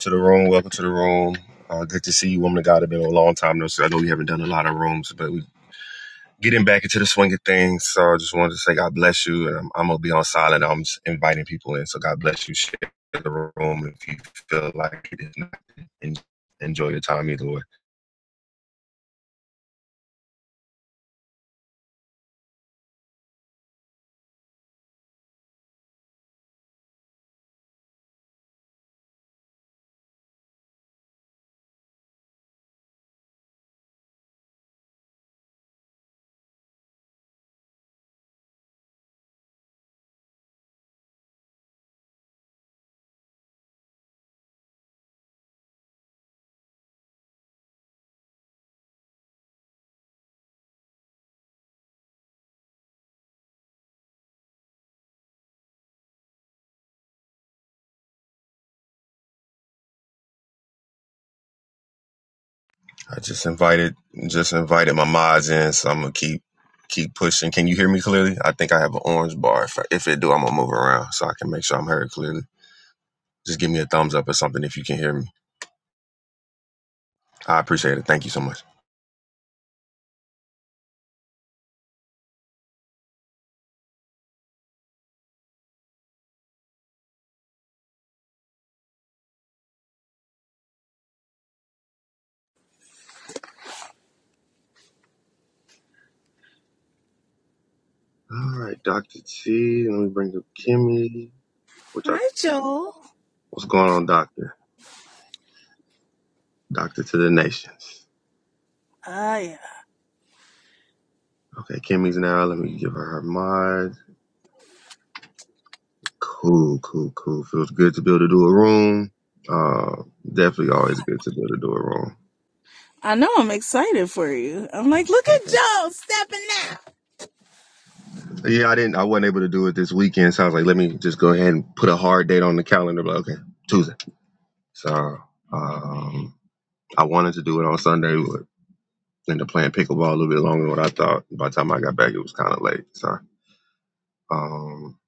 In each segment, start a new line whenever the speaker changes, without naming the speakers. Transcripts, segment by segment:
to the room. Welcome to the room. Uh, good to see you, woman of God. It's been a long time though, so I know we haven't done a lot of rooms, but we getting back into the swing of things. So I just wanted to say God bless you, and I'm, I'm gonna be on silent. I'm just inviting people in. So God bless you. Share the room if you feel like it. If not, en- enjoy your time either way. I just invited, just invited my mods in, so I'm gonna keep keep pushing. Can you hear me clearly? I think I have an orange bar. If, I, if it do, I'm gonna move around so I can make sure I'm heard clearly. Just give me a thumbs up or something if you can hear me. I appreciate it. Thank you so much. All right, Doctor T. Let me bring up Kimmy. Which
Hi,
I,
Joel.
what's going on, Doctor? Doctor to the nations.
Ah, yeah.
Okay, Kimmy's now. Let me give her her mod. Cool, cool, cool. Feels good to be able to do a room. Uh, definitely always good to be able to do a
I know I'm excited for you. I'm like, look at
room.
Joel stepping out.
Yeah, I didn't. I wasn't able to do it this weekend, so I was like, let me just go ahead and put a hard date on the calendar. But okay, Tuesday. So um, I wanted to do it on Sunday. but. Ended up playing pickleball a little bit longer than what I thought. By the time I got back, it was kind of late. So, um,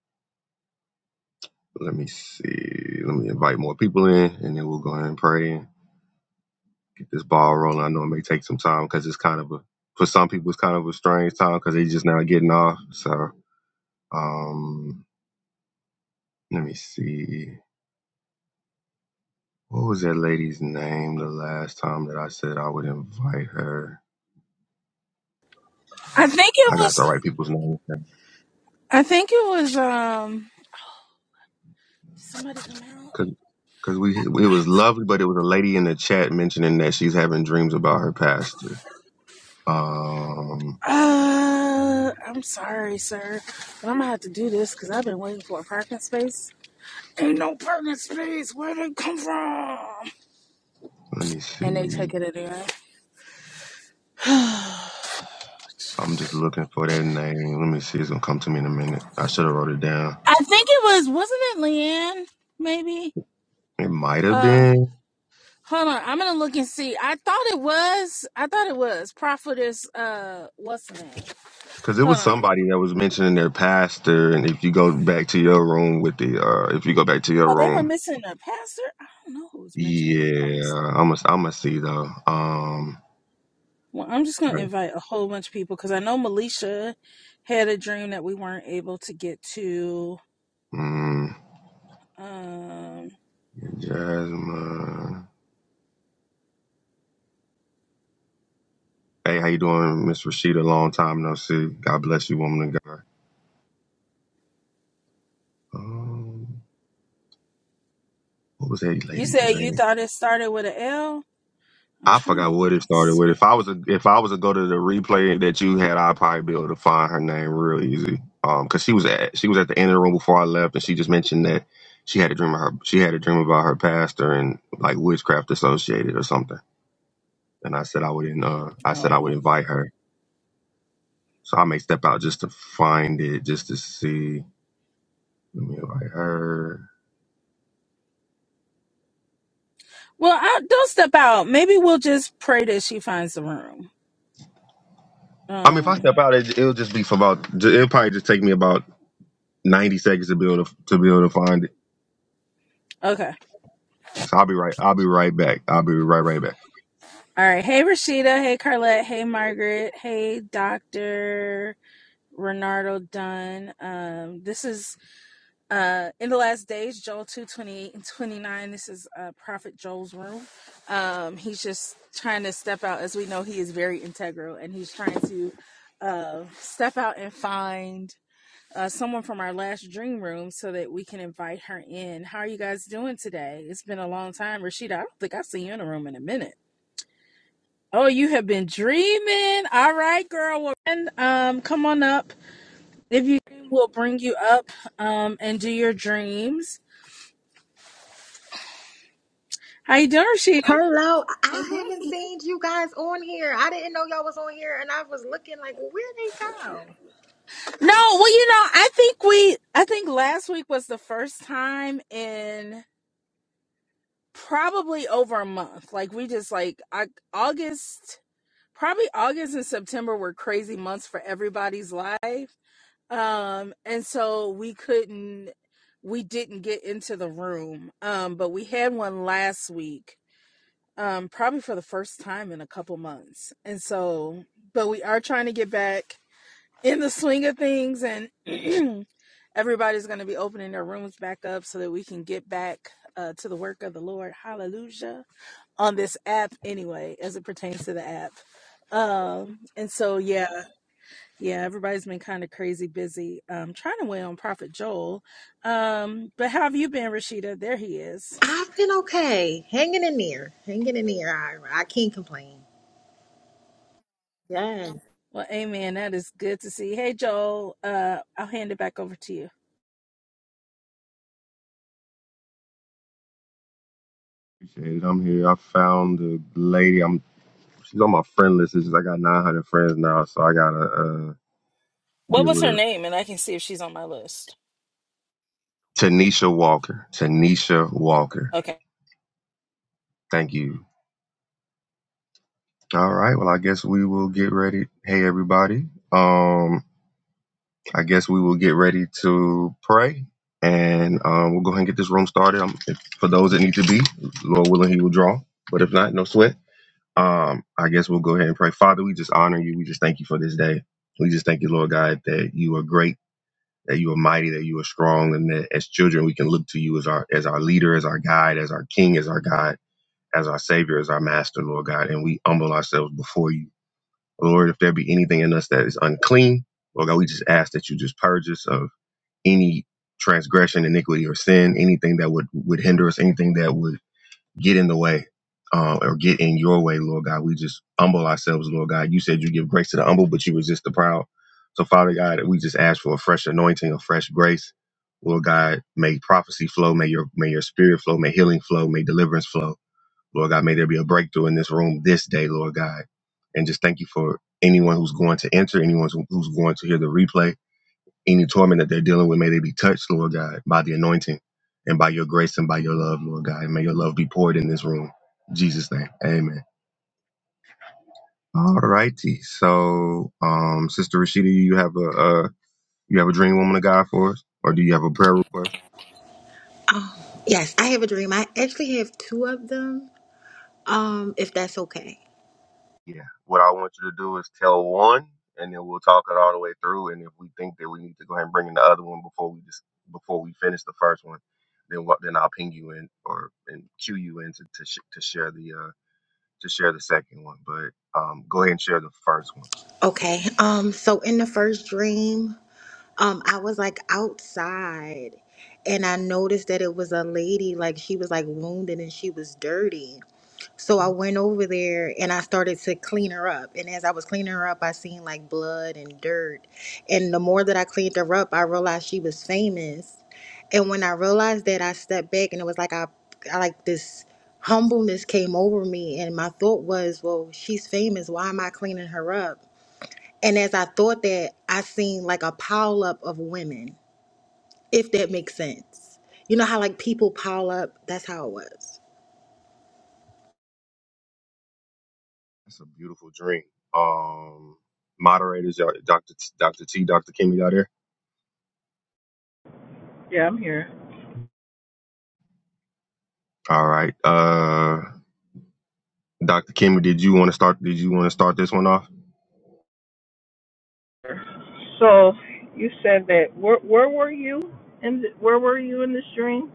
let me see. Let me invite more people in, and then we'll go ahead and pray and get this ball rolling. I know it may take some time because it's kind of a for some people it's kind of a strange time because they just now getting off. So, um, let me see. What was that lady's name the last time that I said I would invite her?
I think it
I got to
was,
write people's names.
I think it was, um, did somebody come
Because we, it was lovely, but it was a lady in the chat mentioning that she's having dreams about her pastor. Um,
out? Uh, I'm sorry, sir, but I'm gonna have to do this because I've been waiting for a parking space. Ain't no parking space. Where they come from?
let me
And they
see.
took it anyway.
I'm just looking for that name. Let me see. It's gonna come to me in a minute. I should have wrote it down.
I think it was, wasn't it Leanne? Maybe.
It might have
Uh,
been
Hold on, I'm gonna look and see. I thought it was. I thought it was prophetess. Uh, what's the name?
because it
Hold
was
on.
somebody that was mentioning their pastor. And if you go back to your room with the, uh, if you go back to your
Oh, they were
room,
missing a pastor. I don't know who was mentioning the
yeah,
pastor.
I'm gonna, I'm gonna see though. Um,
Well, I'm just gonna
right.
invite a whole bunch of people because I know Melisha had a dream that we weren't able to get to.
mm,
Um,
Jasmine. Hey, how you doing, Miss Rashida? Long time no see. God bless you, woman and God. Um, what was that
you
lady's
said you
name?
thought it started with a L. I'm
I
trying to
forgot what
look
it
and
started
see.
with. If I was a, if I was to go to the replay that you had, I'd probably be able to find her name real easy. Um, cause she was at she was at the end of the room before I left, and she just mentioned that she had a dream of her she had a dream about her pastor and like witchcraft associated or something. And I said I would in, uh I said
Oh
I would
no.
invite her, so I may step out just to find it, just to see. Let me invite her.
Well, I, don't step out. Maybe we'll just pray that she finds the room.
I mean, if I
Um.
step out, it, it'll just be for about. It'll probably just take me about ninety seconds to be able to to be able to find it.
Okay.
So I'll be right. I'll be right back. I'll be right right back.
All right. Hey, Rashida. Hey, Carlette. Hey, Margaret. Hey, Dr. Renardo Dunn. Um, this is uh, in the last days, Joel 2 28 and 29. This is uh, Prophet Joel's room. Um, he's just trying to step out. As we know, he is very integral and he's trying to uh, step out and find uh, someone from our last dream room so that we can invite her in. How are you guys doing today? It's been a long time. Rashida, I don't think I've seen you in a room in a minute. Oh, you have been dreaming. All right, girl. Well, and, um, come on up. If you will bring you up um and do your dreams. How you doing, Rashida?
Hello, I haven't Hi. seen you guys on here. I didn't know y'all was on here, and I was looking like, well, where they go?
No, well, you know, I think we I think last week was the first time in probably over a month. Like we just like I, August probably August and September were crazy months for everybody's life. um and so we couldn't we didn't get into the room um but we had one last week um probably for the first time in a couple months and so but we are trying to get back in the swing of things and everybody's going to be opening their rooms back up so that we can get back uh, to the work of the lord hallelujah on this app anyway as it pertains to the app um and so yeah yeah, everybody's been kind of crazy busy um, trying to win on Prophet Joel. Um, but how have you been, Rashida? There he is.
I've been okay, hanging in there, hanging in there. I, I can't complain. Yes.
Well, amen. That is good to see. Hey, Joel, uh, I'll hand it back over to you.
Appreciate it. I'm here. I found the lady. I'm. She's on my friend list. It's just I got nine hundred friends now, so I gotta uh, be
What was
able
her
to.
name? And I can see if she's on my list.
Tanisha Walker. Tanisha Walker.
Okay.
Thank you. All right. Well, I guess we will get ready. Hey, everybody. Um, I guess we will get ready to pray and um, we'll go ahead and get this room started. Um, if, for those that need to be, Lord willing, He will draw. But if not, no sweat. Um, I guess we'll go ahead and pray. Father, we just honor you. We just thank you for this day. We just thank you, Lord God, that you are great, that you are mighty, that you are strong, and that as children we can look to you as our as our leader, as our guide, as our king, as our God, as our savior, as our master, Lord God. And we humble ourselves before you, Lord. If there be anything in us that is unclean, Lord God, we just ask that you just purge us. of any transgression, iniquity, or sin, anything that would would hinder us, anything that would get in the way uh, or get in your way, Lord God. We just humble ourselves, Lord God. You said you give grace to the humble, but you resist the proud. So, Father God, we just ask for a fresh anointing, a fresh grace. Lord God, may prophecy flow, may your may your spirit flow, may healing flow, may deliverance flow. Lord God, may there be a breakthrough in this room this day, Lord God. And just thank you for anyone who's going to enter, anyone who's who's going to hear the replay any torment that they're dealing with, may they be touched, Lord God, by the anointing and by your grace and by your love, Lord God. And may your love be poured in this room. In Jesus' name. Amen. All righty. So, um, Sister Rashida, you have a uh, you have a dream woman of God for us? Or do you have a prayer request?
Oh, yes. I have a dream. I actually have two of them. Um, if that's okay.
Yeah. What I want you to do is tell one and then we'll talk it all the way through. And if we think that we need to go ahead and bring in the other one before we just before we finish the first one, then what then I'll ping you in or and cue you in to to, sh- to share the uh to share the second one, but um, go ahead and share the first one.
Okay. Um, so in the first dream, um, I was like outside, and I noticed that it was a lady. Like she was like wounded and she was dirty So I went over there and I started to clean her up. And as I was cleaning her up, I seen like blood and dirt. And the more that I cleaned her up, I realized she was famous. And when I realized that, I stepped back and it was like I, I like this humbleness came over me. And my thought was, well, she's famous. Why am I cleaning her up? And as I thought that, I seen like a pile up of women, if that makes sense. You know how like people pile up? That's how it was.
It's a beautiful dream. Um, moderators, y'all- Dr. T, Dr. T, Dr. Kimmy, y'all there?
Yeah, I'm here.
All right. Uh, Dr. Kimmy, did you want to start? Did you want to start this one off?
So you said that where where were you in the, where were you in this dream?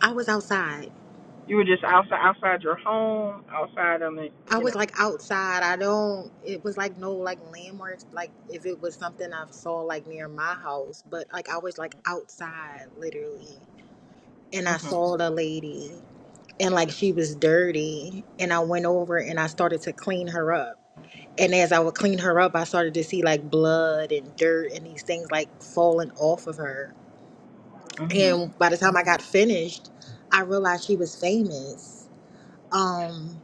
I was outside
You were just outside outside your home, outside on the
I
you
was
know.
like outside. I don't. It was like no like landmarks. Like if it was something I saw like near my house, but like I was like outside literally, and I
Mhm.
saw the lady, and like she was dirty, and I went over and I started to clean her up. And as I would clean her up, I started to see like blood and dirt and these things like falling off of her.
Mhm.
And by the time I got finished, I realized she was famous. Um,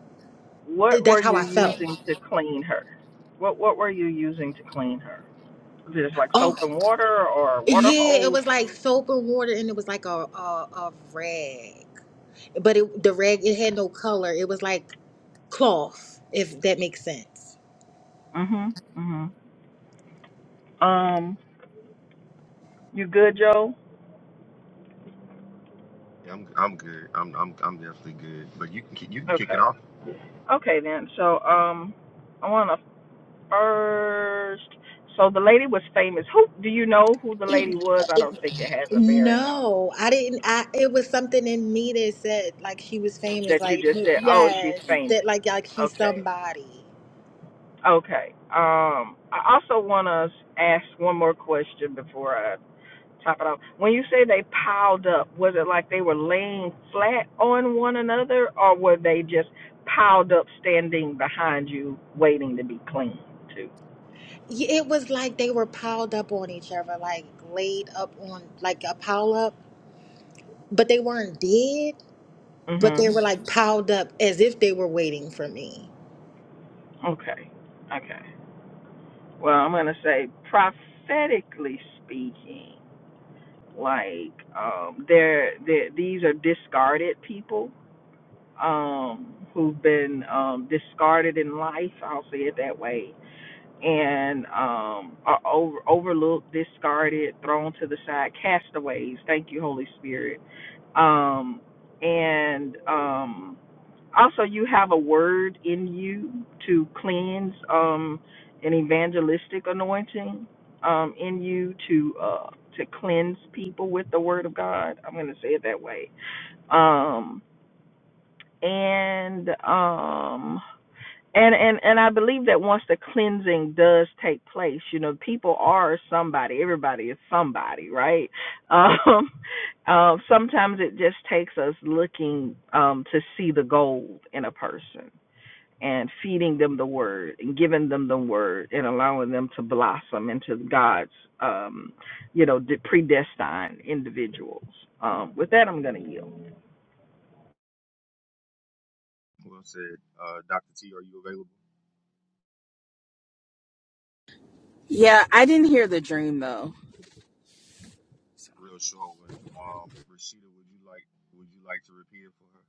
What
that's
were
how
you
I felt.
using to clean her? What what were you using to clean her? Was it just like
Oh.
soap and water or water
Yeah, it
hose?
was like soap and water, and it was like a a, a rag, but it, the rag it had
Okay.
no color. It was like cloth, if that makes sense.
Mhm. Mhm. Um, you good, Joe?
Yeah, I'm. I'm good. I'm. I'm. I'm definitely good. But you can. ki- You can kick it
Okay.
off.
Okay then. So um, I want to first. So the lady was famous. Who do you know who the lady was? I don't think it has a bearing on
No, I didn't. I it was something in me that said like she was famous,
that you
like
just
no-
said. Oh, she's
yes,
famous.
that like like she's
Okay,
somebody.
okay. Um, I also want to ask one more question before I top it off. When you say they piled up, was it like they were laying flat on one another, or were they just piled up, standing behind you, waiting to be cleaned too?
Yeah, It was like they were piled up on each other, like laid up on like a pile up, but they weren't dead, but they
Mhm.
were like piled up as if they were waiting for me.
Okay. Okay. well, I'm going to say prophetically speaking, like um, they're, they're, these are discarded people um, who've been um, discarded in life, I'll say it that way, and um, are over, overlooked, discarded, thrown to the side, castaways. Thank you, Holy Spirit. Um, and. Um, also, you have a word in you to cleanse, um, an evangelistic anointing um, in you to uh, to cleanse people with the word of God. I'm going to say it that way. Um, and um, and and and I believe that once the cleansing does take place, you know, people are somebody. Everybody is somebody, right? Um, uh, sometimes it just takes us looking um, to see the gold in a person and feeding them the word and giving them the word and allowing them to blossom into God's, um, you know, de- predestined individuals. Um, with that, I'm going to yield.
Well said, uh, Dr. T. Are you available?
Yeah, I didn't hear the dream though.
real short one. Um, Rashida, would you like would you like to repeat it for her?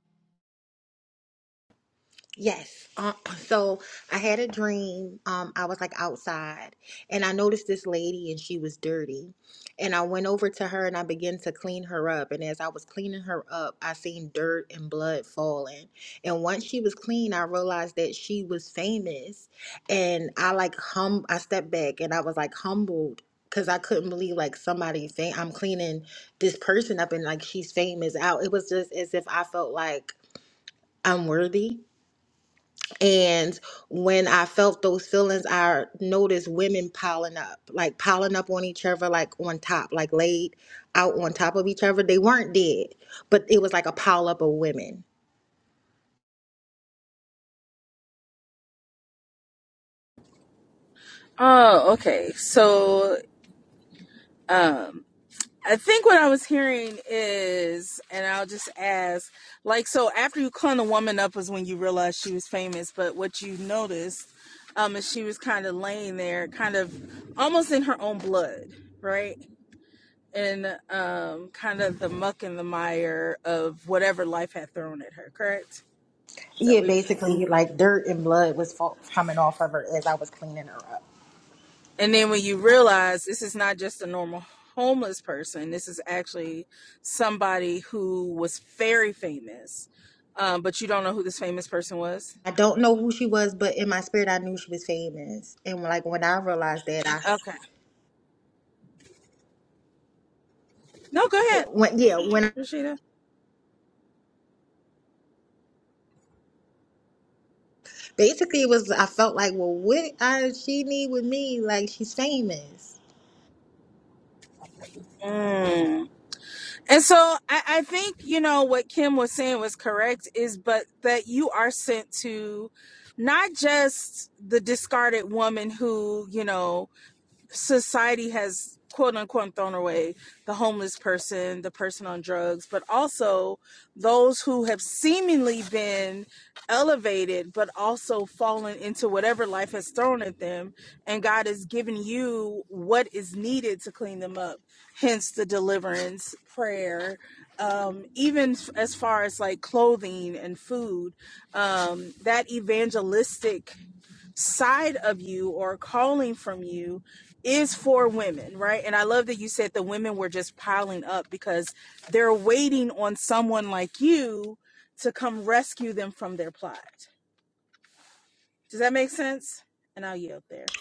Yes. Uh, so I had a dream. Um, I was like outside and I noticed this lady and she was dirty. And I went over to her and I began to clean her up. And as I was cleaning her up, I seen dirt and blood falling. And once she was clean, I realized that she was famous. And I like hum I stepped back and I was like humbled because I couldn't believe like somebody fam- I'm cleaning this person up and like she's famous out. It was just as if I felt like I'm worthy and when I felt those feelings, I noticed women piling up, like piling up on each other, like on top, like laid out on top of each other. They weren't dead, but it was like a pile up of women.
Oh, okay. So, I think what I was hearing is, and I'll just ask, like, so after you clung a woman up was when you realized she was famous, but what you noticed um, is she was kind of laying there, kind of almost in her own blood, right? In um, kind of the muck and the mire of whatever life had thrown at her, correct? Is that
Yeah,
what you?
basically, like dirt and blood was fall- coming off of her as I was cleaning her up.
And then when you realize this is not just a normal homeless person, this is actually somebody who was very famous, um, but you don't know who this famous person was.
I don't know who she was, but in my spirit, I knew she was famous. And like when I realized that, I
Okay. No, go ahead,
when yeah when
Rashida.
basically it was I felt like, well, what I, she need with me? Like she's famous.
Mm. And so I, I think, you know, what Kim was saying was correct is, but that you are sent to not just the discarded woman who, you know, society has quote unquote thrown away the homeless person, the person on drugs, but also those who have seemingly been elevated, but also fallen into whatever life has thrown at them. And God has given you what is needed to clean them up, hence the deliverance prayer. Um, even f- as far as like clothing and food, um, that evangelistic side of you or calling from you is for women, right? And I love that you said the women were just piling up because they're waiting on someone like you to come rescue them from their plight. Does that make sense? And I'll yield there.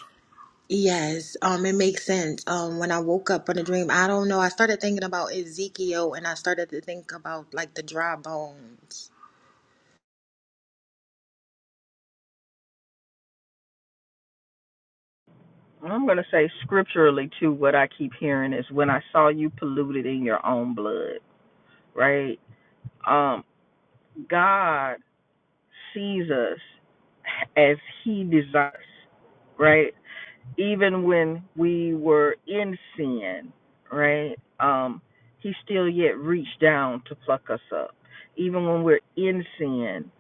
Yes, um, it makes sense. Um, when I woke up from the dream, I don't know. I started thinking about Ezekiel, and I started to think about like the dry bones.
I'm going to say scripturally too. What I keep hearing is when I saw you polluted in your own blood, right? Um, God sees us as He desires, right? even when we were in sin, right? Um, he still yet reached down to pluck us up. Even when we're in sin,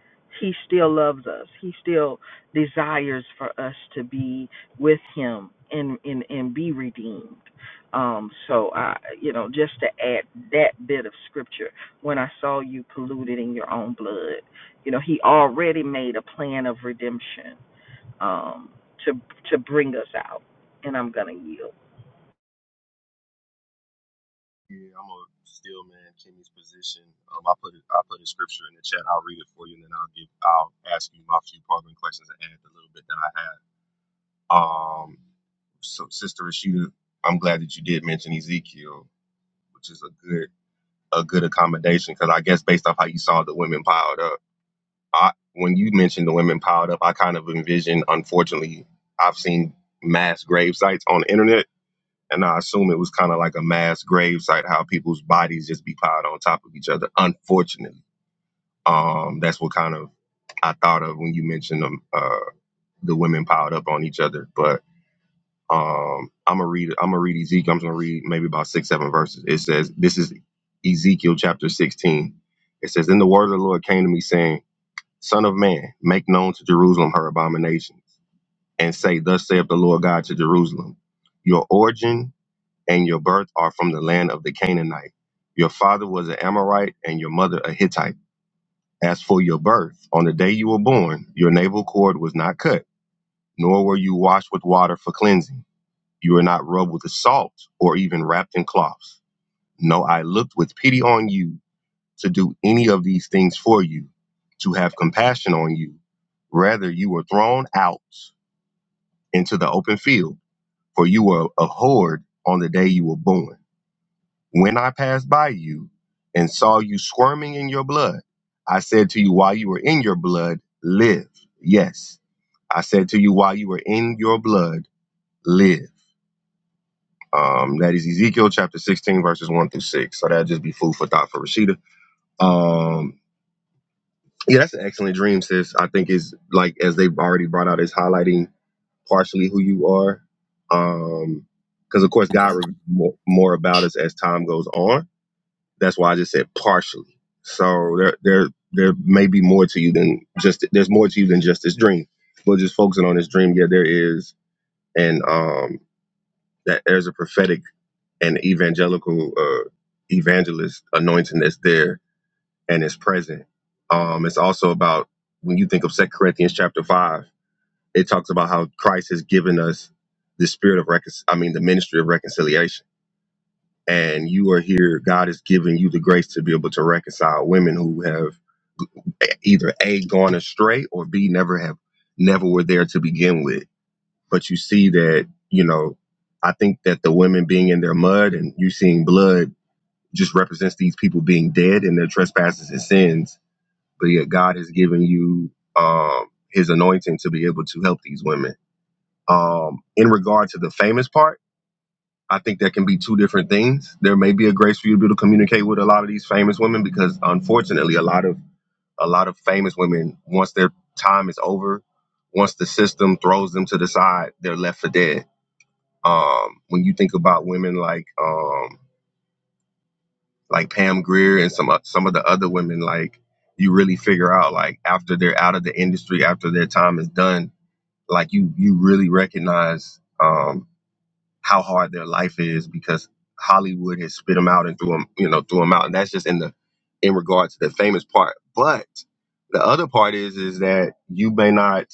he still loves us. He still desires for us to be with him and and, and be redeemed. Um, so I you know, just to add that bit of scripture, when I saw you polluted in your own blood, you know, he already made a plan of redemption um, to to bring us out. And I'm gonna yield.
Yeah, I'm a steel man. Kimmy's position. Um, I put it, I put a scripture in the chat. I'll read it for you, and then I'll give I'll ask you my few probing questions and add the little bit that I have. Um, so Sister Rashida, I'm glad that you did mention Ezekiel, which is a good a good accommodation because I guess based off how you saw the women piled up, I when you mentioned the women piled up, I kind of envisioned. Unfortunately, I've seen mass grave sites on the internet And I assume it was kind of like a mass grave site, how people's bodies just be piled on top of each other. Unfortunately, um, that's what kind of I thought of when you mentioned them, uh, the women piled up on each other. But um, I'm gonna read. I'm gonna read Ezekiel. I'm gonna read maybe about six, seven verses. It says, "This is Ezekiel chapter 16." It says, "Then the word of the Lord came to me, saying, Son of man, make known to Jerusalem her abominations, and say, Thus saith the Lord God to Jerusalem: Your origin." and your birth are from the land of the Canaanite. Your father was an Amorite and your mother a Hittite. As for your birth, on the day you were born, your navel cord was not cut, nor were you washed with water for cleansing. You were not rubbed with salt or even wrapped in cloths. No, I looked with pity on you to do any of these things for you, to have compassion on you. Rather, you were thrown out into the open field, for you were abhorred on the day you were born. When I passed by you and saw you squirming in your blood, I said to you, while you were in your blood, live. Yes, I said to you, while you were in your blood, live. Um, that is Ezekiel chapter 16, verses 1 through 6. So that'd just be food for thought for Rashida. Um, yeah, that's an excellent dream, sis. I think it's like, as they've already brought out, is highlighting partially who you are. Um, because of course God reveals more, more about us as time goes on That's why I just said partially. So there there there may be more to you than just there's more to you than just this dream. But just focusing on this dream, yeah, there is, and um, that there's a prophetic and evangelical uh, evangelist anointing that's there and is present. Um, it's also about when you think of Second Corinthians chapter five, it talks about how Christ has given us the spirit of recon- I mean the ministry of reconciliation and you are here god has given you the grace to be able to reconcile women who have either a gone astray or b never have never were there to begin with but you see that you know i think that the women being in their mud and you seeing blood just represents these people being dead in their trespasses and sins but yet god has given you um his anointing to be able to help these women um in regard to the famous part I think that can be two different things. There may be a grace for you to be able to communicate with a lot of these famous women because, unfortunately, a lot of a lot of famous women, once their time is over, once the system throws them to the side, they're left for dead. Um, when you think about women like um, like Pam Greer and some uh, some of the other women, like you really figure out like after they're out of the industry, after their time is done, like you you really recognize. um, how hard their life is because Hollywood has spit them out and threw them, you know, threw them out. And that's just in the in regard to the famous part. But the other part is is that you may not.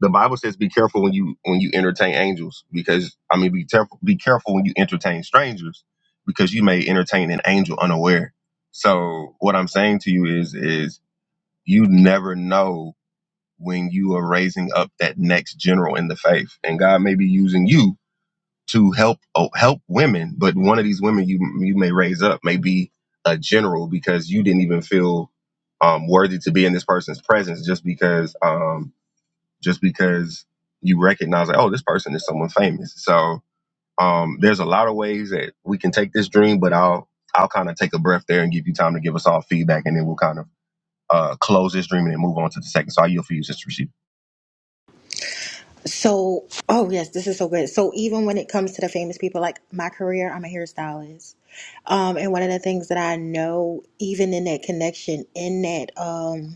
The Bible says, "Be careful when you when you entertain angels," because I mean, be careful be careful when you entertain strangers, because you may entertain an angel unaware. So what I'm saying to you is is you never know when you are raising up that next general in the faith, and God may be using you to help oh, help women, but one of these women you you may raise up may be a general because you didn't even feel um, worthy to be in this person's presence just because um, just because you recognize like oh this person is someone famous. So um, there's a lot of ways that we can take this dream, but I'll I'll kind of take a breath there and give you time to give us all feedback, and then we'll kind of uh, close this dream and then move on to the second. So I yield for you, Sister Rashida.
So, oh yes, this is so good. So even when it comes to the famous people, like my career, I'm a hairstylist. Um, and one of the things that I know, even in that connection, in that um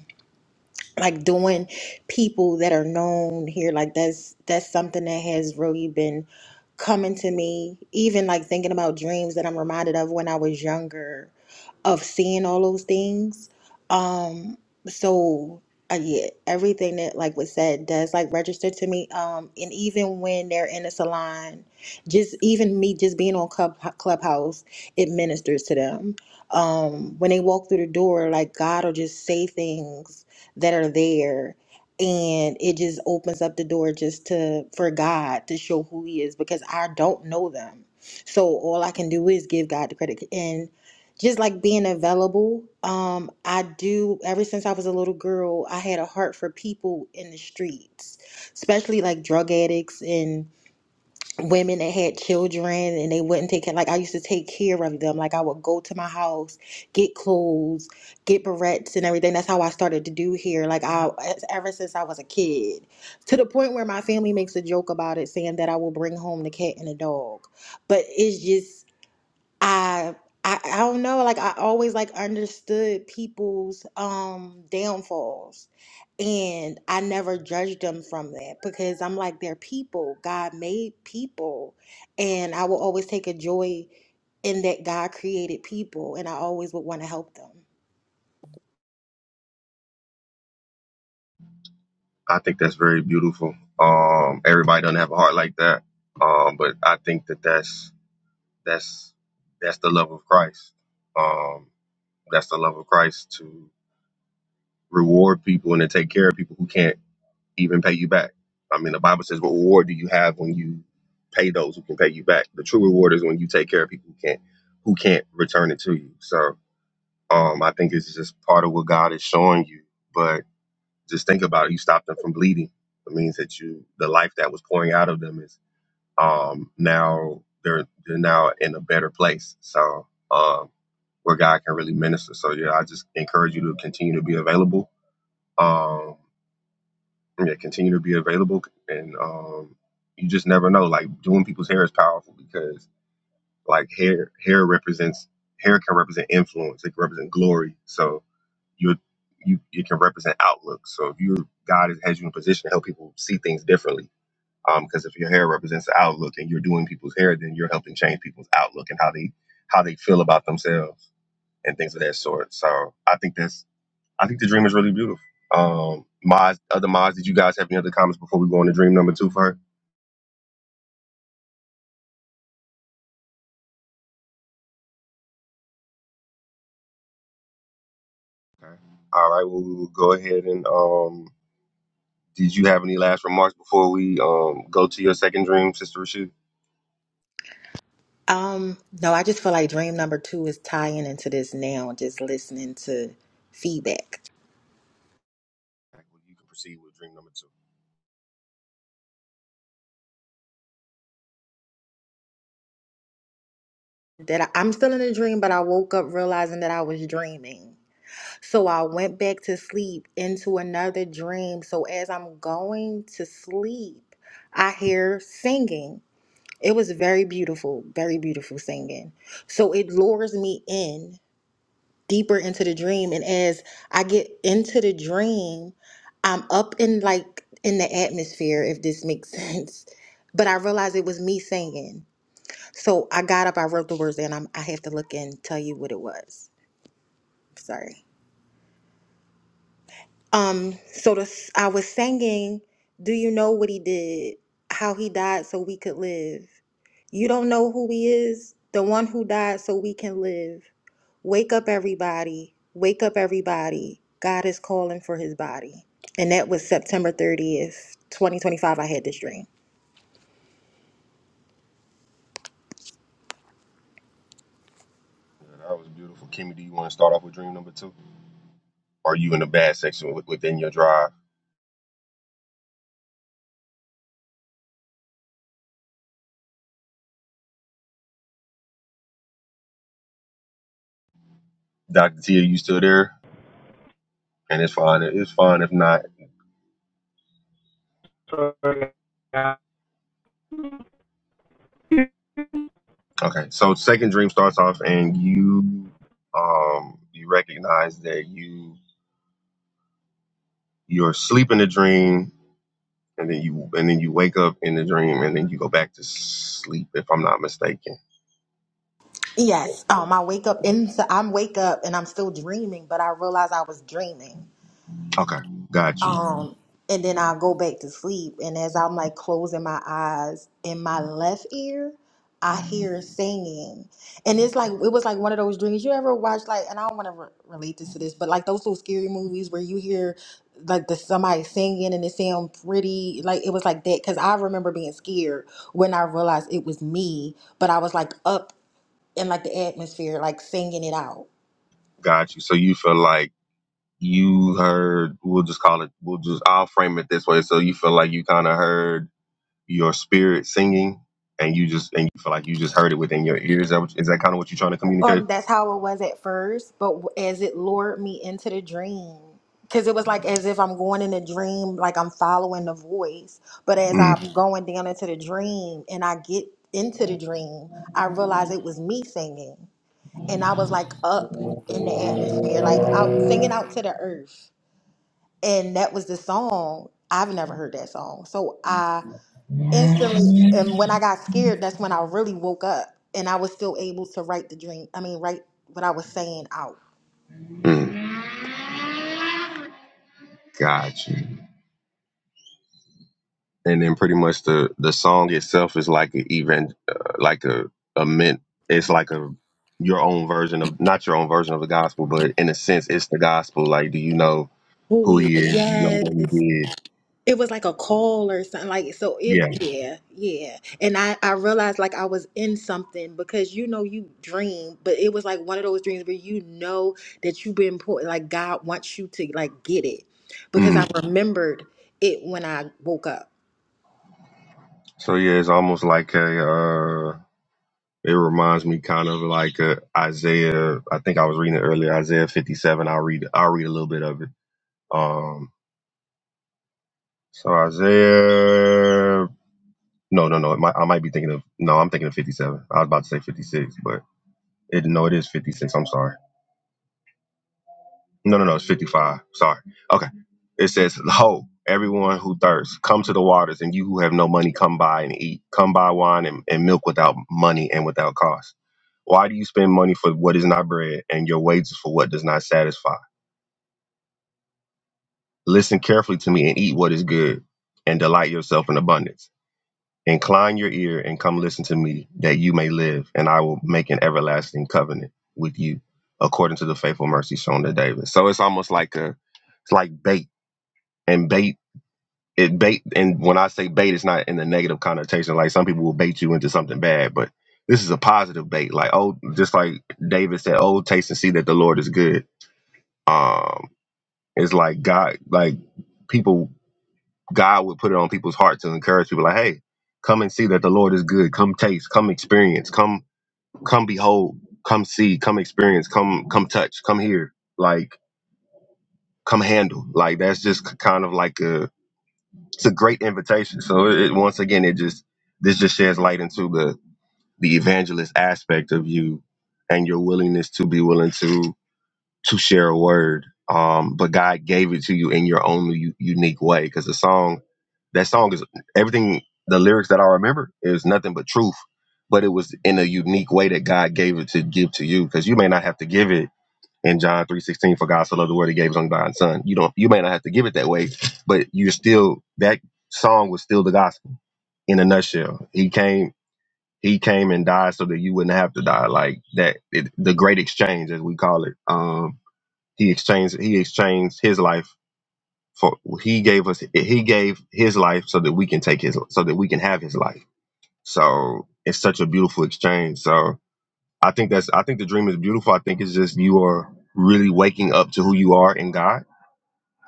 like doing people that are known here like that's that's something that has really been coming to me even like thinking about dreams that i'm reminded of when i was younger of seeing all those things um so uh, yeah everything that like was said does like register to me um and even when they're in a salon just even me just being on club clubhouse it ministers to them um when they walk through the door like god will just say things that are there and it just opens up the door just to for God to show who he is because I don't know them. So all I can do is give God the credit and just like being available, um I do ever since I was a little girl, I had a heart for people in the streets, especially like drug addicts and women that had children and they wouldn't take care. Like I used to take care of them. Like I would go to my house, get clothes, get barrettes and everything. That's how I started to do here. Like I, it's ever since I was a kid, to the point where my family makes a joke about it, saying that I will bring home the cat and the dog. But it's just. I I, I don't know like I always like understood people's um downfalls and I never judged them from that because I'm like they're people God made people and I will always take a joy in that God created people and I always would want to help them
I think that's very beautiful. Um, everybody doesn't have a heart like that, um, but I think that that's that's that's the love of Christ. Um, that's the love of Christ to reward people and to take care of people who can't even pay you back. I mean, the Bible says, "What reward do you have when you pay those who can pay you back?" The true reward is when you take care of people who can't who can't return it to you. So, um, I think it's just part of what God is showing you, but just think about it. You stopped them from bleeding. It means that you, the life that was pouring out of them is um, now they're they're now in a better place. So um, where God can really minister. So yeah, I just encourage you to continue to be available. Um, yeah, continue to be available, and um, you just never know. Like doing people's hair is powerful because like hair hair represents hair can represent influence. It can represent glory. So you you it can represent outlook. So if you God has you in position to help people see things differently, because if your hair represents the outlook and you're doing people's hair, then you're helping change people's outlook and how they how they feel about themselves and things of that sort. So I think that's I think the dream is really beautiful. Um, Moz, other Moz, did you guys have any other comments before we go on to dream number two for her? Okay. All right. Well, we will go ahead and um, did you have any last remarks before we um go to your second dream, Sister Rashid?
um no I just feel like dream number 2 is tying into this now just listening to feedback
You can proceed with dream number two.
that I, I'm still in a dream but I woke up realizing that I was dreaming So I went back to sleep into another dream. So as I'm going to sleep, I hear singing. It was very beautiful, very beautiful singing. So it lures me in deeper into the dream. And as I get into the dream, I'm up in like in the atmosphere, if this makes sense. But I realized it was me singing. So I got up, I wrote the words, and I'm, I have to look and tell you what it was. Sorry. Um, so the, s- I was singing, Do you know what he did? How he died so we could live. You don't know who he is? The one who died so we can live. Wake up, everybody. Wake up, everybody. God is calling for his body. And that was September 30th, 2025. I had this dream.
Yeah, that was beautiful. Kimmy, do you want to start off with dream number two? Are you in the bad section with- within your drive? Dr. T, are you still there? And it's fine. It's fine if not.
Sorry. I-
Okay. So second dream starts off and you um you recognize that you you're sleeping the dream and then you and then you wake up in the dream and then you go back to sleep if I'm not mistaken.
Yes. Um, I wake up in, I'm wake up and I'm still dreaming, but I realize I was dreaming.
Okay. Got you.
Um, and then I'll go back to sleep. And as I'm like closing my eyes in my left ear, I hear singing. And it's like, it was like one of those dreams. You ever watch like, and I don't want to re- relate this to this, but like those little scary movies where you hear like the somebody singing and it sound pretty, like it was like that. Cause I remember being scared when I realized it was me, but I was like up in like the atmosphere, like singing it out.
Got you. So you feel like you heard we'll just call it we'll just I'll frame it this way. So you feel like you kinda heard your spirit singing and you just and you feel like you just heard it within your ears. Is that, what, is that kind of what you're trying to communicate?
Um, that's how it was at first, but w- as it lured me into the dream, because it was like as if I'm going in a dream, like I'm following the voice. But as
mm
I'm going down into the dream and I get into the dream, I realized it was me singing, and I was like up in the atmosphere, like out singing out to the earth, and that was the song. I've never heard that song, so I instantly and when i got scared that's when i really woke up and i was still able to write the dream i mean write what i was saying out
mm. Gotcha. And then pretty much the the song itself is like an even uh, like a a mint. It's like a your own version of not your own version of the gospel, but in a sense, it's the gospel. Like, do you know
Oh,
who
we-
he is? Do you know
yes.
what he did?
It was like a call or something like so it
Yeah.
yeah, yeah. And I I realized like I was in something because you know you dream, but it was like one of those dreams where you know that you've been put like God wants you to like get it because
hmm
I remembered it when I woke up.
So yeah, it's almost like a. uh, It reminds me kind of like uh, Isaiah. I think I was reading it earlier, Isaiah 57. I'll read. I'll read a little bit of it. Um. So Isaiah. No, no, no. It might, I might be thinking of. No, I'm thinking of 57. I was about to say 56, but it no, it is 56. I'm sorry. No, no, no. It's 55. Sorry. Okay. It says, Ho, everyone who thirsts, come to the waters, and you who have no money, come buy and eat. Come buy wine and, and milk without money and without cost. Why do you spend money for what is not bread, and your wages for what does not satisfy? Listen carefully to me and eat what is good, and delight yourself in abundance. Incline your ear and come listen to me, that you may live, and I will make an everlasting covenant with you, according to the faithful mercy shown to David. So it's almost like a, it's like bait and bait it bait and when I say bait, it's not in the negative connotation. Like some people will bait you into something bad, but this is a positive bait. Like oh, just like David said, "Oh, taste and see that the Lord is good." Um, it's like God, like people, God would put it on people's heart to encourage people. Like, hey, come and see that the Lord is good. Come taste. Come experience. Come, come behold. Come see. Come experience. Come, come touch. Come hear. Like, come handle. Like that's just k- kind of like a it's a great invitation. So it, it- once again, it just this just sheds light into the the evangelist aspect of you and your willingness to be willing to to share a word. Um, but God gave it to you in your own u- unique way because the song, that song is everything. The lyrics that I remember is nothing but truth, but it was in a unique way that God gave it to give to you because you may not have to give it in John three sixteen, for God so loved the world, He gave His own begotten Son. You don't, you may not have to give it that way, but you're still that song was still the gospel in a nutshell. He came, He came and died so that you wouldn't have to die, like that. It, the great exchange, as we call it. Um, he exchanged, He exchanged His life for He gave us, He gave His life so that we can take His, so that we can have His life. So it's such a beautiful exchange. So I think that's I think the dream is beautiful. I think it's just you are really waking up to who you are in God,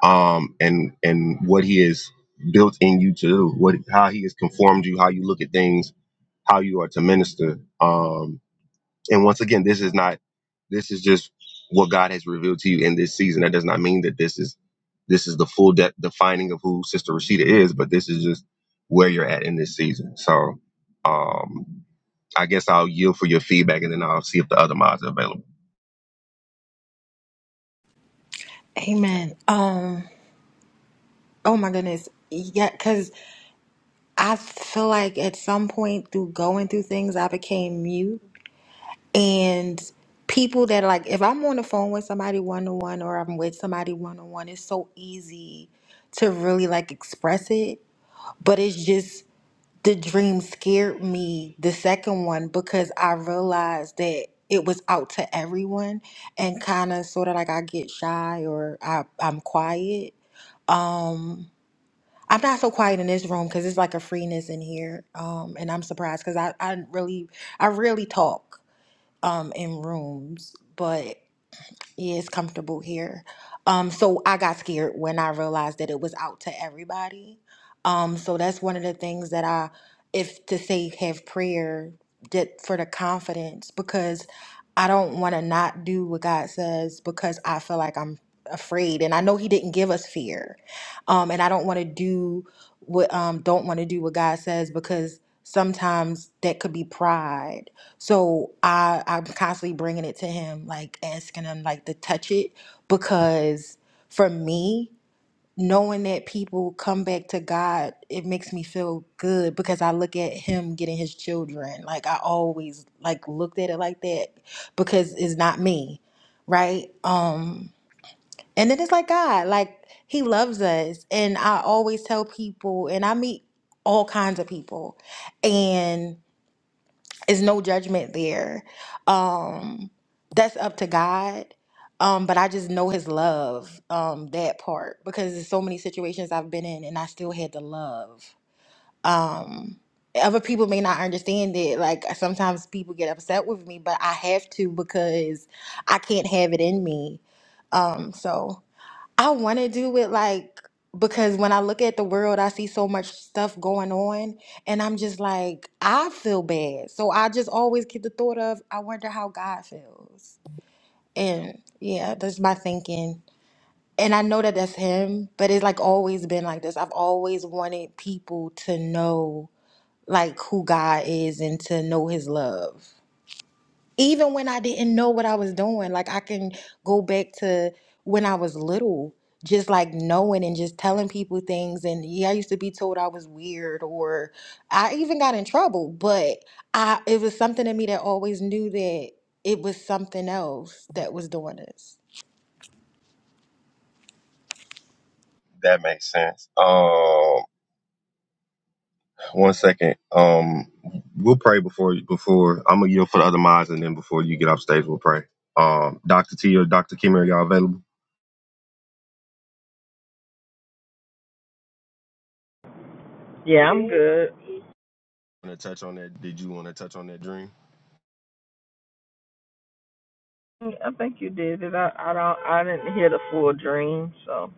um, and and what He has built in you to do, what how He has conformed you, how you look at things, how you are to minister. Um, and once again, this is not this is just what God has revealed to you in this season. That does not mean that this is this is the full de- defining of who Sister Rashida is, but this is just where you're at in this season. So, um, I guess I'll yield for your feedback, and then I'll see if the other mods are available.
amen um oh my goodness yeah because I feel like at some point through going through things, I became mute. And people that, like, if I'm on the phone with somebody one on one or I'm with somebody one on one, it's so easy to really like express it. But it's just the dream scared me, the second one, because I realized that it was out to everyone and kind of sort of like I get shy or I, I'm quiet Um, I'm not so quiet in this room because it's like a freeness in here. Um, and I'm surprised because I, I really, I really talk um in rooms, but. Yeah, it's comfortable here. Um, so I got scared when I realized that it was out to everybody. Um, so that's one of the things that I, if to say have prayer that for the confidence because I don't want to not do what God says because I feel like I'm afraid and I know He didn't give us fear, um, and I don't want to do what um don't want to do what God says because sometimes that could be pride so I I'm constantly bringing it to him, like asking him like to touch it because for me, knowing that people come back to God, it makes me feel good because I look at him getting his children. Like I always like looked at it like that because it's not me, right? Um and then it's like God, like he loves us and I always tell people and I meet all kinds of people and it's no judgment there. Um, that's up to God. Um, but I just know his love, um, that part, because there's so many situations I've been in and I still had the love. Um, other people may not understand it. Like sometimes people get upset with me, but I have to because I can't have it in me. Um, so I want to do it like because when I look at the world, I see so much stuff going on, and I'm just like, I feel bad. So I just always get the thought of, I wonder how God feels. And yeah, that's my thinking. And I know that that's him, but it's like always been like this. I've always wanted people to know like who God is and to know his love even when I didn't know what I was doing, like I can go back to when I was little, just like knowing and just telling people things. And yeah, I used to be told I was weird, or I even got in trouble, but I it was something in me that always knew that it was something else that was doing this.
That makes sense. Um, one second. Um, we'll pray before before I'm gonna yield for the other minds, and then before you get off stage, we'll pray. Um, Doctor T or Doctor Kim, are y'all available?
Yeah, I'm good.
Want to touch on that? Did you want to touch on that dream?
I think you did it. I, I don't. I didn't hear the full dream, so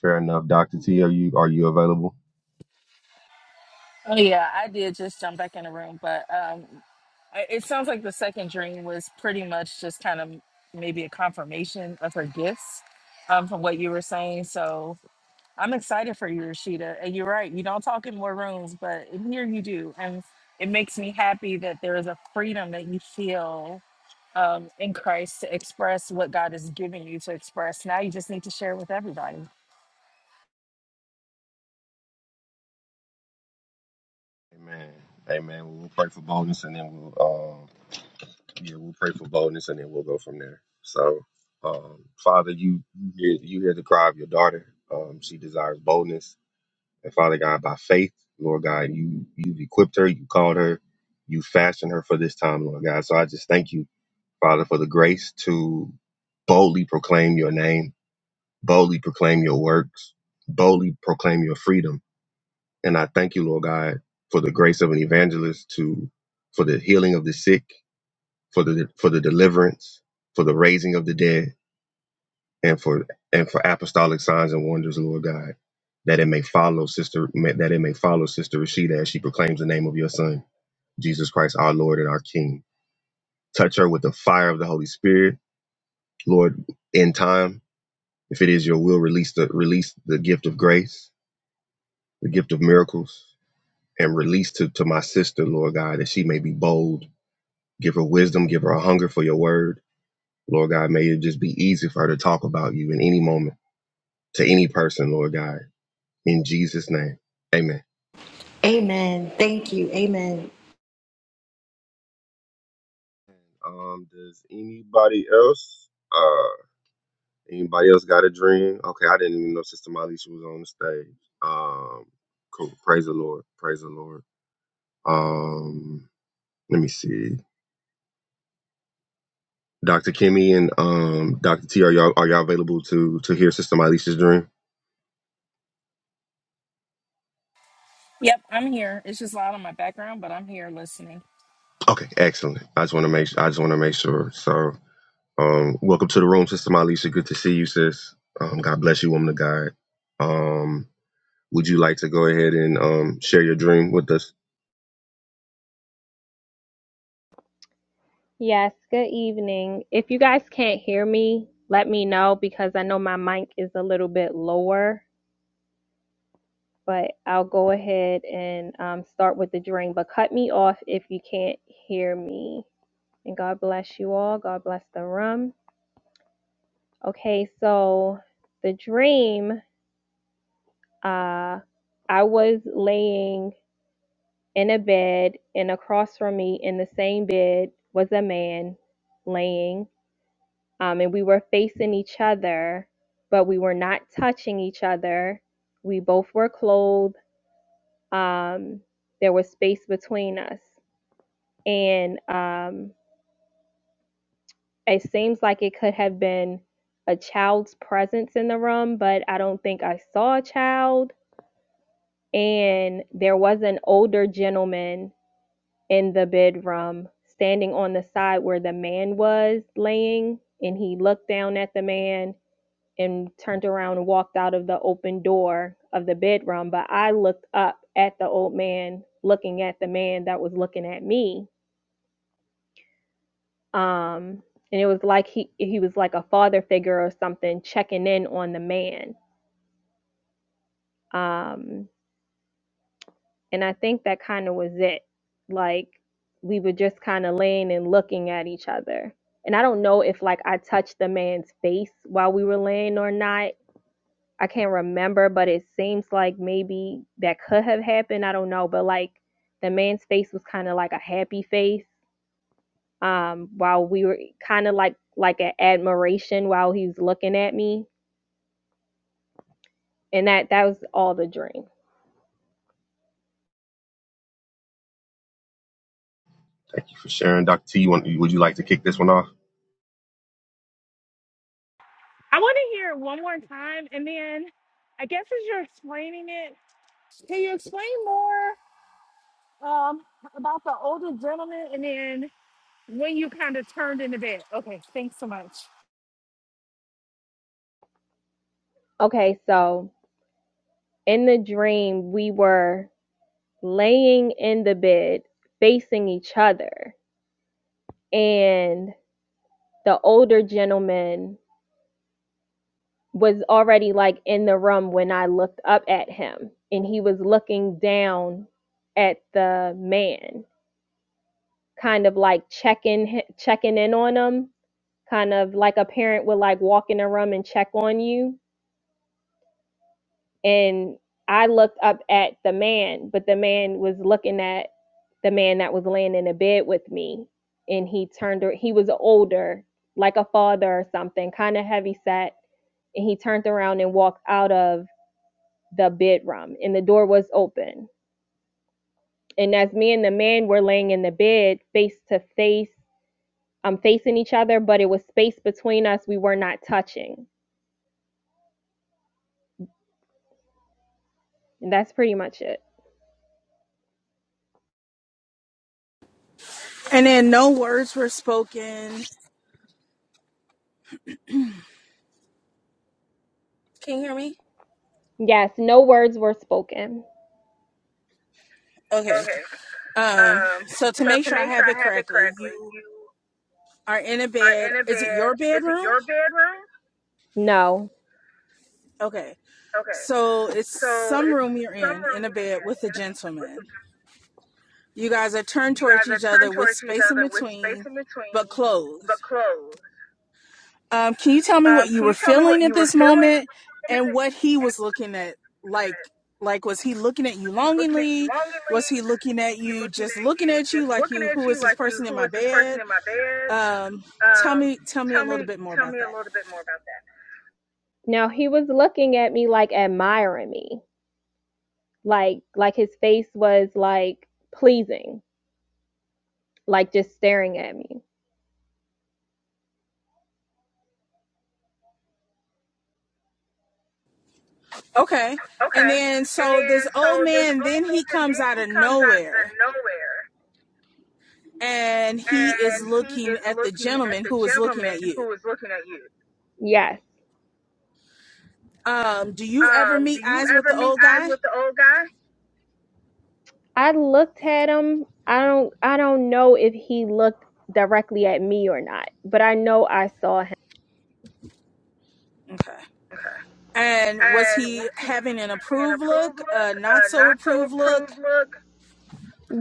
Fair enough, Doctor T. Are you are you available?
Oh yeah, I did just jump back in the room, but um, it sounds like the second dream was pretty much just kind of maybe a confirmation of her gifts um, from what you were saying. So I'm excited for you, Rashida. And you're right, you don't talk in more rooms, but in here you do. And it makes me happy that there is a freedom that you feel.
Amen. Amen. We'll we'll pray for boldness, and then we'll um, yeah, we'll pray for boldness, and then we'll go from there. So, um, Father, you you hear, you hear the cry of your daughter. Um, she desires boldness And Father God, by faith, Lord God, you you've equipped her, you called her, you fashioned her for this time, Lord God. So I just thank you, Father, for the grace to boldly proclaim your name, boldly proclaim your works, boldly proclaim your freedom. And I thank you, Lord God, for the grace of an evangelist to for the healing of the sick, for the for the deliverance, for the raising of the dead and for and for apostolic signs and wonders, Lord God, that it may follow sister that it may follow sister Rashida as she proclaims the name of your Son, Jesus Christ, our Lord and our King. Touch her with the fire of the Holy Spirit, Lord. In time, if it is your will, release the release the gift of grace, the gift of miracles, and release to to my sister, Lord God, that she may be bold. Give her wisdom, give her a hunger for your word, Lord God. May it just be easy for her to talk about you in any moment to any person, Lord God In Jesus' name, amen.
Amen. Thank you. Amen.
Um, does anybody else? Uh, anybody else got a dream? Okay, I didn't even know Sister Malisha was on the stage. Um, cool. Praise the Lord. Praise the Lord. Um, let me see. Dr. Kimmy and um, Dr. T, are y'all are y'all available to to hear Sister Malisha's dream?
Yep, I'm here. It's just loud on my background, but I'm here listening.
Okay, excellent. I just want to make I just want to make sure. So, um, welcome to the room, Sister Malisha. Good to see you, sis. Um, God bless you, woman of God. Um, Would you like to go ahead and um, share your dream with us?
Yes, good evening. If you guys can't hear me, let me know because I know my mic is a little bit lower, but I'll go ahead and um, start with the dream. But cut me off if you can't hear me. And God bless you all. God bless the room. Okay, so the dream uh, I was laying in a bed, and across from me in the same bed was a man laying. um, and we were facing each other, but we were not touching each other. We both were clothed. Um, there was space between us, and um, it seems like it could have been a child's presence in the room, but I don't think I saw a child. And there was an older gentleman in the bedroom standing on the side where the man was laying, and he looked down at the man and turned around and walked out of the open door of the bedroom. But I looked up at the old man looking at the man that was looking at me. Um, and it was like he he was like a father figure or something checking in on the man. Um, and I think that kind of was it. Like we were just kind of laying and looking at each other. And I don't know if like I touched the man's face while we were laying or not I can't remember, but it seems like maybe that could have happened. I don't know, but like the man's face was kind of like a happy face, um, while we were kind of like like an admiration while he was looking at me, and that that was all the dream.
Thank you for sharing, Dr. T. You want, would you like to kick this one off?
I want to hear it one more time. And then I guess as you're explaining it, can you explain more um, about the older gentleman and then when you kind of turned into bed? Okay, thanks so much.
Okay, so in the dream we were laying in the bed facing each other and the older gentleman was already like in the room when I looked up at him and he was looking down at the man kind of like checking checking in on him kind of like a parent would like walk in a room and check on you and I looked up at the man, but the man was looking at the man that was laying in the bed with me, and he turned. He was older, like a father or something, kind of heavy set, and he turned around and walked out of the bedroom, and the door was open. And as me and the man were laying in the bed, face to face, um, facing each other, but it was space between us. We were not touching, and that's pretty much it.
And then no words were spoken. Can you hear me?
Yes, no words were spoken.
Okay.
Okay.
Um,
Um,
so to
so
make
to
sure I
make sure
have it
I have it
correctly,
correctly,
you
you
are in a
are
bed.
in a
Is it
bed.
your
Is it
bedroom?
your bedroom? No.
Okay.
Okay.
So it's
So
some
it's
room you're
some
in,
room
in a bed
you're in,
with a
and
gentleman. You guys are turned
you
towards
guys are
each other
turned
with
towards each
space in
other with space
between,
in between,
but
but
closed.
closed.
Um, can you tell me
Um,
what you
can
were
you tell me
feeling
what
at
you were
this
feeling? at
moment and what he was looking at? Like, like was he looking at you
He looking at you
longingly?
longingly.
Was he looking at
Was He
you
looking
just
at
looking
you,
at you
just
like
looking
you
at
who is
you
this
like you.
person in
Who
my
is this person
bed?
in my bed?
Um, tell
Um,
me tell me a
tell
little
me,
bit more
tell
about
me a
that.
little bit more about that. No, he was looking at me like admiring me. Like like his face was like pleasing, like just staring at me.
Okay. And
Okay.
then
And
so this
then so
old
this
man,
old
then he
man, and
comes
then
out
he
of
comes out of
nowhere
nowhere
and he is
and he
looking
is
at the
looking at
gentleman
the
who is looking
gentleman
at you.
who is looking at you. Yes.
Um, do you ever
Um, do
meet
you
eyes with
ever
the
meet
old
eyes
guy?
with the old guy? I looked at him. I don't I don't know if he looked directly at me or not, but I know I saw him.
Okay. And was
And
he
was he
having an
giving an
approved
approved
look,
look,
a not
a
so
not so
approved look?
approved look,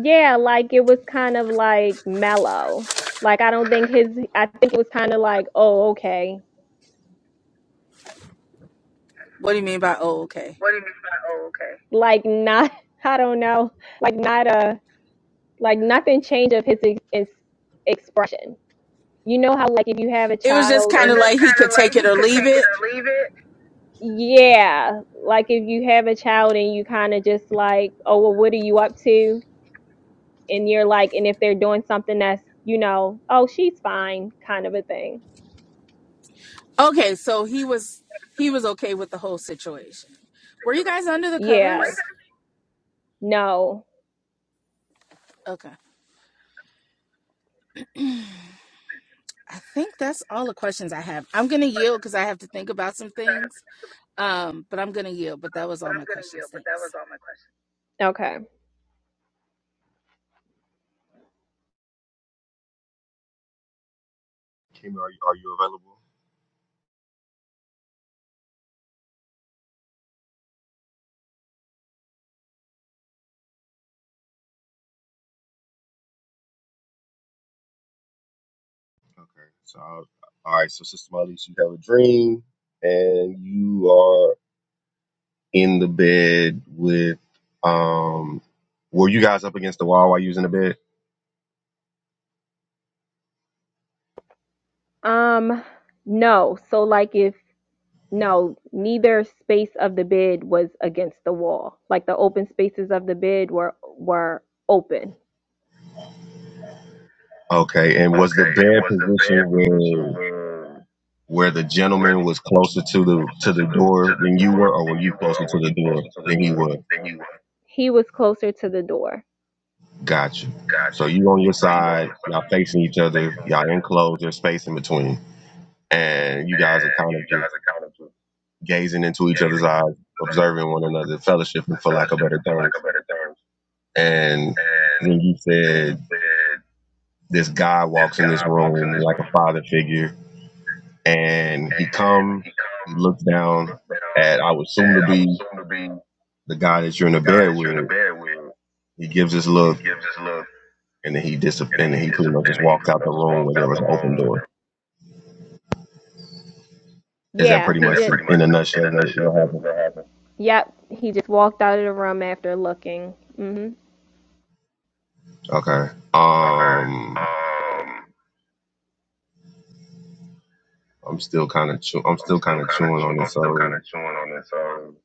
Yeah, like it was kind of like mellow. Like I don't think his I think it was kind of like, oh, okay.
What do you mean by oh okay?
What do you mean by oh okay? Like not I don't know. Like not a like nothing changed of his ex- ex- expression. You know how like if you have a
It was just
child It was
kind of
and just
like he
kind
could
of
take
like
it
he
or
could
leave
take it
it.
or leave it. yeah, like if you have a child and you kind of just like, oh, well what are you up to? And you're like and if they're doing something that's, you know, oh, she's fine kind of a thing.
Okay, so he was he was okay with the whole situation. Were you guys under the
Yeah.
covers?
No.
Okay. I think that's all the questions I have. I'm going to yield because I have to think about some things. Um, but I'm going to yield. But that was
But
all my
I'm gonna
questions.
yield. But that
Thanks.
was all my questions. Okay.
Kimmy, are you, are you available? Okay. So, I'll- all right. So, Sister Marlies, you have a dream, and you are in the bed with. Um, were you guys up against the wall while you was in the bed?
Um no. So like if no, neither space of the bed was against the wall. Like the open spaces of the bed were were open.
Okay. And was the
Okay, and
bed
was the
position
bed position
where?
where
where the
where
gentleman was closer to the
closer
to
to
the
the
door
to the
than you were,
door
or were
than you
you
were,
closer
or
to
were
the
you
door
closer to the
than he
door
was?
than you were? He was closer to the door.
Gotcha.
Got
So
you.
you on your
So you on your
side,
side
y'all facing each other,
facing each
y'all
other.
enclosed, there's space in between, and you guys are
and
kind
you
of
guys
just
accounted for
gazing into each other's
gazing
eyes,
at
observing one another, fellowshipping
the
for lack of
fellowship,
better
for lack of
terms.
better terms.
And
And
then you
then you
said
said
this guy
this
walks in
guy
this
walks in
room
this
like
room,
a father figure, and he
and
comes,
he
he
comes,
looks
he
down
looks down
at I would assume
at
to
I
be
was soon to be the
the guy that you're in the
guy
bed
that you're
with,
in the bed with.
He gives his
He
look,
gives his look,
and then he dis- and
and then
then
he
he pretty much
disappears, and
just
then he
walks
pretty
out the
much just
room
walks
where there
out the
was an
room.
open door. Is that
Yeah, he
pretty
did.
much in
pretty much
in a
in
nutshell
a
what,
nutshell
what
that,
happened?
that happened? yep, he just walked out of the room after looking. Mhm.
Okay.
Okay.
Um,
Um,
I'm still kind of chew- I'm
I'm
still
still
kind of
kind of
chewing
chew-
on
I'm
this.
still kind
So
of chewing on this. Um,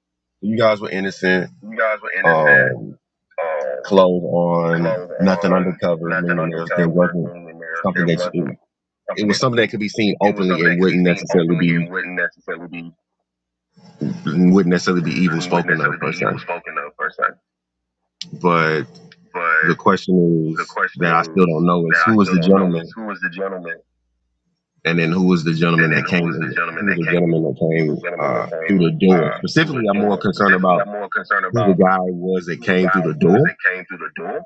you guys were innocent.
you guys were innocent,
Um,
um,
clothes on,
clothes
nothing
on,
undercover,
nothing
meaning there there
undercover,
wasn't
meaning there
something
there
that you.
wasn't something
It was
that
something
you,
that could be seen
it was
openly
something that
and
could be
wouldn't
seen
necessarily
openly
be
and wouldn't necessarily be
wouldn't necessarily be evil
wouldn't
spoken
necessarily
of per
be
se.
evil spoken of per se.
But the
But
question
the
is that I
question
still
is
don't know
that
is
I
who was
still
the
don't know
gentleman
is who was the gentleman,
And then who was the gentleman
and then
that
who
came?
was the
in-
gentleman
Who was
that
the
came
gentleman
in.
that
Who was the
came
gentleman that
uh, through
came
the door?
uh, through
Specifically,
the
I'm more
door?
concerned
Specifically,
about
I'm more concerned
who the
about
guy was that
who the
came through
guy
the
was
door
that came through the door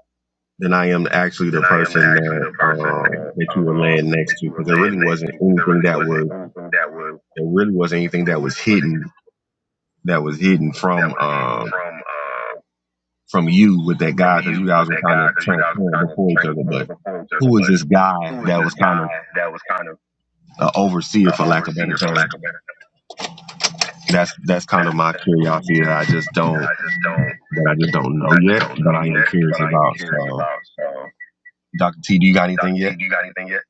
than I am actually
than
the
I am
person
actually
that
the person
um,
that
that you were laying
um, that
next to
you were
because there really
laying next
wasn't
to. Because there
anything
really
that
wasn't
was
anything that was
there really wasn't anything
that
that was
was
hidden that was hidden
that
from
was hidden
um
from uh,
from you with that
from
guy because you
you with
guys were
that
kind
guy.
of
Because you guys were
transparent
kind of
before each other.
transparent
But
before each other.
who was
But
this guy
who was
that
this
was kind
guy
of
that was kind of
an overseer,
an
for lack of a better
overseer, for
term?
lack of better?
That's that's kind of
That's
my
that's
curiosity. that I just don't.
I just don't
but I just don't know
that I just
yet.
don't
But
know
I am
yet. But
curious
I am
about.
curious
So,
about. So,
Doctor T, do you got
Dr.
anything
T,
yet?
do you got anything yet?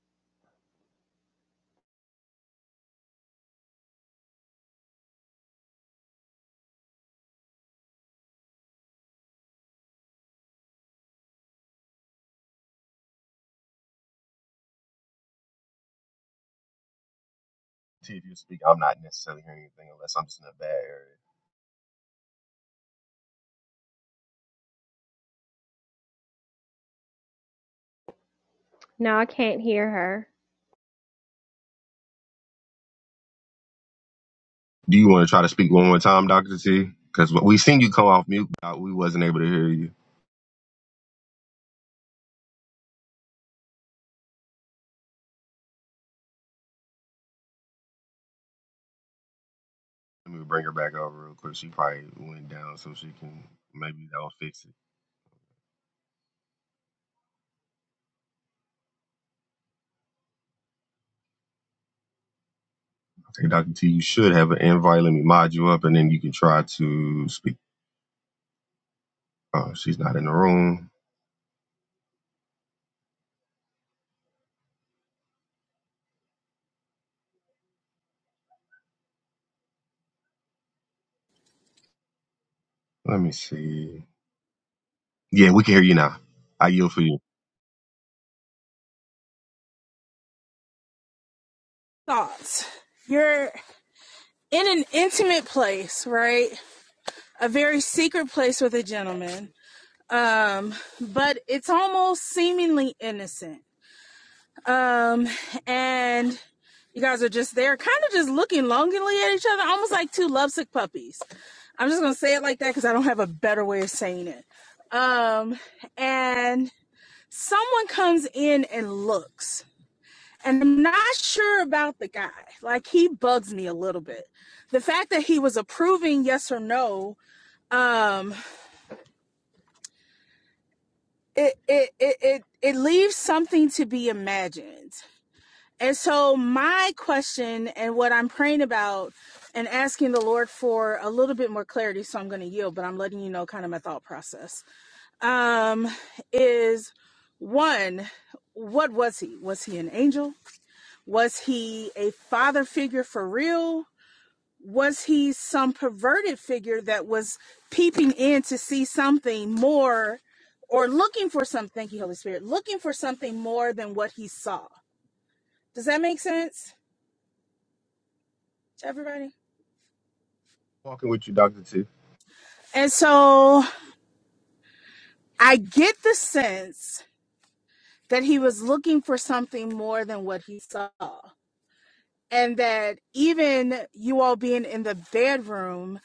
T, if you speak, I'm not necessarily hearing anything unless I'm just in a bad area.
No, I can't hear her.
Do you want to try to speak one more time, Doctor T? Because we seen you come off mute, but we wasn't able to hear you. Let me bring her back over real quick. She probably went down, so she can maybe that'll fix it. Okay, Doctor T, you should have an invite. Let me mod you up, and then you can try to speak. Oh, she's not in the room. Let me see. Yeah, we can hear you now. I yield for you.
thoughts. You're in an intimate place, right? A very secret place with a gentleman. Um, but it's almost seemingly innocent. Um, and you guys are just there, kind of just looking longingly at each other, almost like two lovesick puppies. I'm just gonna say it like that because I don't have a better way of saying it. Um, and someone comes in and looks and i'm not sure about the guy like he bugs me a little bit the fact that he was approving yes or no um it it it it, it leaves something to be imagined and so my question and what i'm praying about and asking the lord for a little bit more clarity so i'm going to yield but i'm letting you know kind of my thought process um is one what was he was he an angel Was he a father figure for real? Was he some perverted figure that was peeping in to see something more or looking for something? Thank you, Holy Spirit. Looking for something more than what he saw. Does that make sense to everybody?
Walking with you, Doctor T.
And so I get the sense that he was looking for something more than what he saw. And that even you all being in the bedroom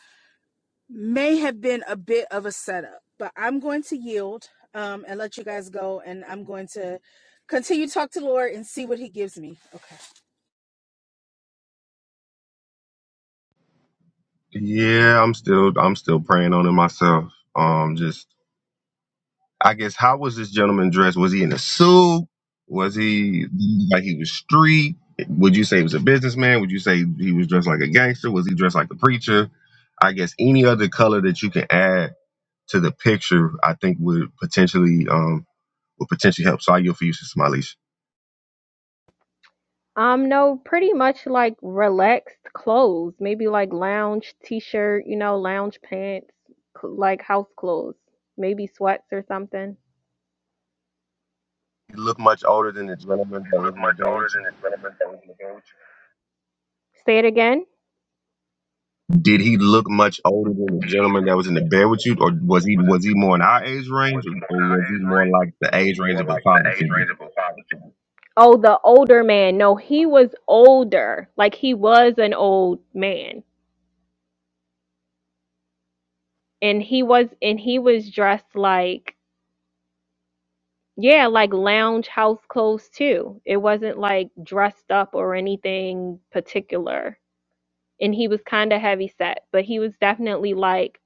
may have been a bit of a setup, but I'm going to yield um, and let you guys go. And I'm going to continue to talk to the Lord and see what He gives me.
Yeah, I'm still I'm still praying on it myself. Um, just I guess how was this gentleman dressed? Was he in a suit? Was he like he was street? Would you say he was a businessman? Would you say he was dressed like a gangster? Was he dressed like a preacher? I guess any other color that you can add to the picture, I think would potentially um would potentially help Sayo for you, Sister Malisha.
Um, no, pretty much like relaxed clothes, maybe like lounge t-shirt, you know, lounge pants, cl- like house clothes, maybe sweats or something.
He looked much older than the gentleman that
He
was
looked
in the
much
band
older
with you.
than the gentleman that was in Say it again.
Did he look much older
Did
than the
he
gentleman that was in the bed with you, or was he
was it
was he more in our age
was
range, or,
he more in
or
our
was he
age
more
range
like the
or was he
age range
more
of a
like the
father
age
figure?
range of a father? to you? Oh, the older man. No, he was older. Like he was an old man. And he was and he was dressed like Yeah, like lounge house clothes too. It wasn't like dressed up or anything particular. And he was kind of heavy set, but he was definitely like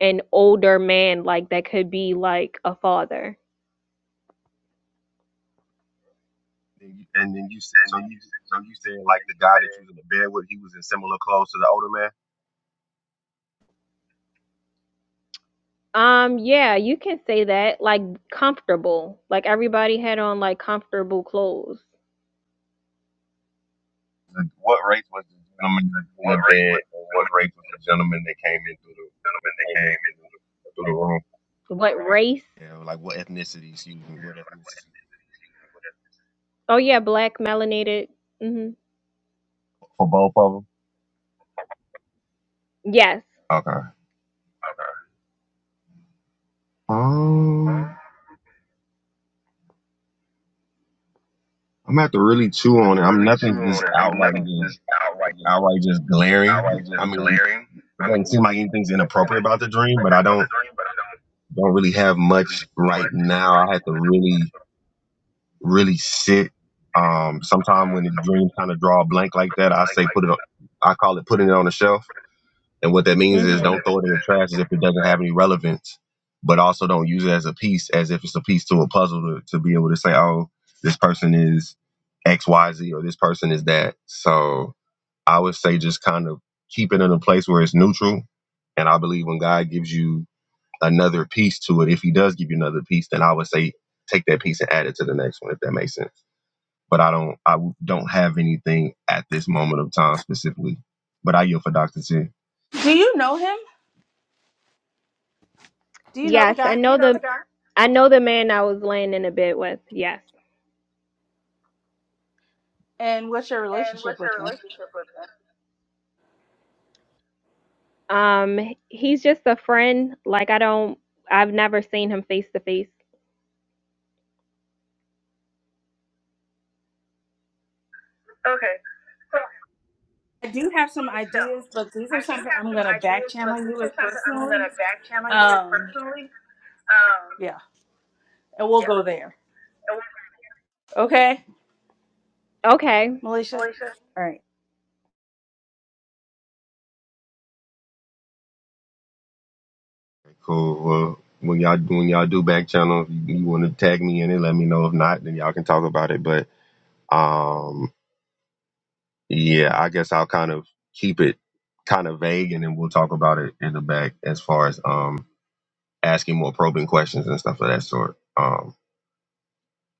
an older man, like that could be like a father.
And, you, and then you said so you and you said like the guy that you was in the bed with, he was in similar clothes to the older man.
Um, yeah, you can say that. Like comfortable. Like everybody had on like comfortable clothes.
Like, what race was the gentleman in the bed, and what race was the gentleman that came in through the that came in through the, through the room?
What race?
Yeah, like what ethnicity? Excuse me, what ethnicity?
Oh yeah, black melanated. Mhm.
For both of them.
Yes.
Okay.
Okay. Um,
Um, I'm gonna have to really
I'm
chew
gonna have
on
to
it. I'm
really chew
nothing
on
just
it. I mean,
outright
nothing
just
just outright,
outright just
outright
glaring.
just
I mean,
glaring.
it
I mean,
doesn't
it
seem like anything's
doesn't seem
inappropriate
like
about the dream, but I
appropriate for other
don't
dream, but I don't
don't really have
really
much
think
right
much
now.
right
I had to
now.
really really sit. Um, sometime
um
when the
something
dreams kind of draw a blank like that, I
like
say
like
put it on. I call it putting it on the shelf, and what that
that
means
Mhm.
is
would
don't
that
throw it in the
that
trash
don't
as if
don't
it
feel
doesn't
bad.
have any relevance, but also don't use it as a piece as if it's a piece to a puzzle to, to be able to say, oh, this person is X Y Z or this person is that. So I would say just kind of keep it in a place where it's neutral. And I believe when God gives you another piece to it, if He does give you another piece, then I would say take that piece and add it to the next one, if that makes sense. But I don't, I don't have anything at this moment of time specifically. But I yield for Doctor T.
Do you know him? Do you know the
Yes,
guy?
I know You know the the guy? I know the man I was laying in a bed with. Yes.
And what's your
And
relationship
what's
with
your
him?
relationship with him? Um, he's just a friend. Like I don't I've never seen him face to face. Okay.
I do have some
show.
ideas, but these
I
are
do
something
have
I'm
some
gonna back
ideas,
channel
but
you
these are
with
something I'm going
personally.
to back channel you with
Um,
personally. Um, yeah.
okay,
Okay.
Melissa.
Moesha.
Cool. Well, when y'all when y'all do back channel, if you, you want to tag me in it, let me know. If not, then y'all can talk about it. But um. Yeah, I guess I'll kind of keep it kind of vague and then we'll talk about it in the back as far as um asking more probing questions and stuff of that sort. Um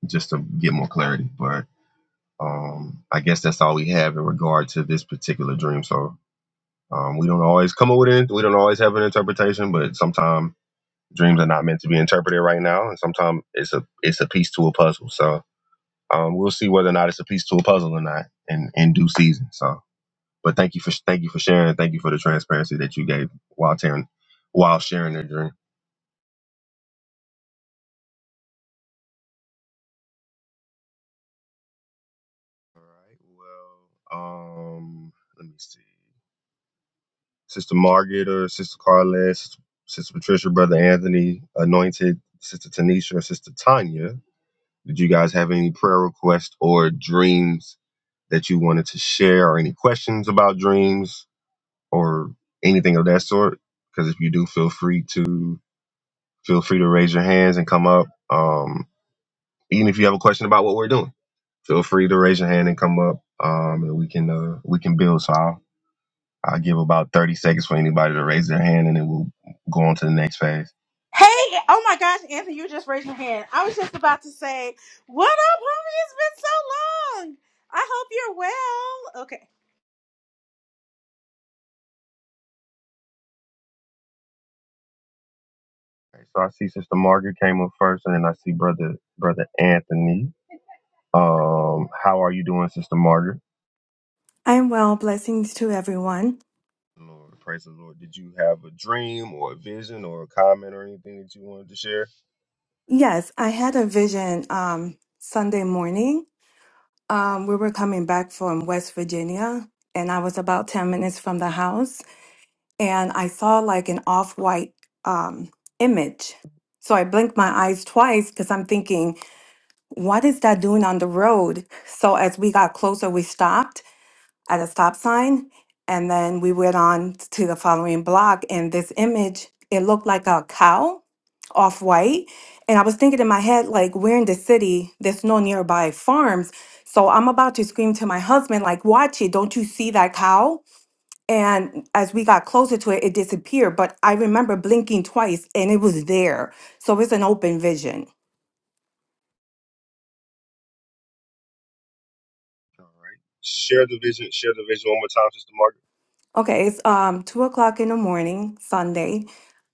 just to get more clarity. But um I guess that's all we have in regard to this particular dream. So um we don't always come up with it we don't always have an interpretation, but sometimes dreams are not meant to be interpreted right now and sometimes it's a it's a piece to a puzzle. So um we'll see whether or not it's a piece to a puzzle or not in, in due season. So But thank you for thank you for sharing. and Thank you for the transparency that you gave while tearing, while sharing their dream. All right. Well, um, let me see. Sister Margaret or Sister Carlette, Sister, Sister Patricia, Brother Anthony, Anointed, Sister Tanisha, or Sister Tanya. Did you guys have any prayer requests or dreams that you wanted to share, or any questions about dreams or anything of that sort? Because if you do, feel free to feel free to raise your hands and come up. Um, Even if you have a question about what we're doing, feel free to raise your hand and come up, um, and we can uh, we can build. So I'll, I'll give about thirty seconds for anybody to raise their hand, and then we'll go on to the next phase. Okay, so I see Sister Margaret came up first, and then I see brother brother Anthony. Um, how are you doing, Sister Margaret?
I'm well. Blessings to everyone.
Lord, praise the Lord. Did you have a dream or a vision or a comment or anything that you wanted to share?
Yes, I had a vision um, Sunday morning. Um, we were coming back from West Virginia, and I was about 10 minutes from the house, and I saw like an off white um, image. So I blinked my eyes twice because I'm thinking, what is that doing on the road? So as we got closer, we stopped at a stop sign. And then we went on to the following block, and this image, it looked like a cow off white. And I was thinking in my head, like, we're in the city, there's no nearby farms. So I'm about to scream to my husband, like, watch it, don't you see that cow? And as we got closer to it, it disappeared. But I remember blinking twice and it was there. So it's an open vision.
All right. Share the vision. Share the vision one more time, Sister Margaret.
Okay, it's um two o'clock in the morning, Sunday.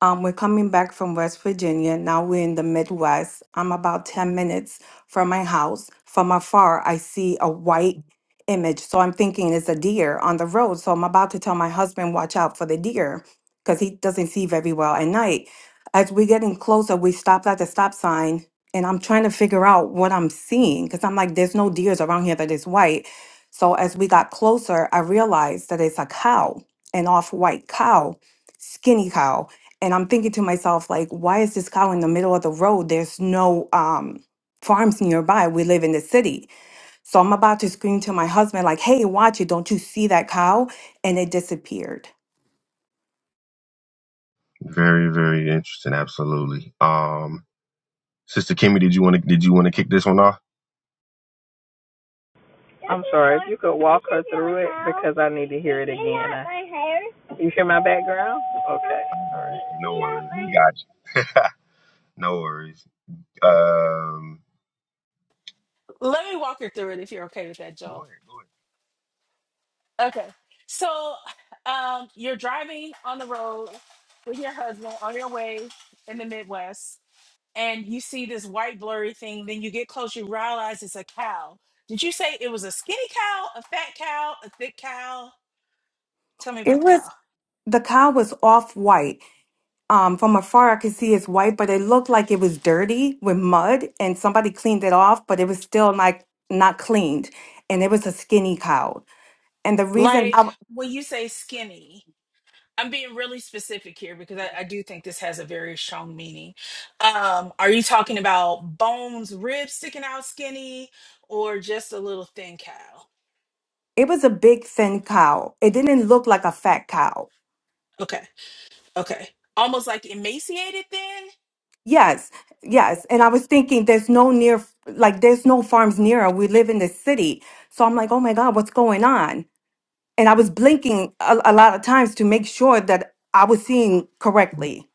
Um, we're coming back from West Virginia. Now we're in the Midwest. I'm about 10 minutes from my house. From afar, I see a white image. So I'm thinking it's a deer on the road. So I'm about to tell my husband, watch out for the deer, because he doesn't see very well at night. As we're getting closer, we stopped at the stop sign and I'm trying to figure out what I'm seeing because I'm like, there's no deers around here that is white. So as we got closer, I realized that it's a cow, an off-white cow, skinny cow. And I'm thinking to myself, like, why is this cow in the middle of the road? There's no um farms nearby. We live in the city. So I'm about to scream to my husband, like, hey, watch it, don't you see that cow? And it disappeared.
Very, very interesting. Absolutely. Um, Sister Kimmy, did you want to did you want to kick this one off?
I'm sorry. If you could walk her through it because I need to hear it again. I- You hear my background? Okay. All
No worries, we
right.
got you. no worries. Um,
Let me walk you through it if you're okay with that,
go
Joel.
ahead, go ahead.
Okay. So um, you're driving on the road with your husband on your way in the Midwest. and you see this white blurry thing. Then you get close, you realize it's a cow. Did you say it was a skinny cow, a fat cow, a thick cow? Tell me about
It
the
was
cow.
the cow was off-white. Um, from afar, I could see it's white, but it looked like it was dirty with mud, and somebody cleaned it off, but it was still like not cleaned, and it was a skinny cow. And the reason
Like
I,
when you say skinny, I'm being really specific here because I, I do think this has a very strong meaning. Um, are you talking about bones, ribs sticking out skinny, or just a little thin cow?
it was a big thin cow, it didn't look like a fat cow.
Okay, okay. Almost like emaciated thin?
Yes,
Yeah.
yes. And I was thinking, there's no near, like there's no farms near. We live in the city, so I'm like, oh my god, what's going on? And I was blinking a, a lot of times to make sure that I was seeing correctly.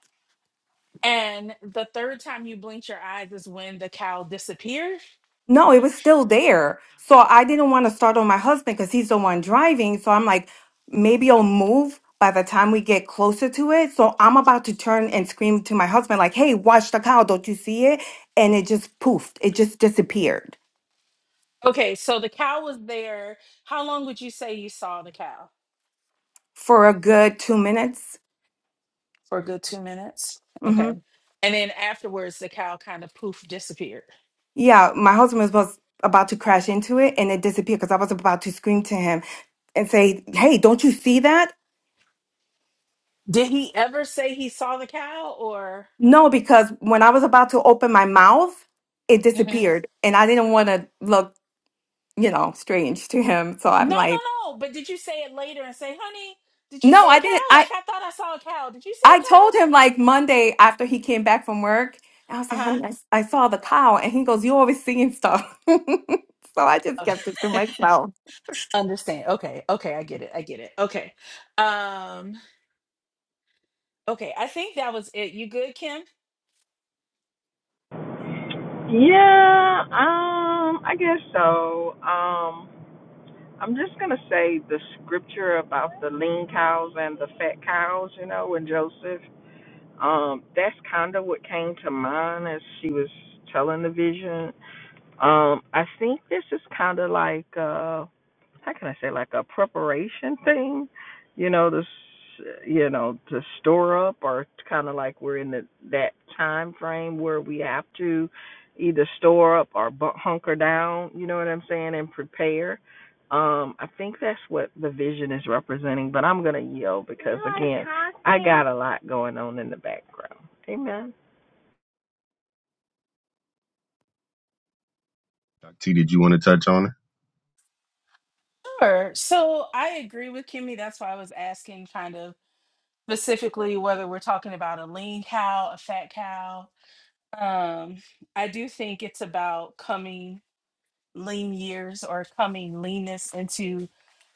And the third time you blinked your eyes is when the cow disappeared
No, it was still there. So I didn't want to start on my husband because he's the one driving. So I'm like, maybe I'll move by the time we get closer to it. So I'm about to turn and scream to my husband, like, hey, watch the cow. Don't you see it? And it just poofed. It just disappeared
Okay, so the cow was there. How long would you say you saw the cow?
for a good two minutes.
For a good two minutes. Okay.
hmm
And then afterwards, the cow kind of poof disappeared.
Yeah, my husband was supposed- about to crash into it and it disappeared because I was about to scream to him and say, hey, don't you see that?
Did he ever say he saw the cow or?
No, because when I was about to open my mouth, it
Mhm.
disappeared, and I didn't want to look, you know, strange to him. So I'm
No,
like,
no, no. But did you say it later and say, honey, did you
no,
see
I
a
didn't.
cow?
I
Like, I thought I saw a cow. Did you see a
I
cow?
told him like Monday after he came back from work, I was like, honey,
Uh
I, I saw the cow, and he goes, you always seeing stuff. so I just kept it to
huh. Okay.
myself.
Understand. Okay. Okay. I get it. I get it. Okay. Um, Okay, I think that was it. You good, Kim?
Yeah. Um. I guess so. Um. I'm just gonna say the scripture about the lean cows and the fat cows. You know, when Joseph Um, that's kind of what came to mind as she was telling the vision. Um, I think this is kind of like uh, how can I say like a preparation thing, you know, to s you know to store up or kind of like we're in the, that time frame where we have to either store up or bu- hunker down, you know what I'm saying, and prepare. Um, I think that's what the vision is representing, but I'm gonna yield because again, I got a lot going on in the background. Amen.
Dr. T, did you want to touch on it?
Sure. So I agree with Kimmy. That's why I was asking kind of specifically whether we're talking about a lean cow, a fat cow. Um, I do think it's about coming lean years or coming leanness into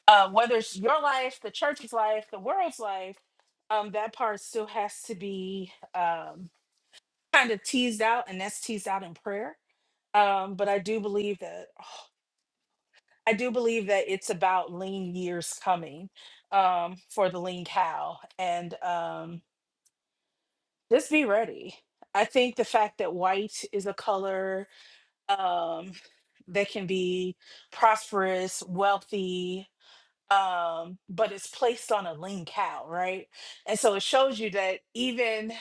uh, whether it's your life, the church's life, the world's life. Um, that part still has to be um, kind of teased out, and that's teased out in prayer. Um, but I do believe that I do believe that it's about lean years coming um, for the lean cow, and um, just be ready. I think the fact that white is a color um, that can be prosperous, wealthy, um, but it's placed on a lean cow, right? And so it shows you that even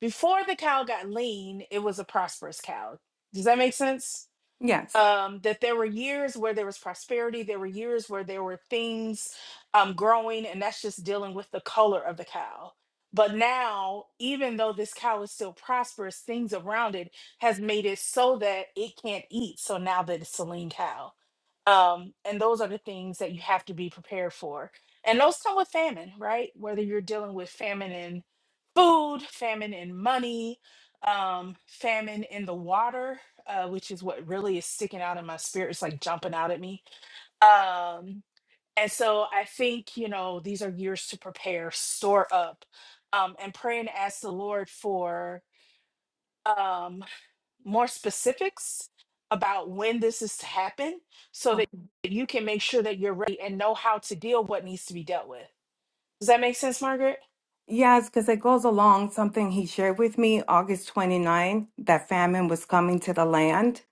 before the cow got lean, it was a prosperous cow. Does that make sense?
Yes.
um, that there were years where there was prosperity, there were years where there were things um, growing, and that's just dealing with the color of the cow. But now, even though this cow is still prosperous, things around it has made it so that it can't eat. So now that it's a lean cow, um, and those are the things that you have to be prepared for. And those come with famine, right? Whether you're dealing with famine in food, famine in money, um famine in the water uh which is what really is sticking out in my spirit it's like jumping out at me um and so i think you know these are years to prepare store up um and pray and ask the lord for um more specifics about when this is to happen so
Oh.
that you can make sure that you're ready and know how to deal what needs to be dealt with does that make sense margaret
Yes, because it goes along something he shared with me August 29, that famine was coming to the land.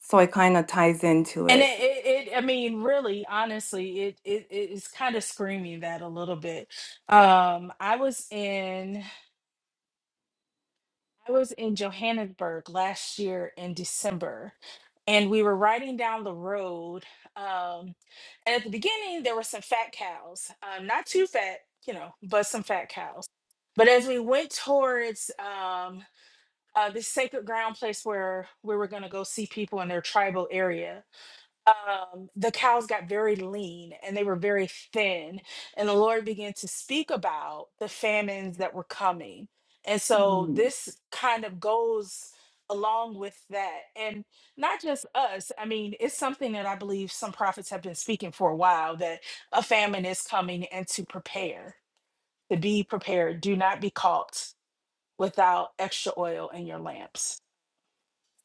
So it kind of ties into
And it,
it.
it, it I mean, really, honestly, it, it it is kind of screaming that a little bit. Um, I was in I was in Johannesburg last year in December, and we were riding down the road. Um, and at the beginning, there were some fat cows, um, not too fat, you know, but some fat cows. But as we went towards um, uh, this sacred ground place where we were going to go see people in their tribal area, um, the cows got very lean and they were very thin. And the Lord began to speak about the famines that were coming. And so this kind of goes along with that. And not just us, I mean, it's something that I believe some prophets have been speaking for a while that a famine is coming and to prepare, to be prepared. Do not be caught without extra oil in your lamps.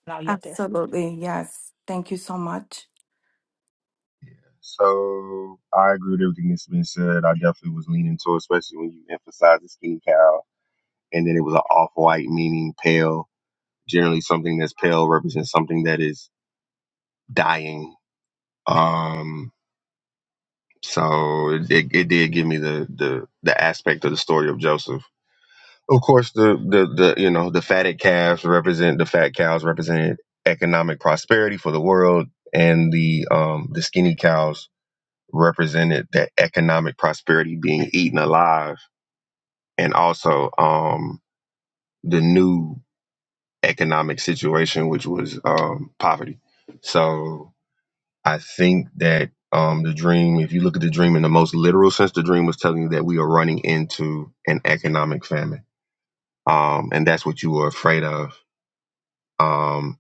Now, you up there.
Absolutely. Yes. Thank you so much.
So I agree with everything that's been said. I definitely was leaning toward, especially when you emphasize the skin cow, and then it was an off white meaning pale. Generally, something that's pale represents something that is dying. Um, so it, it, it did give me the the the aspect of the story of Joseph Of course, the, the, the you know the fatted calves represent the fat cows represented economic prosperity for the world, and the um, the skinny cows represented that economic prosperity being eaten alive, and also um, the new economic situation, which was um, poverty. So I think that um, the dream, if you look at the dream in the most literal sense, the dream was telling you that we are running into an economic famine, um, and that's what you were afraid of Um,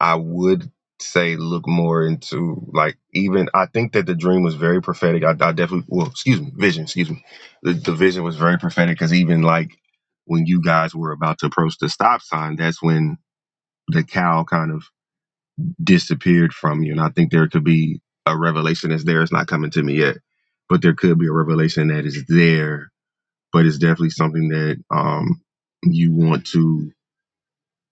I would say look more into like even I think that the dream was very prophetic. I, I definitely well, excuse me, vision, excuse me, the, the vision was very prophetic because even like when you guys were about to approach the stop sign, that's when the cow kind of disappeared from you. And I think there could be a revelation that's there. It's not coming to me yet, but there could be a revelation that is there. But it's definitely something that um you want to.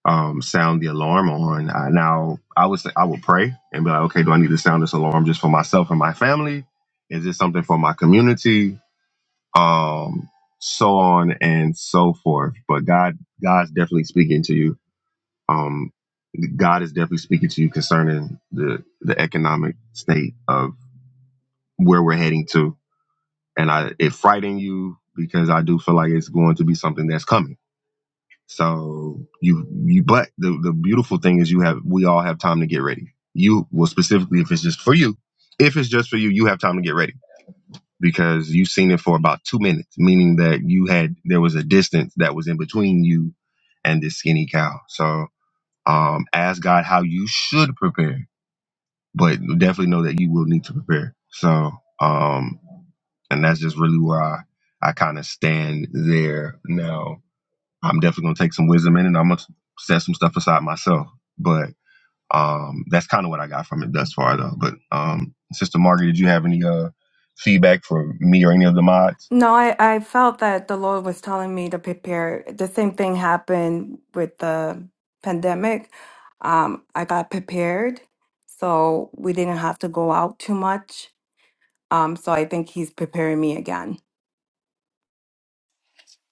um, sound the alarm on. I, now I would say I would pray and be like, okay, do I need to sound this alarm just for myself and my family? Is this something for my community? Um, so on and so forth. But God, God's definitely speaking to you. Um, God is definitely speaking to you concerning the the economic state of where we're heading to, and I it frighten you because I do feel like it's going to be something that's coming So you you but the, the beautiful thing is you have we all have time to get ready. You well specifically if it's just for you, if it's just for you, you have time to get ready because you've seen it for about two minutes, meaning that you had there was a distance that was in between you and this skinny cow. So um ask God how you should prepare, but definitely know that you will need to prepare. So um and that's just really where I, I kind of stand there now I'm definitely gonna take some wisdom in, it and I'm gonna set some stuff aside myself. But um, that's kind of what I got from it thus far, though. But um, Sister Margaret, did you have any uh feedback for me or any of the mods?
No, I, I felt that the Lord was telling me to prepare. The same thing happened with the pandemic. Um, I got prepared. So we didn't have to go out too much. Um, so I think he's preparing me again.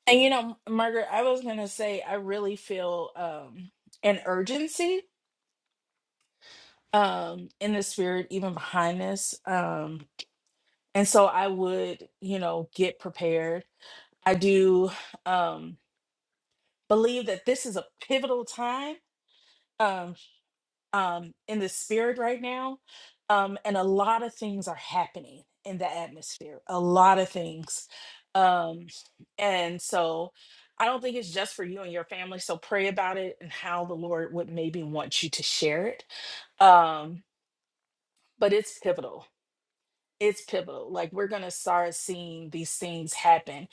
And you know, Margaret, I was gonna say I really feel um an urgency um in the spirit even behind this. Um and so I would, you know, get prepared. I do um believe that this is a pivotal time Um, um, in the spirit right now. Um, and a lot of things are happening in the atmosphere, a lot of things. Um, and so I don't think it's just for you and your family. So pray about it and how the Lord would maybe want you to share it. Um, but it's pivotal. It's pivotal. Like we're going to start seeing these things happen.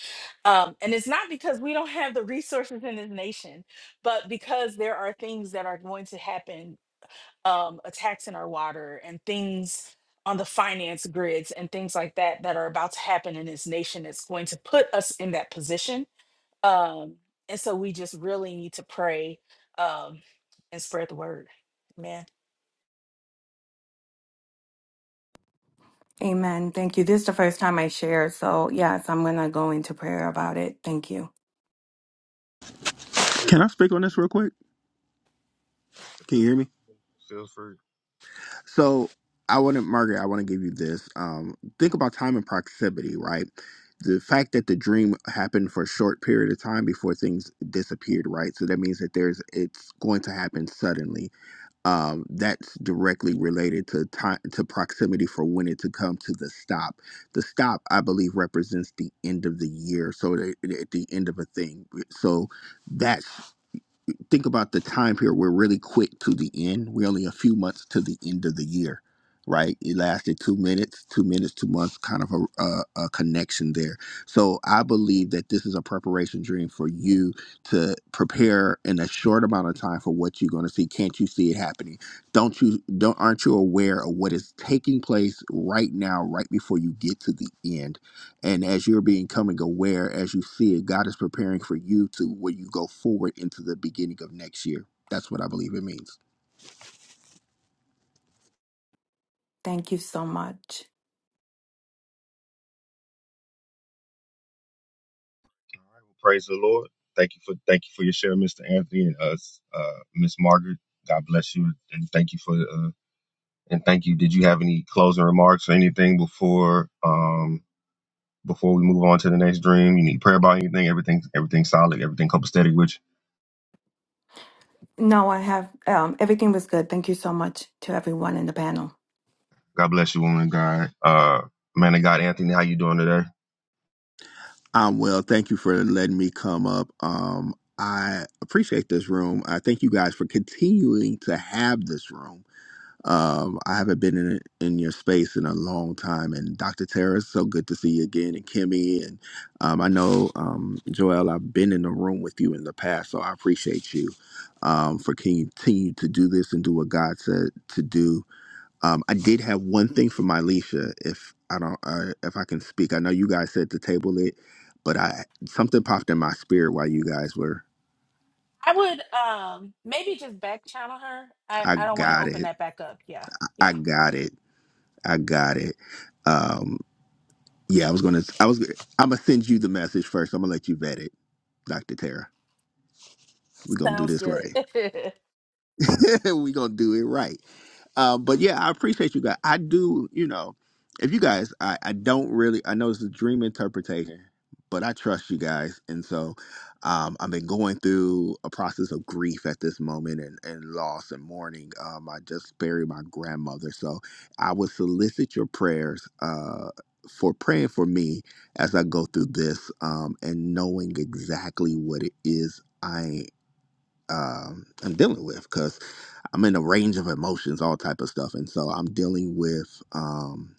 Um, and it's not because we don't have the resources in this nation, but because there are things that are going to happen um, attacks in our water and things on the finance grids and things like that that are about to happen in this nation that's going to put us in that position. Um, and so we just really need to pray um, and spread the word, man.
Amen. Thank you. This is the first time I share. So, yes, I'm going to go into prayer about it. Thank you.
Can I speak on this real quick? Can
Feel,
you hear me?
feel free.
So I want to, Margaret, I want to give you this. Um, think about time and proximity, right? The fact that the dream happened for a short period of time before things disappeared, right? So that means that there's it's going to happen suddenly. Um, that's directly related to time to proximity for when it to come to the stop. The stop, I believe, represents the end of the year. So the, the- at the end of a thing. So that think about the time period, we're really quick to the end. We're only a few months to the end of the year, right? It lasted two minutes, two minutes, two months, kind of a, a, a connection there. So I believe that this is a preparation dream for you to prepare in a short amount of time for what you're going to see. Can't you see it happening? Don't you don't aren't you aware of what is taking place right now, right before you get to the end? And as you're becoming aware, as you see it, God is preparing for you to where you go forward into the beginning of next year. That's what I believe it means.
Thank you so much.
Praise the Lord. Thank you for thank you for your share, Mr. Anthony and us, uh, Miss Margaret. God bless you and thank you for uh, and thank you. Did you have any closing remarks or anything before um before we move on to the next dream? You need prayer about anything? Everything everything solid. Everything copacetic with you?
No, I have um, everything was good. Thank you so much to everyone in the panel.
God bless you, woman of God. Uh, man of God, Anthony, how you doing today?
Um, well, thank you for letting me come up. Um, I appreciate this room. I thank you guys for continuing to have this room. Um, I haven't been in in your space in a long time, and Dr. Tara, it's so good to see you again, and Kimmy, and um, I know um, Joel, I've been in the room with you in the past, so I appreciate you um, for continuing to do this and do what God said to do. Um, I did have one thing for my Alicia, if I don't, uh, if I can speak. I know you guys said to table it, but I something popped in my spirit while you guys were.
I would um, maybe just back channel her. I,
I
I don't want to
got
open
it.
that back up. Yeah,
I
yeah.
got it. I got it. Um, Yeah, I was gonna. I was. I'm gonna send you the message first. I'm gonna let you vet it, Doctor Tara. We're gonna do
Sounds
this
good.
right. We're gonna do it right. Uh, but yeah, I appreciate you guys. I do, you know, if you guys, I, I don't really, I know it's a dream interpretation, but I trust you guys. And so um, I've been going through a process of grief at this moment and, and loss and mourning. Um, I just buried my grandmother. So I would solicit your prayers uh, for praying for me as I go through this um, and knowing exactly what it is I um, am dealing with. I'm in a range of emotions, all type of stuff, and so I'm dealing with. Um,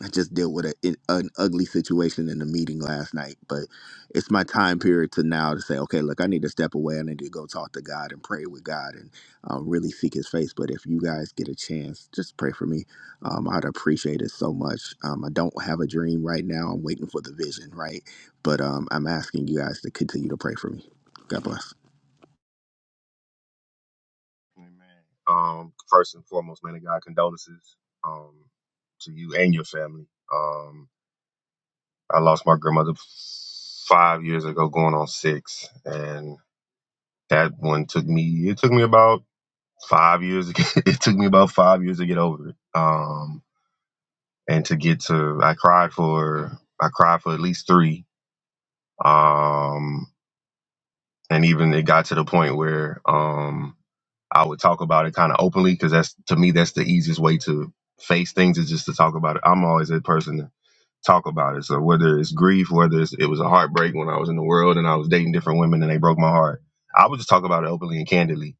I just dealt with a, an ugly situation in the meeting last night, but it's my time period to now to say, okay, look, I need to step away. I need to go talk to God and pray with God and uh, really seek His face. But if you guys get a chance, just pray for me. Um, I'd appreciate it so much. Um, I don't have a dream right now. I'm waiting for the vision, right? But um, I'm asking you guys to continue to pray for me. God bless.
Amen. Um, first and foremost, man of God, condolences um, to you and your family. Um, I lost my grandmother five years ago, going on six, and that one took me. It took me about five years. it took me about five years to get over it. Um, and to get to, I cried for, I cried for at least three. Um, and even it got to the point where, um, I would talk about it kind of openly because that's to me that's the easiest way to face things is just to talk about it. I'm always a person to talk about it. So whether it's grief, whether it's, it was a heartbreak when I was in the world and I was dating different women and they broke my heart, I would just talk about it openly and candidly.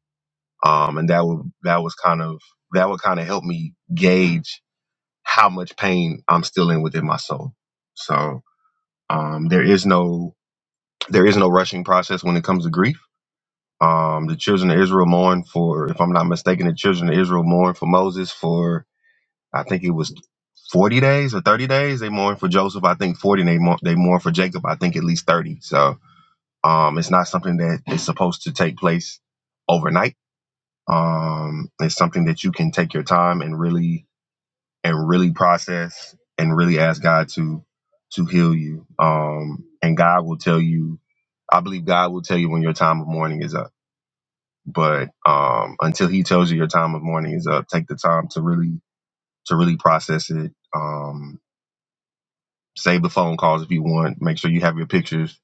Um, and that would that was kind of that would kind of help me gauge how much pain I'm still in within my soul. So um, there is no there is no rushing process when it comes to grief um, the children of Israel mourn for, if I'm not mistaken, the children of Israel mourn for Moses for, I think it was 40 days or 30 days. They mourn for Joseph, I think 40, and they mourn, they mourn for Jacob, I think at least 30. So um, it's not something that is supposed to take place overnight. Um, it's something that you can take your time and really and really process and really ask God to to heal you. Um, and God will tell you, I believe God will tell you when your time of mourning is up but um, until he tells you your time of mourning is up, take the time to really to really process it. Um, save the phone calls if you want. Make sure you have your pictures,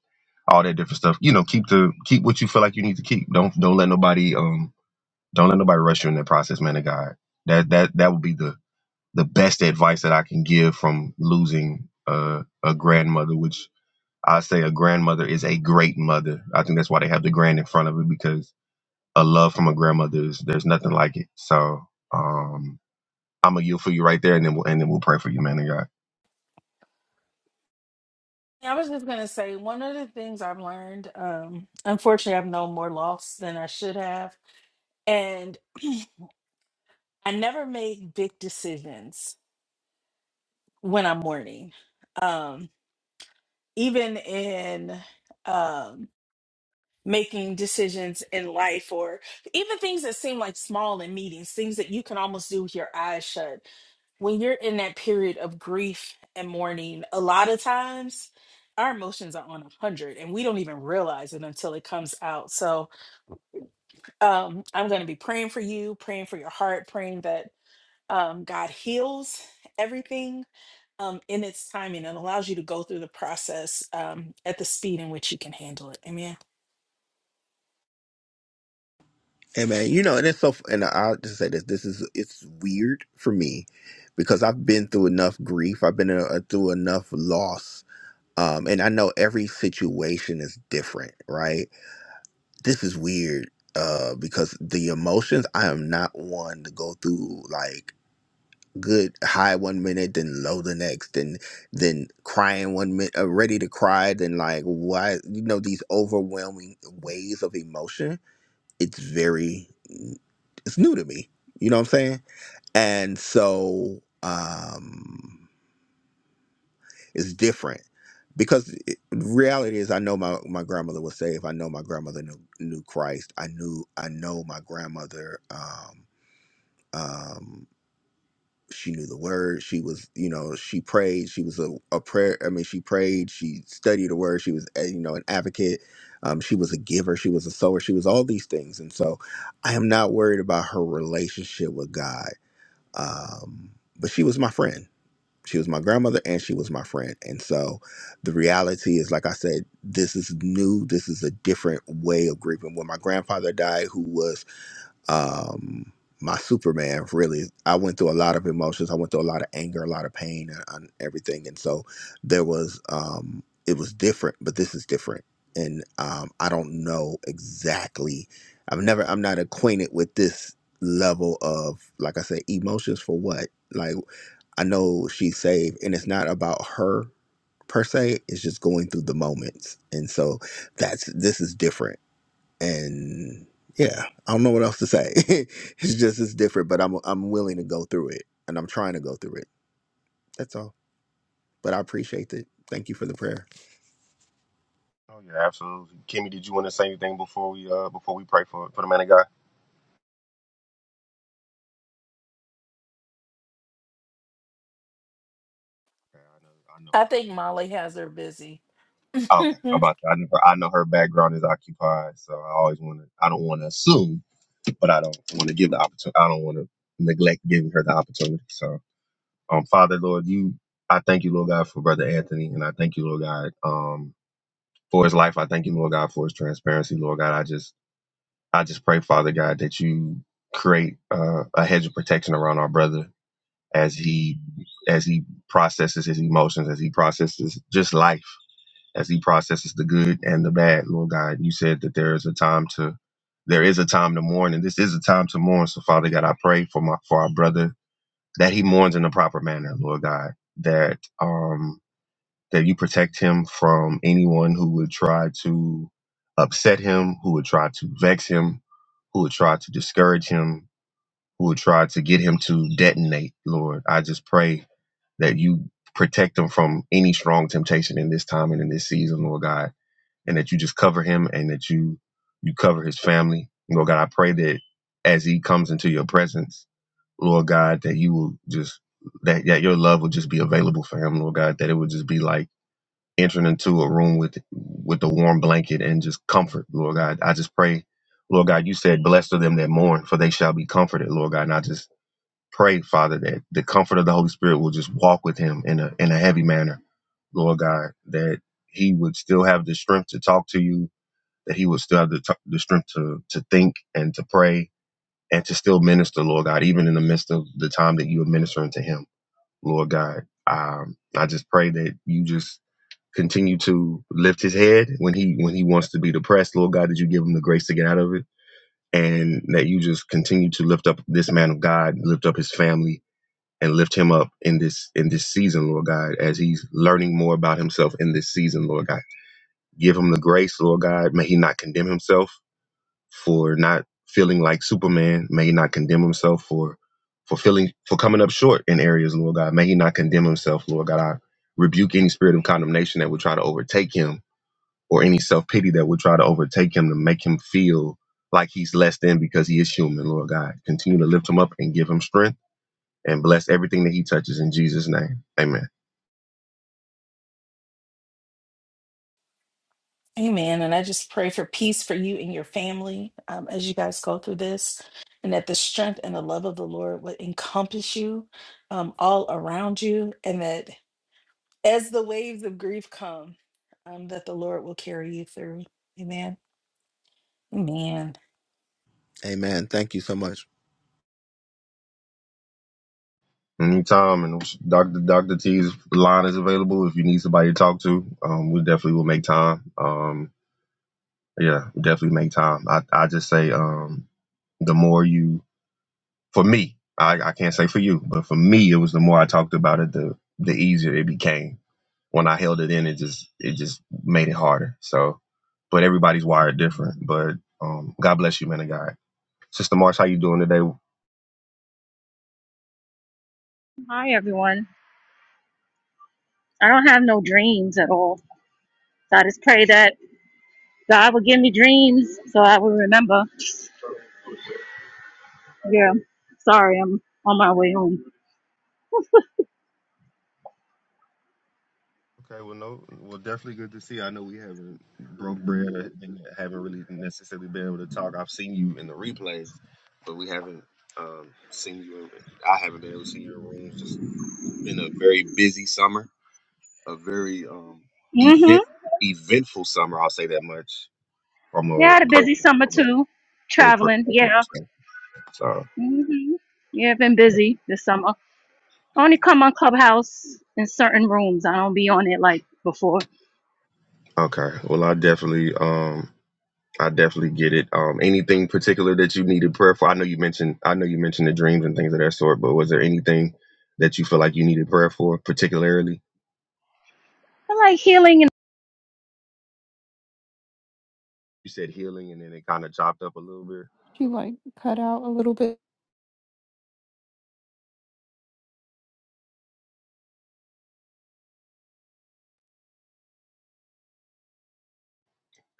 all that different stuff. You know, keep the keep what you feel like you need to keep. Don't don't let nobody um don't let nobody rush you in that process, man of God. That that that would be the the best advice that I can give from losing uh, a grandmother, which I say a grandmother is a great mother. I think that's why they have the grand in front of it because a love from a grandmother is there's nothing like it. So um, I'm gonna yield for you right there, and then we'll, and then we'll pray for you, man of God.
Yeah, I was just gonna say one of the things I've learned. Um, unfortunately, I've known more loss than I should have, and I never make big decisions when I'm mourning. Um, even in um, making decisions in life, or even things that seem like small in meetings, things that you can almost do with your eyes shut. When you're in that period of grief and mourning, a lot of times our emotions are on 100 and we don't even realize it until it comes out. So um, I'm going to be praying for you, praying for your heart, praying that um, God heals everything um, in its timing and allows you to go through the process um, at the speed in which you can handle it. Amen.
And man, you know, and it's so, and I'll just say this: this is it's weird for me because I've been through enough grief, I've been uh, through enough loss, um, and I know every situation is different, right? This is weird uh, because the emotions I am not one to go through like good high one minute, then low the next, and then crying one minute, uh, ready to cry, then like why you know these overwhelming waves of emotion it's very it's new to me. You know what I'm saying? And so um it's different because it, reality is I know my my grandmother was saved. I know my grandmother knew, knew Christ. I knew I know my grandmother um um, she knew the word she was you know she prayed she was a, a prayer i mean she prayed she studied the word she was eh, you know an advocate um, she was a giver she was a sower she was all these things and so i am not worried about her relationship with god um, but she was my friend she was my grandmother and she was my friend and so the reality is like i said this is new this is a different way of grieving when my grandfather died who was um my superman really i went through a lot of emotions i went through a lot of anger a lot of pain and, and everything and so there was um it was different but this is different and um i don't know exactly i've never i'm not acquainted with this level of like i said emotions for what like i know she's saved and it's not about her per se it's just going through the moments and so that's this is different and yeah, I don't know what else to say. it's just it's different, but I'm I'm willing to go through it, and I'm trying to go through it. That's all. But I appreciate it. Thank you for the prayer.
Oh yeah, absolutely. Kimmy, did you want to say anything before we uh before we pray for for the man of God? Yeah, I know, I know
I think
her.
Molly has her busy.
Oh, okay, I'm about to, I know her, I know her background is occupied, so I always want to. I don't want to assume, but I don't want to give the opportunity. I don't want to neglect giving her the opportunity. So, um, Father, Lord, you, I thank you, Lord God, for Brother Anthony, and I thank you, Lord God, um, for his life. I thank you, Lord God, for his transparency, Lord God. I just I just pray, Father God, that you create uh, a hedge of protection around our brother as he as he processes his emotions, as he processes just life, as he processes the good and the bad. Lord God, you said that there is a time to there is a time to mourn, and this is a time to mourn. So, Father God, I pray for my for our brother that he mourns in the proper manner, Lord God. That um that you protect him from anyone who would try to upset him, who would try to vex him, who would try to discourage him, who would try to get him to detonate, Lord. I just pray that you protect him from any strong temptation in this time and in this season, Lord God, and that you just cover him and that you you cover his family. And Lord God, I pray that as he comes into your presence, Lord God, that you will just that, that your love will just be available for him, Lord God, that it would just be like entering into a room with with the warm blanket and just comfort, Lord God. I just pray, Lord God, you said, Blessed are them that mourn, for they shall be comforted, Lord God. And I just pray, Father, that the comfort of the Holy Spirit will just walk with him in a in a heavy manner, Lord God, that he would still have the strength to talk to you, that he would still have the, t- the strength to to think and to pray and to still minister, Lord God, even in the midst of the time that you are ministering to him, Lord God. Um, I just pray that you just continue to lift his head when he when he wants to be depressed lord god that you give him the grace to get out of it and that you just continue to lift up this man of god lift up his family and lift him up in this in this season lord god as he's learning more about himself in this season lord god give him the grace lord god may he not condemn himself for not feeling like superman may he not condemn himself for for feeling for coming up short in areas lord god may he not condemn himself lord god i rebuke any spirit of condemnation that would try to overtake him or any self pity that would try to overtake him to make him feel like he's less than because he is human, Lord God. Continue to lift him up and give him strength and bless everything that he touches in Jesus' name. Amen.
Amen. And I just pray for peace for you and your family um, as you guys go through this, and that the strength and the love of the Lord would encompass you um, all around you, and that as the waves of grief come, um, that the Lord will carry you through. Amen. Amen.
Amen. Thank you so much.
Anytime, and Dr. Dr. T's line is available if you need somebody to talk to. Um, we definitely will make time. Um, yeah, definitely make time. I, I just say, um, the more you, for me, I, I can't say for you, but for me, it was the more I talked about it, the the easier it became when I held it in, it just it just made it harder. So, but everybody's wired different. But um, God bless you, man of God. Sister Marsh, how you doing today?
Hi, everyone. I don't have no dreams at all. So I just pray that God will give me dreams so I will remember. Yeah. Sorry, I'm on my way home.
Okay, well, no, well, definitely good to see. you. I know we haven't broke bread or haven't really necessarily been able to talk. I've seen you in the replays, but we haven't um, seen you. In, I haven't been able to see your rooms. Just been a very busy summer, a very um,
hmm
event eventful summer. I'll say that much from
Yeah, I
a
had a busy
person
summer
from a
too.
from a
Traveling.
professional
Yeah.
perspective. So
hmm Yeah, I've been busy this summer. I only come on Clubhouse in certain rooms. I don't be on it like before.
okay. Well, I definitely um I definitely get it. Um, anything particular that you needed prayer for? I know you mentioned I know you mentioned the dreams and things of that sort, but was there anything that you feel like you needed prayer for particularly?
I like healing and
You said healing, and then it kind of chopped up a little bit.
She like cut out a little bit.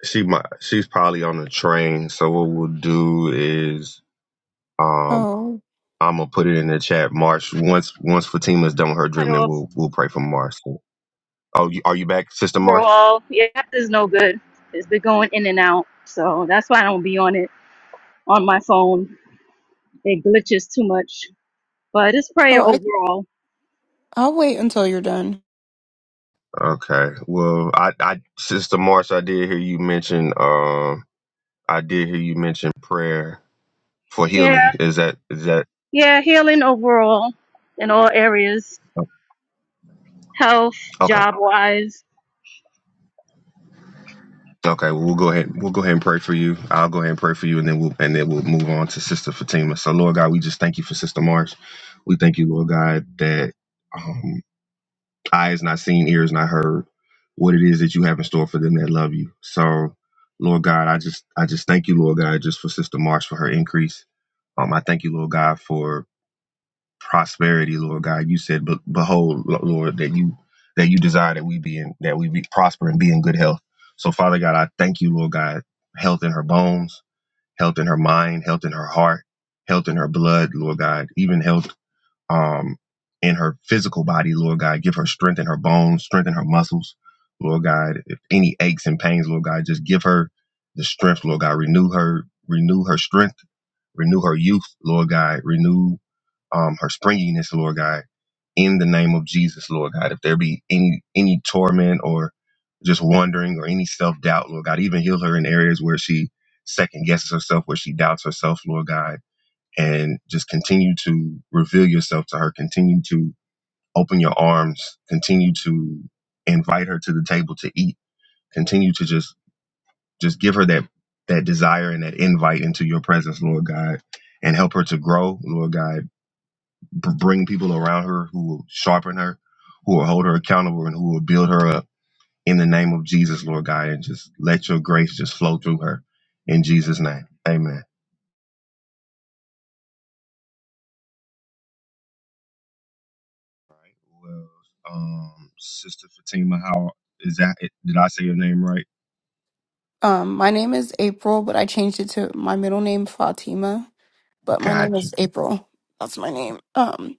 She might she's probably on the train. So what we'll do is um
Oh,
I'm gonna put it in the chat. Marsh once once Fatima's done with her
cut
dream, then
off
we'll we'll pray for Marsh. So, Oh, you, are you back, Sister Marsh?
overall. Yeah, app is no good. It's been going in and out. So that's why I don't be on it on my phone. It glitches too much. But it's prayer
oh, I
overall.
I'll wait until you're done.
Okay. Well, I, I, Sister Marsh, I did hear you mention. Um, I did hear you mention prayer for
Yeah,
healing. Is that is that
yeah, healing overall in all areas, health,
okay?
job wise.
Okay. Well, we'll go ahead. We'll go ahead and pray for you. I'll go ahead and pray for you, and then we'll and then we'll move on to Sister Fatima. So, Lord God, we just thank you for Sister Marsh. We thank you, Lord God, that um, eyes not seen, ears not heard, what it is that you have in store for them that love you. So, Lord God, I just I just thank you, Lord God, just for Sister Marsh for her increase. Um, I thank you, Lord God, for prosperity, Lord God. You said, "But behold, Lo- Lord, that you that you desire that we be in that we be prosper and be in good health." So, Father God, I thank you, Lord God, health in her bones, health in her mind, health in her heart, health in her blood, Lord God, even health um in her physical body, Lord God. Give her strength in her bones, strength in her muscles, Lord God. If any aches and pains, Lord God, just give her the strength, Lord God. Renew her, renew her strength renew her youth, Lord God. Renew um, her springiness, Lord God, in the name of Jesus, Lord God. If there be any any torment or just wondering or any self doubt, Lord God, even heal her in areas where she second guesses herself, where she doubts herself, Lord God, and just continue to reveal yourself to her. Continue to open your arms. Continue to invite her to the table to eat. Continue to just just give her that that desire and that invite into your presence, Lord God, and help her to grow, Lord God b- bring people around her who will sharpen her, who will hold her accountable, and who will build her up in the name of Jesus, Lord God. And just let your grace just flow through her in Jesus' name. Amen. All right. Well, um, Sister Fatima, how is that? Did I say your name right?
Um, my name is April, but I changed it to my middle name Fatima, but my name
Gotcha.
is April. That's my name. Um,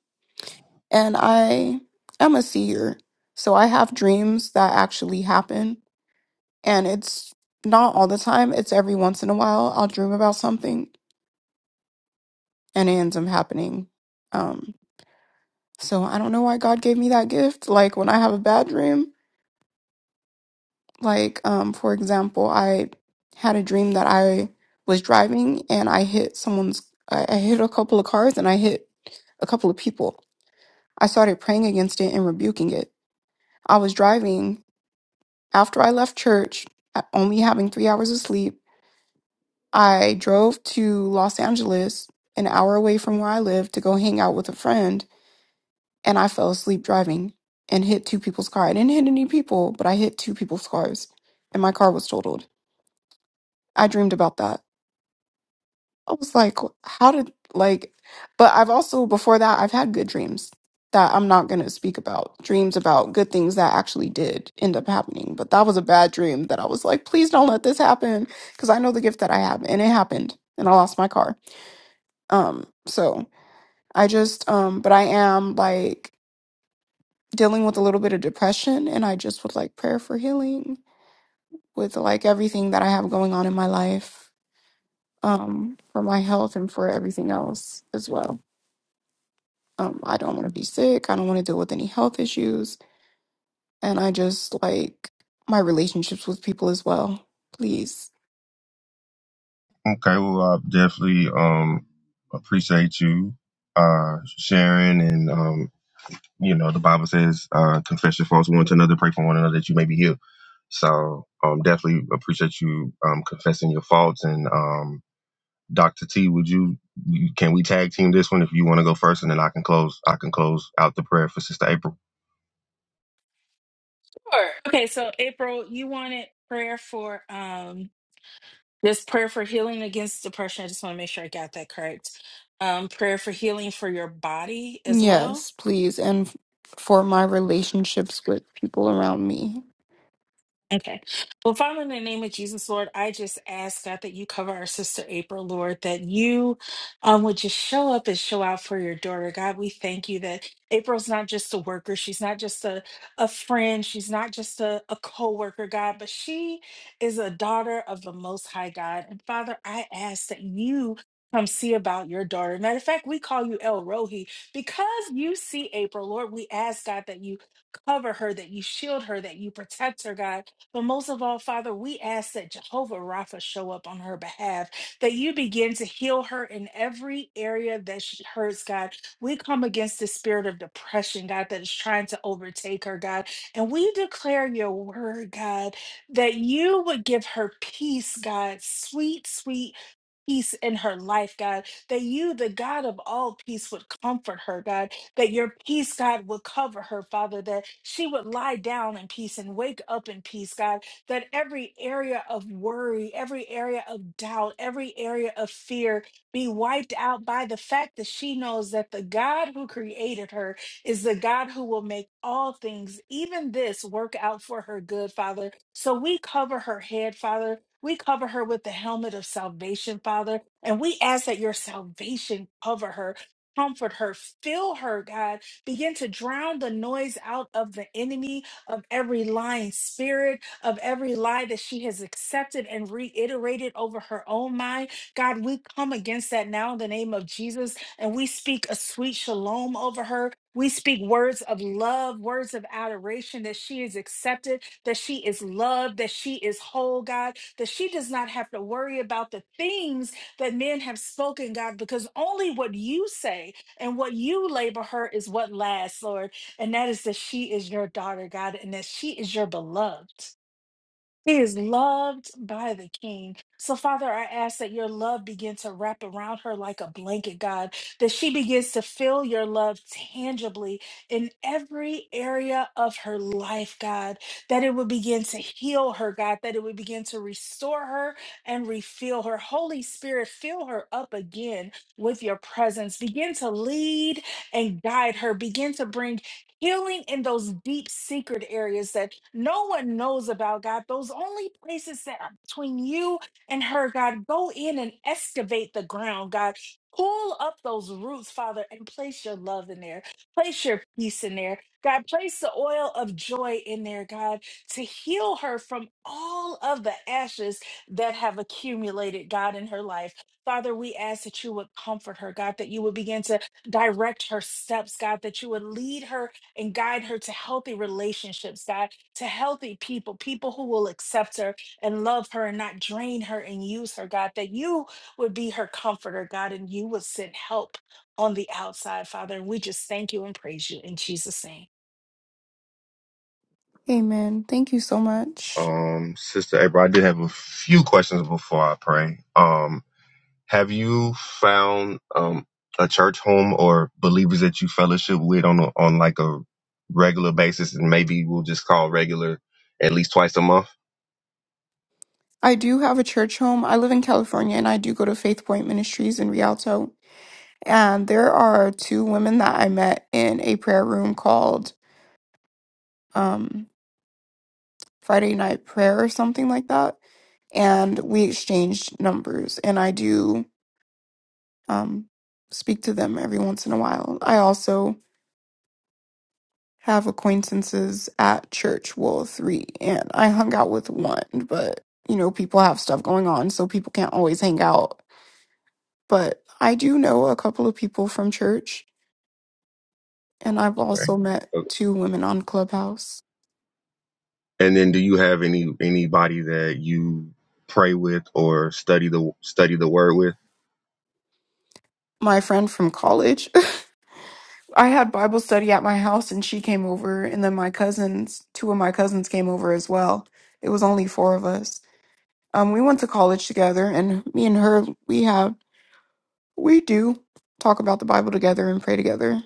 and I am a seer, so I have dreams that actually happen, and it's not all the time. It's every once in a while I'll dream about something and it ends up happening. Um, so I don't know why God gave me that gift. Like when I have a bad dream. Like, um, for example, I had a dream that I was driving and I hit someone's, I, I hit a couple of cars and I hit a couple of people. I started praying against it and rebuking it. I was driving after I left church, a- only having three hours of sleep. I drove to Los Angeles, an hour away from where I live, to go hang out with a friend, and I fell asleep driving and hit two people's car. I didn't hit any people, but I hit two people's cars, and my car was totaled. I dreamed about that. I was like, how did like but I've also before that I've had good dreams that I'm not going to speak about. Dreams about good things that actually did end up happening, but that was a bad dream that I was like, please don't let this happen because I know the gift that I have and it happened and I lost my car. Um so I just um but I am like dealing with a little bit of depression and I just would like prayer for healing with like everything that I have going on in my life um for my health and for everything else as well. Um, I don't want to be sick. I don't want to deal with any health issues. And I just like my relationships with people as well. Please.
Okay. Well, I definitely um appreciate you uh sharing and um you know the bible says uh confess your faults one to another pray for one another that you may be healed so um definitely appreciate you um confessing your faults and um dr t would you you- can we tag team this one if you want to go first and then i can close i can close out the prayer for sister april
Sure. Okay, so April, you wanted prayer for um this prayer for healing against depression. I just want to make sure I got that correct. Um, prayer for healing for your body as well.
Yes, please. And f- for my relationships with people around me.
Okay. Well, Father, in the name of Jesus, Lord, I just ask God that you cover our sister April, Lord, that you um, would just show up and show out for your daughter. God, we thank you that April's not just a worker. She's not just a, a friend. She's not just a, a co worker, God, but she is a daughter of the Most High God. And Father, I ask that you. Come see about your daughter. Matter of fact, we call you El Rohi because you see April. Lord, we ask God that you cover her, that you shield her, that you protect her, God. But most of all, Father, we ask that Jehovah Rapha show up on her behalf, that you begin to heal her in every area that she hurts, God. We come against the spirit of depression, God, that is trying to overtake her, God. And we declare your word, God, that you would give her peace, God, sweet, sweet. Peace in her life, God, that you, the God of all peace, would comfort her, God that your peace, God, would cover her, Father, that she would lie down in peace and wake up in peace, God, that every area of worry, every area of doubt, every area of fear be wiped out by the fact that she knows that the God who created her is the God who will make all things, even this, work out for her good, Father. So we cover her head, Father. We cover her with the helmet of salvation, Father, and we ask that your salvation cover her Comfort her, fill her, God. Begin to drown the noise out of the enemy, of every lying spirit, of every lie that she has accepted and reiterated over her own mind. God, we come against that now in the name of Jesus and we speak a sweet shalom over her. We speak words of love, words of adoration that she is accepted, that she is loved, that she is whole, God, that she does not have to worry about the things that men have spoken, God, because only what you say and what you labor her is what lasts, Lord. And that is that she is your daughter, God, and that she is your beloved. He is loved by the King. So, Father, I ask that your love begin to wrap around her like a blanket, God, that she begins to feel your love tangibly in every area of her life, God, that it would begin to heal her, God, that it would begin to restore her and refill her. Holy Spirit, fill her up again with your presence. Begin to lead and guide her. Begin to bring healing in those deep, secret areas that no one knows about God. Those only places that are between you and her, God, go in and excavate the ground, God. Pull up those roots, Father, and place your love in there. Place your peace in there. God, place the oil of joy in there, God, to heal her from all of the ashes that have accumulated, God, in her life. Father, we ask that you would comfort her, God, that you would begin to direct her steps, God, that you would lead her and guide her to healthy relationships, God, to healthy people, people who will accept her and love her and not drain her and use her, God, that you would be her comforter, God, and you would send help on the outside, Father. And we just thank you and praise you in Jesus' name.
Amen. Thank you so much.
um sister april i did have a few questions before i pray um Have you found um, a church home or believers that you fellowship with on a, on like a regular basis, and maybe we'll just call regular at least twice a month?
I do have a church home. I live in California and I do go to Faith Point Ministries in Rialto. And there are two women that I met in a prayer room called. um, Friday night prayer or something like that. And we exchanged numbers, and I do um, speak to them every once in a while. I also have acquaintances at church, well, three, and I hung out with one, but you know, people have stuff going on, so people can't always hang out. But I do know a couple of people from church, and I've
Right.
also met
Okay.
two women on Clubhouse.
And then, do you have any anybody that you pray with or study the study the word with?
My friend from college I had Bible study at my house and she came over and then my cousins, two of my cousins came over as well. It was only four of us. Um we went to college together and me and her we have we do talk about the Bible together and pray together.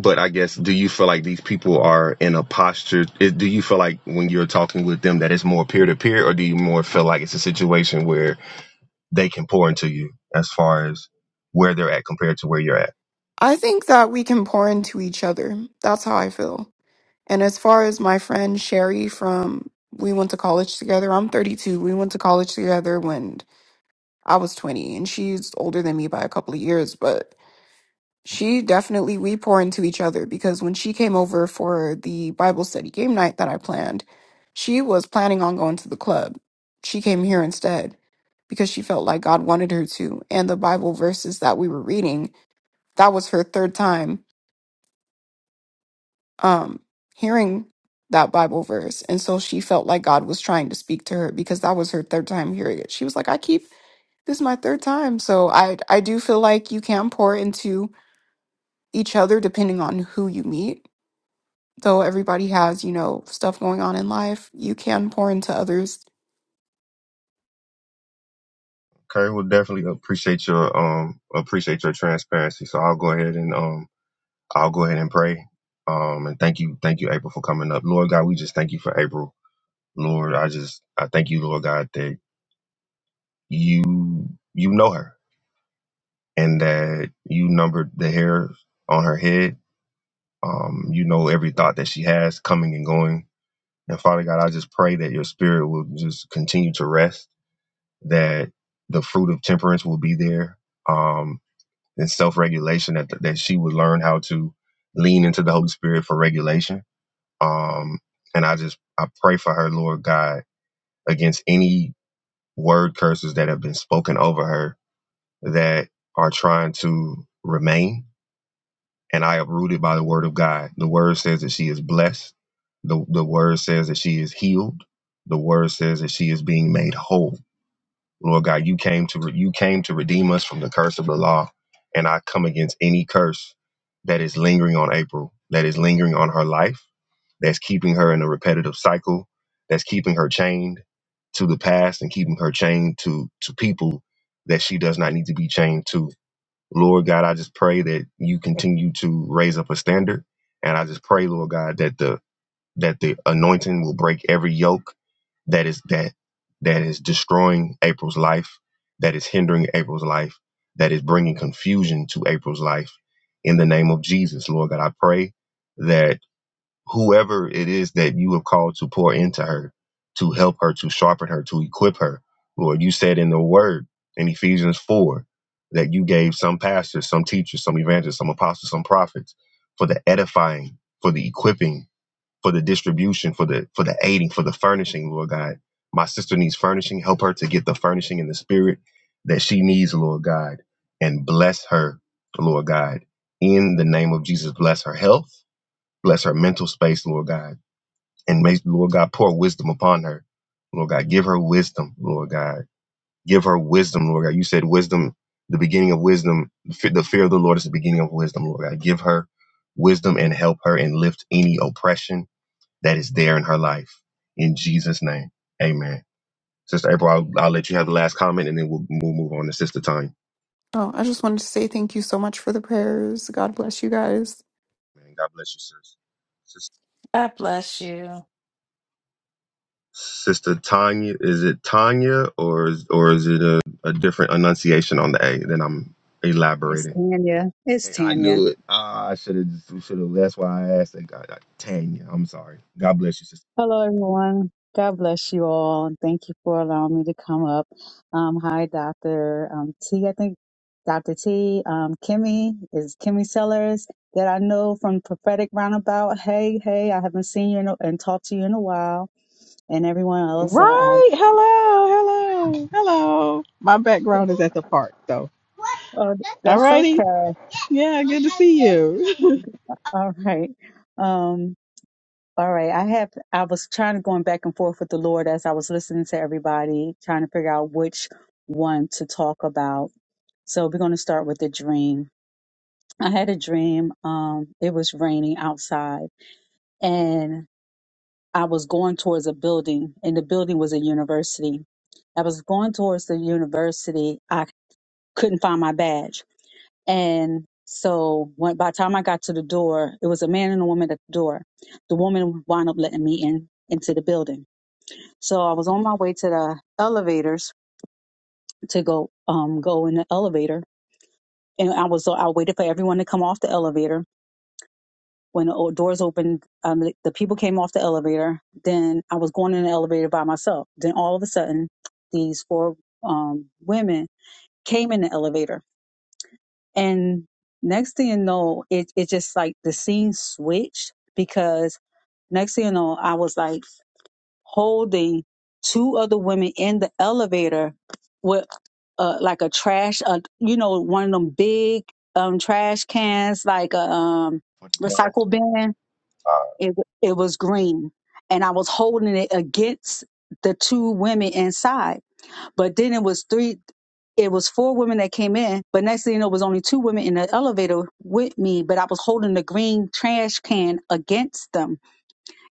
But I guess, do you feel like these people are in a posture? it- Do you feel like when you're talking with them that it's more peer to peer, or do you more feel like it's a situation where they can pour into you as far as where they're at compared to where you're at.
I think that we can pour into each other. That's how I feel. And as far as my friend Sherry from we went to college together. I'm 32. We went to college together when I was 20 and she's older than me by a couple of years, but she definitely we pour into each other because when she came over for the Bible study game night that I planned, she was planning on going to the club. She came here instead because she felt like God wanted her to and the Bible verses that we were reading, that was her third time um hearing that bible verse and so she felt like god was trying to speak to her because that was her third time hearing it she was like i keep this is my third time so i i do feel like you can pour into each other depending on who you meet though everybody has you know stuff going on in life you can pour into others
Okay, will definitely appreciate your um appreciate your transparency. So I'll go ahead and um I'll go ahead and pray. Um and thank you, thank you, April, for coming up. Lord God, we just thank you for April. Lord, I just I thank you, Lord God, that you you know her and that you numbered the hair on her head. Um, you know every thought that she has coming and going. And Father God, I just pray that your spirit will just continue to rest that the fruit of temperance will be there, um, and self regulation that that she would learn how to lean into the Holy Spirit for regulation. Um, and I just I pray for her, Lord God, against any word curses that have been spoken over her that are trying to remain. And I uprooted by the word of God. The word says that she is blessed. The, the word says that she is healed. The word says that she is being made whole Lord God, you came to you came to redeem us from the curse of the law, and I come against any curse that is lingering on April, that is lingering on her life, that's keeping her in a repetitive cycle, that's keeping her chained to the past and keeping her chained to to people that she does not need to be chained to. Lord God, I just pray that you continue to raise up a standard, and I just pray, Lord God, that the that the anointing will break every yoke that is that that is destroying April's life, that is hindering April's life, that is bringing confusion to April's life. In the name of Jesus, Lord God, I pray that whoever it is that you have called to pour into her, to help her, to sharpen her, to equip her, Lord, you said in the Word in Ephesians four that you gave some pastors, some teachers, some evangelists, some apostles, some prophets for the edifying, for the equipping for the distribution, for the for the aiding, for the furnishing, Lord God. My sister needs furnishing. Help her to get the furnishing in the spirit that she needs, Lord God, and bless her, Lord God. In the name of Jesus, bless her health, bless her mental space, Lord God, and may Lord God pour wisdom upon her, Lord God. Give her wisdom, Lord God. Give her wisdom, Lord God. You said wisdom, the beginning of wisdom, fe- the fear of the Lord is the beginning of wisdom, Lord God. Give her wisdom and help her and lift any oppression that is there in her life. In Jesus' name, amen. Sister April, I'll, I'll let you have the last comment and then we'll, we'll move on to Sister Tanya.
oh i just wanted to say thank you so much for the prayers god bless you guys
Man, God bless you, sis. Sis-
God bless you.
Sister Tanya, is it Tanya or is, or is it a, a different enunciation on the A? Then I'm
It's
elaborating.
Tanya. It's
Hey, I
Tanya.
knew it. Ah, I should have just, should have. That's why I asked. Thank God, Tanya. I'm sorry. God bless you, sister.
Hello, everyone. God bless you all, and thank you for allowing me to come up. Um, hi, Doctor um, T. I think Doctor T. Um, Kimmy is Kimmy Sellers that I know from Prophetic Roundabout. Hey, hey, I haven't seen you in a, and talked to you in a while, and everyone else. Uh, I,
Right. Hello. Hello. Hello. My background is at the park, so.
oh, that's
Alrighty.
okay.
Yeah, good to see you.
All right. Um, All right. I have I was trying to going back and forth with the Lord as I was listening to everybody, trying to figure out which one to talk about. So we're going to start with the dream. I had a dream. Um, it was raining outside and I was going towards a building and the building was a university. I was going towards the university. I couldn't find my badge. And so when, by the time I got to the door, it was a man and a woman at the door. The woman wound up letting me in into the building So I was on my way to the elevators to go um go in the elevator, and I was so I waited for everyone to come off the elevator. When the o- doors opened, um, the the people came off the elevator. Then I was going in the elevator by myself. Then all of a sudden, these four um, women came in the elevator, and next thing you know, it it just like the scene switched because next thing you know, I was like holding two other women in the elevator with uh, like a trash, uh, you know, one of them big um, trash cans, like a um, recycle bin. It it was green, and I was holding it against the two women inside. But then it was three. It was four women that came in, but next thing you know, it was only two women in the elevator with me. But I was holding the green trash can against them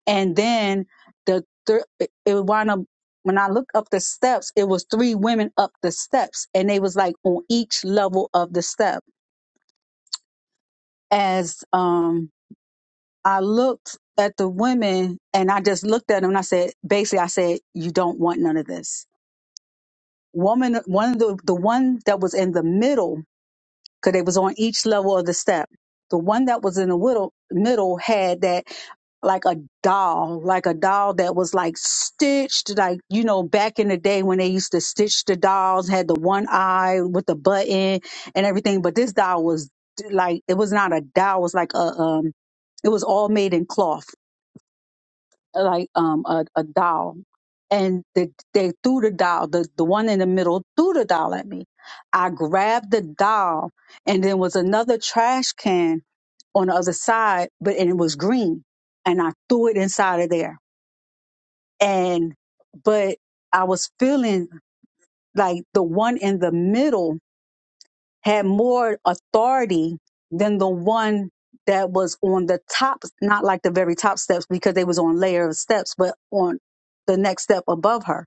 and then the thir- it it wound up when I looked up the steps, it was three women up the steps, and they was like on each level of the step. As um, I looked at the women, and I just looked at them, and I said, basically, I said, you don't want none of this. Woman, one of the the one that was in the middle, because they was on each level of the step. The one that was in the middle middle had that. like a doll, like a doll that was like stitched, like, you know, back in the day when they used to stitch the dolls, had the one eye with the button and everything. But this doll was like, it was not a doll, it was like a, um, it was all made in cloth, like, um, a, a doll. And they, they threw the doll, the, the one in the middle threw the doll at me. I grabbed the doll and then was another trash can on the other side, but and it was green. And I threw it inside of there. And but I was feeling like the one in the middle had more authority than the one that was on the top, not like the very top steps because they was on layer of steps, but on the next step above her.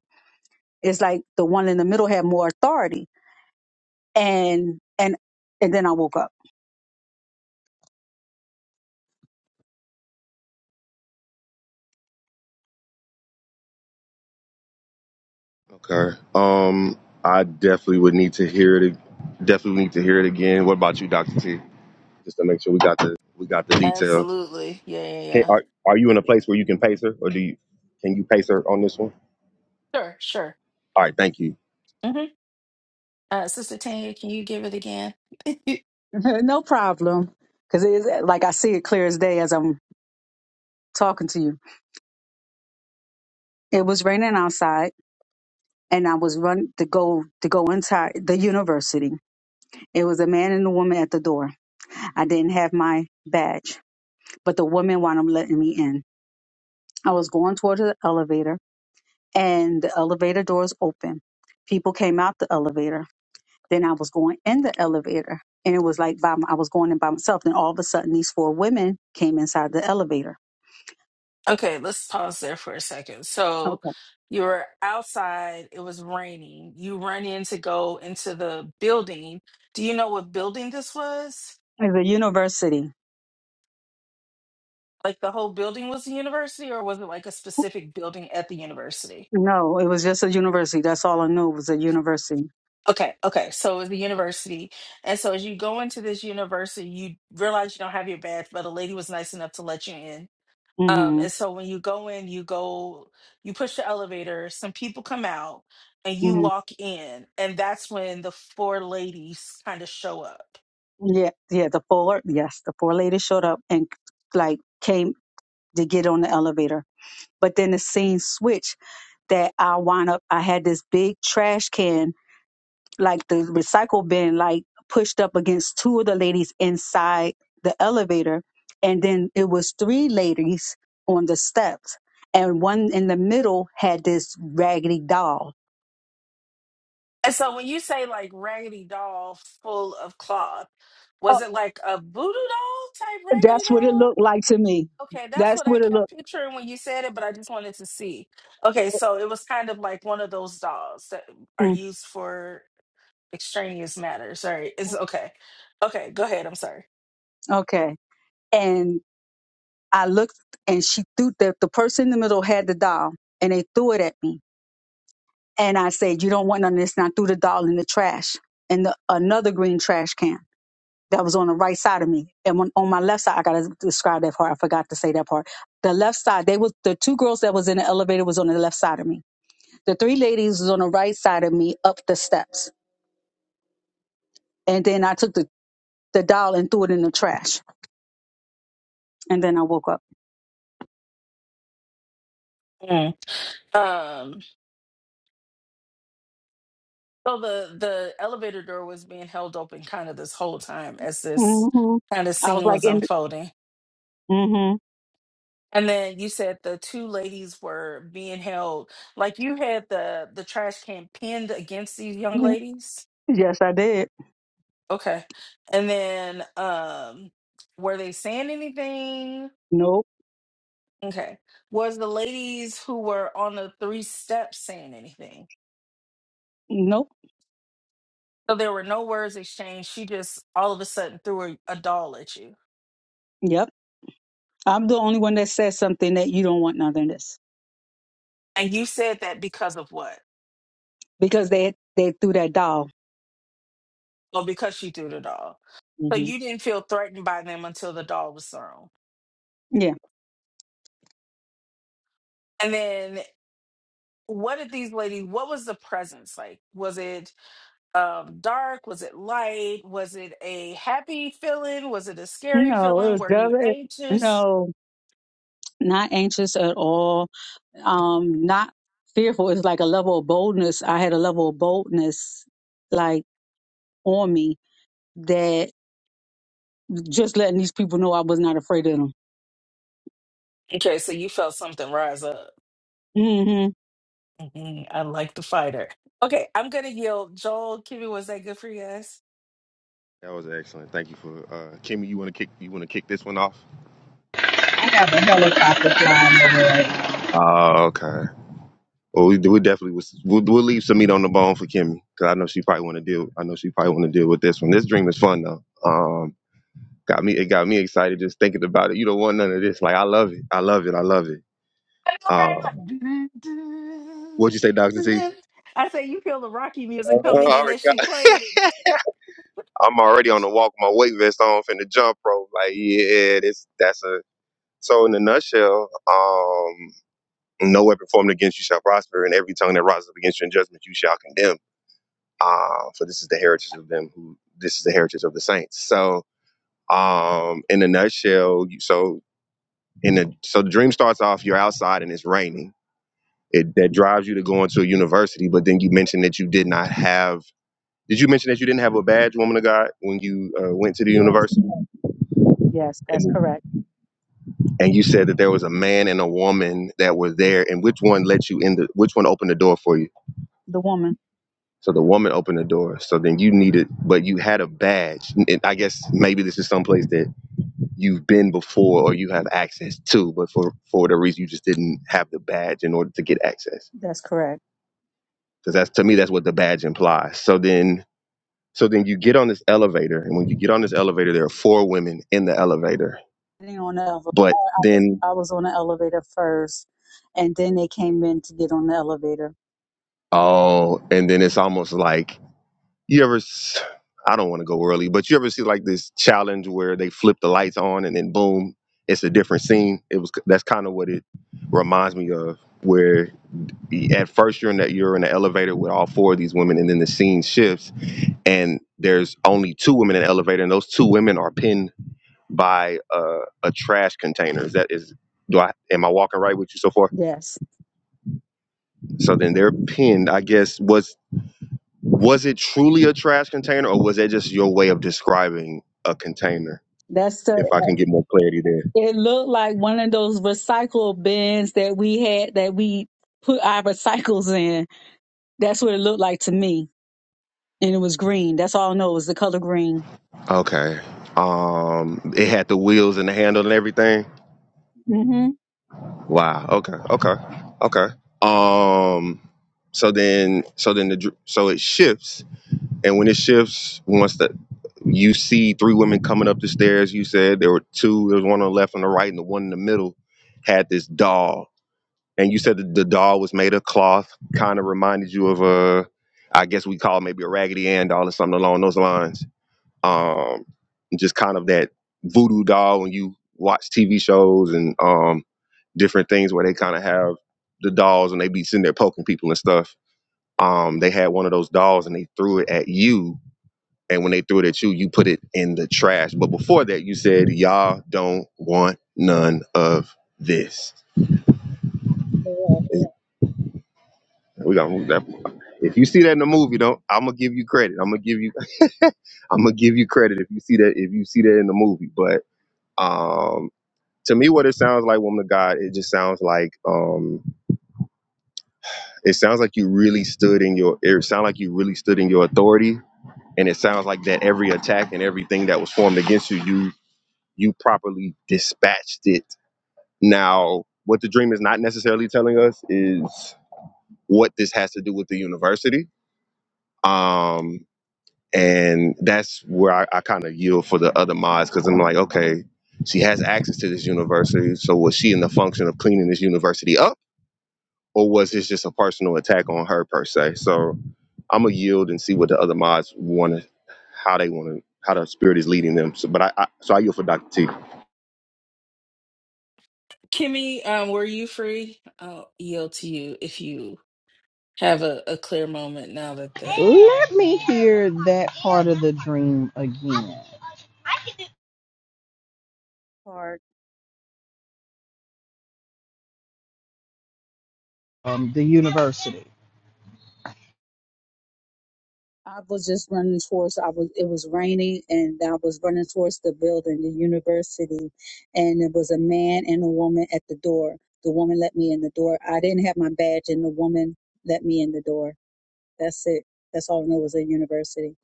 It's like the one in the middle had more authority. And and and then I woke up.
Okay. Um, I definitely would need to hear it. Definitely need to hear it again. What about you, Doctor T? just to make sure we got the we got the details. Can,
Uh,
are are you in a place where you can pace her, or do you can you pace her on this one? All right, thank you.
mhm.
no problem. Because it is like I see it clear as day as I'm talking to you. It was raining outside, and I was run to go to go inside the university. It was a man and a woman at the door. I didn't have my badge, but the woman wound up letting me in. I was going toward the elevator, and the elevator doors open. People came out the elevator. Then I was going in the elevator, and it was like by, my- I was going in by myself. Then all of a sudden, these four women came inside the elevator.
Okay, let's pause there for a second. So
Okay,
you were outside, it was raining. You run in to go into the building. Do you know what building this was?
the university
Like the whole building was the university, or was it like a specific building at the university?
No, it was just a university. That's all I knew was a university.
Okay, okay. So it was the university. And so as you go into this university, you realize you don't have your badge, but a lady was nice enough to let you in. Um,
hmm
and so when you go in, you go, you push the elevator, some people come out, and you
hmm
walk in. And that's when the four ladies kind of show up.
Yeah, yeah. The four, yes, the four ladies showed up and like came to get on the elevator. But then the scene switched that I wound up. I had this big trash can, like the recycle bin, like pushed up against two of the ladies inside the elevator, and then it was three ladies on the steps, and one in the middle had this raggedy doll.
And so when you say like raggedy doll full of cloth, was it like a voodoo doll type raggedy
That's what it
doll?
looked like to me.
Okay, that's
That's
what I
what it
kept
looked.
picturing when you said it, but I just wanted to see. Okay, so it was kind of like one of those dolls that are
Mm,
used for extraneous matters. Sorry, it's okay. Okay, go ahead. I'm sorry.
okay. And I looked, and she threw the the person in the middle had the doll, and they threw it at me. And I said, "You don't want none of this." And I threw the doll in the trash, in the another green trash can that was on the right side of me, and on, on my left side. I gotta describe that part. I forgot to say that part. The left side. They was the two girls that was in the elevator was on the left side of me. The three ladies was on the right side of me up the steps. And then I took the the doll and threw it in the trash. And then I woke up.
Mm. Um, so the the elevator door was being held open kind of this whole time as this
hmm
kind of
I was
scene
like,
was
and
unfolding.
mm-hmm.
And then you said the two ladies were being held, like you had the the trash can pinned against these young ladies.
yes, I did.
Okay. And then um were they saying anything?
Nope,
Okay. Was the ladies who were on the three steps saying anything?
nope,
So there were no words exchanged. She just all of a sudden threw a, a doll at you.
yep. I'm the only one that says something that you don't want none of this
And you said that because of what?
because they they threw that doll.
Well, because she threw the doll. So
hmm
you didn't feel threatened by them until the doll was thrown.
Yeah,
And then what did these ladies what was the presence like was it um dark was it light was it a happy feeling was it a scary
no, it
feeling
was
were you
just
anxious
No, not anxious at all. Um, not fearful. It's like a level of boldness. I had a level of boldness like on me that just letting these people know I was not afraid of them.
okay so you felt something rise up
hmm
Mhm, i like the fighter okay i'm gonna yield joel kimmy was that good for you guys
That was excellent. Thank you for uh, Kimmy. You want to kick you want to kick this one off? Uh, okay. Well, we, we definitely was, we'll, we'll leave some meat on the bone for Kimmy because I know she probably want to deal. I know she probably want to deal with this one. This dream is fun though. Um, got me it got me excited just thinking about it. You don't want none of this. Like I love it. I love it. I love it.
i know,
Uh,
right? Like,
what'd
doo-doo-doo,
you say, Doctor T?
doo-doo. I say you feel the rocky
Uh,
music
I
coming in as
already
she played
got.
it
I'm already on the walk with my weight vest on, finna jump rope. Like, yeah, this that's a so in a nutshell, um, no weapon formed against you shall prosper, and every tongue that rises up against you in judgment you shall condemn. Uh, for this is the heritage of them who this is the heritage of the saints. So um in a nutshell, you- so in the so the dream starts off, you're outside and it's raining. It that drives you to go into a university, but then you mentioned that you did not have did you mention that you didn't have a badge, woman of God, when you uh, went to the
Yes,
university?
yes, that's correct.
and you said that there was a man and a woman that were there and which one let you in the which one opened the door for you
The woman.
so the woman opened the door so then you needed but you had a badge and i guess maybe this is someplace that you've been before or you have access to but for for the reason you just didn't have the badge in order to get access
That's correct.
because that's to me that's what the badge implies so then so then you get on this elevator and when you get on this elevator there are four women in the elevator
getting on the elevator.
but
I was,
then
I was on the elevator first, and then they came in to get on the elevator.
oh and then it's almost like you ever s- i don't want to go early but you ever see like this challenge where they flip the lights on and then boom it's a different scene it was that's kind of what it reminds me of where the- at first you're in that you're in the elevator with all four of these women and then the scene shifts and there's only two women in the elevator and those two women are pinned by uh, a trash container is that is do i am i walking right with you so far
Yes,
so then they're pinned i guess was Was it truly a trash container, or was that just your way of describing a container?
that's the.
If I can get more clarity there.
It looked like one of those recycle bins that we had that we put our recycles in. That's what it looked like to me, and it was green. That's all I know is the color green.
Okay. Um, it had the wheels and the handle and everything.
Mm-hmm.
Wow. Okay. Okay. Okay. Um. So then, so then the dr- so it shifts, and when it shifts, once the you see three women coming up the stairs, you said there were two. There was one on the left and the right, and the one in the middle had this doll And you said that the doll was made of cloth, kind of reminded you of a, I guess we call it maybe a Raggedy Ann doll or something along those lines. Um, just kind of that voodoo doll when you watch TV shows and um, different things where they kind of have the dolls and they be sitting there poking people and stuff. Um, they had one of those dolls and they threw it at you. And when they threw it at you, you put it in the trash. But before that, you said, y'all don't want none of this.
Yeah.
We got to move that. If you see that in the movie, don't I'm gonna give you credit. I'm gonna give you I'm gonna give you credit if you see that if you see that in the movie. But um to me what it sounds like, woman of God, it just sounds like um it sounds like you really stood in your it sounds like you really stood in your authority and it sounds like that every attack and everything that was formed against you, you you properly dispatched it. Now what the dream is not necessarily telling us is what this has to do with the university. Um and that's where I, I kind of yield for the other mods because I'm like, okay, she has access to this university, so was she in the function of cleaning this university up, or was this just a personal attack on her per se? So I'm gonna yield and see what the other mods want to, how they want to, how the spirit is leading them. So, but I, I so I yield for Dr. T.
kimmy um were you free i'll yield to you if you have a, a clear moment now that the
Let me hear that part of the dream again.
I was just running towards. I was. It was raining, and I was running towards the building, the university, and it was a man and a woman at the door. The woman let me in the door. I didn't have my badge, and the woman let me in the door. That's it. That's all I know was a university.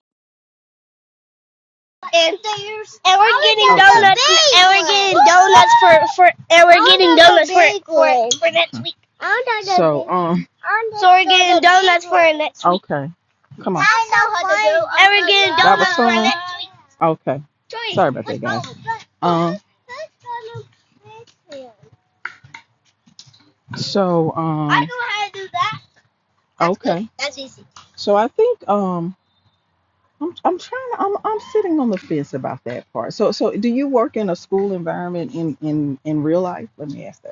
and and we're getting donuts and we're getting donuts for for and we're Oh, getting donuts for for for next week. So, um, So we're getting donuts for next week. okay. Come on. I know how to do. And we're getting That was donuts for fun. next week. Okay. Sorry about that, guys. Um, so, I um, I know how to do that. okay. That's easy. So I think, um, I'm I'm trying to, I'm I'm sitting on the fence about that part. So so do you work in a school environment in in in real life? Let me ask that.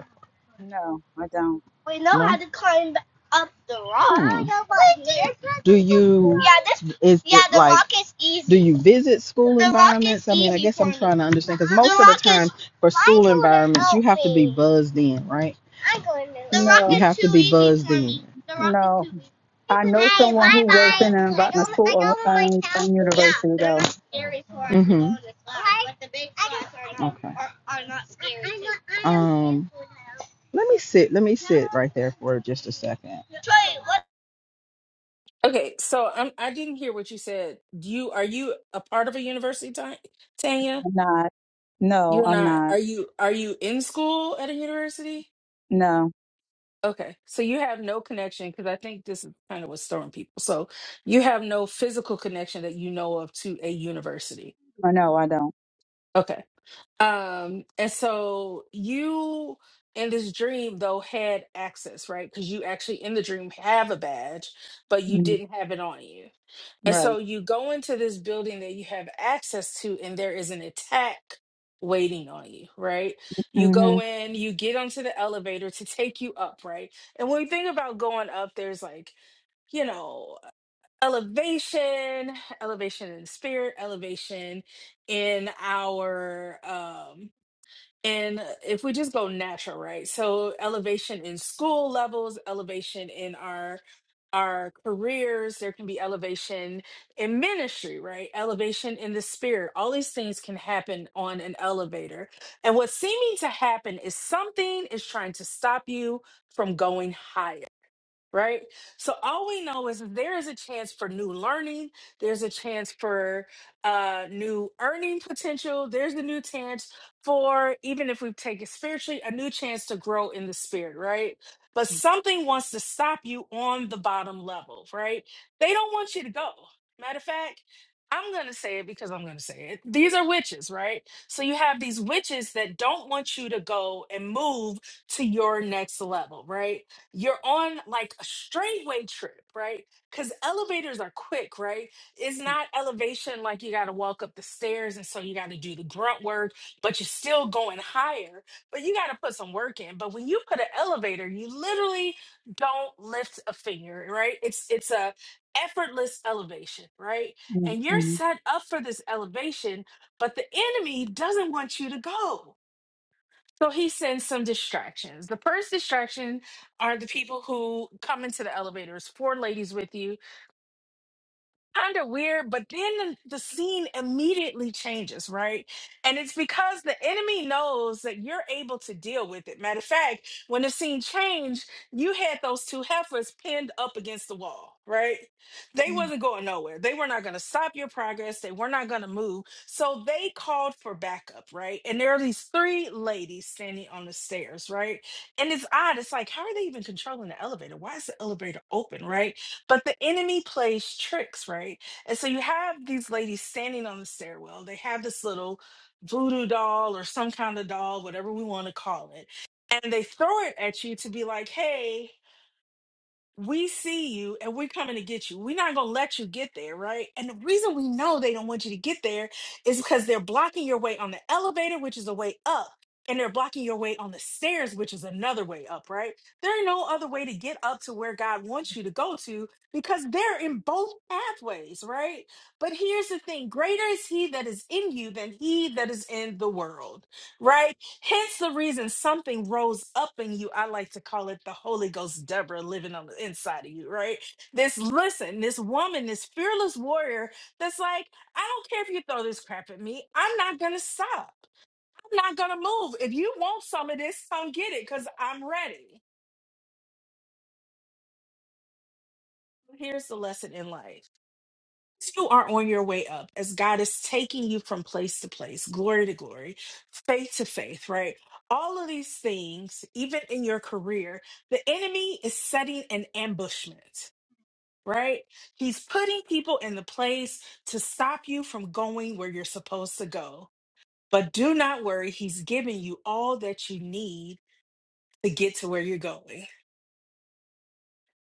No, I don't.
We know No. how to climb up the rock. Hmm. Do you? Yeah, this. Is Yeah, the like? rock is easy. Do you visit school The environments? I mean, I guess I'm trying to understand because most of the time for school environments, you have to be buzzed in, right? I'm going to. The rock You
No,
have to be buzzed in. The rock is too
no.
easy.
I know
Hey, bye bye.
someone who works
I
in an environment
got I
school or
got one of my
an,
cow
an
Yeah,
university,
they're
though.
not scary for us. Mhm. but the big ones Okay. are not scary. Um. Let me sit. Let me sit right there for just a second.
okay so i'm i didn't hear what you said do you are you a part of a university Ta- tanya
I'm not. No,
you're
I'm
not
not.
are you are you in school at a university
No,
okay so you have no connection because i think this is kind of what's throwing people so you have no physical connection that you know of to a university
I know I don't.
okay um and so you in this dream though had access right because you actually in the dream have a badge but you
Mhm.
didn't have it on you And
Right.
so you go into this building that you have access to, and there is an attack waiting on you, right? You go in, you get onto the elevator to take you up, right? And when you think about going up, there's like, you know, elevation, elevation in spirit, elevation in our um and uh, if we just go natural, right? So elevation in school levels, elevation in our our careers, there can be elevation in ministry, right? Elevation in the spirit. All these things can happen on an elevator. And what's seeming to happen is something is trying to stop you from going higher right? So all we know is there is a chance for new learning, there's a chance for uh, new earning potential, there's a new chance for, even if we take it spiritually, a new chance to grow in the spirit, right? But something wants to stop you on the bottom level, right? They don't want you to go. Matter of fact, I'm going to say it because I'm going to say it. These are witches, right? So you have these witches that don't want you to go and move to your next level, right? you're on like a straightway trip, right? Because elevators are quick, right? It's not elevation like you got to walk up the stairs and so you got to do the grunt work, but you're still going higher, but you got to put some work in. But when you put an elevator, you literally don't lift a finger, right? It's it's a effortless elevation, right? And
Mm-hmm.
you're set up for this elevation, but the enemy doesn't want you to go so he sends some distractions. The first distraction are the people who come into the elevators, four ladies with you, kind of weird, but then the, the scene immediately changes, right? And it's because the enemy knows that you're able to deal with it. Matter of fact, when the scene changed, you had those two heifers pinned up against the wall, right? They
Mm.
wasn't going nowhere. They were not going to stop your progress. They were not going to move. So they called for backup, right? And there are these three ladies standing on the stairs, right? And it's odd. It's like, how are they even controlling the elevator? Why is the elevator open, right? But the enemy plays tricks, right? And so you have these ladies standing on the stairwell. They have this little voodoo doll or some kind of doll, whatever we want to call it. And they throw it at you to be like, hey, we see you and we're coming to get you. We're not going to let you get there, right? And the reason we know they don't want you to get there is because they're blocking your way on the elevator, which is a way up, and they're blocking your way on the stairs, which is another way up, right? There are no other way to get up to where God wants you to go to because they're in both pathways, right? But here's the thing greater is He that is in you than He that is in the world, right? Hence the reason something rose up in you. I like to call it the Holy Ghost Deborah living on the inside of you, right? This, listen, this woman, this fearless warrior that's like, I don't care if you throw this crap at me. I'm not going to stop. I'm not going to move. If you want some of this, come get it because I'm ready. Here's the lesson in life. you are on your way up as God is taking you from place to place, glory to glory, faith to faith, right? All of these things, even in your career, the enemy is setting an ambushment, right? He's putting people in the place to stop you from going where you're supposed to go. But do not worry, he's giving you all that you need to get to where you're going.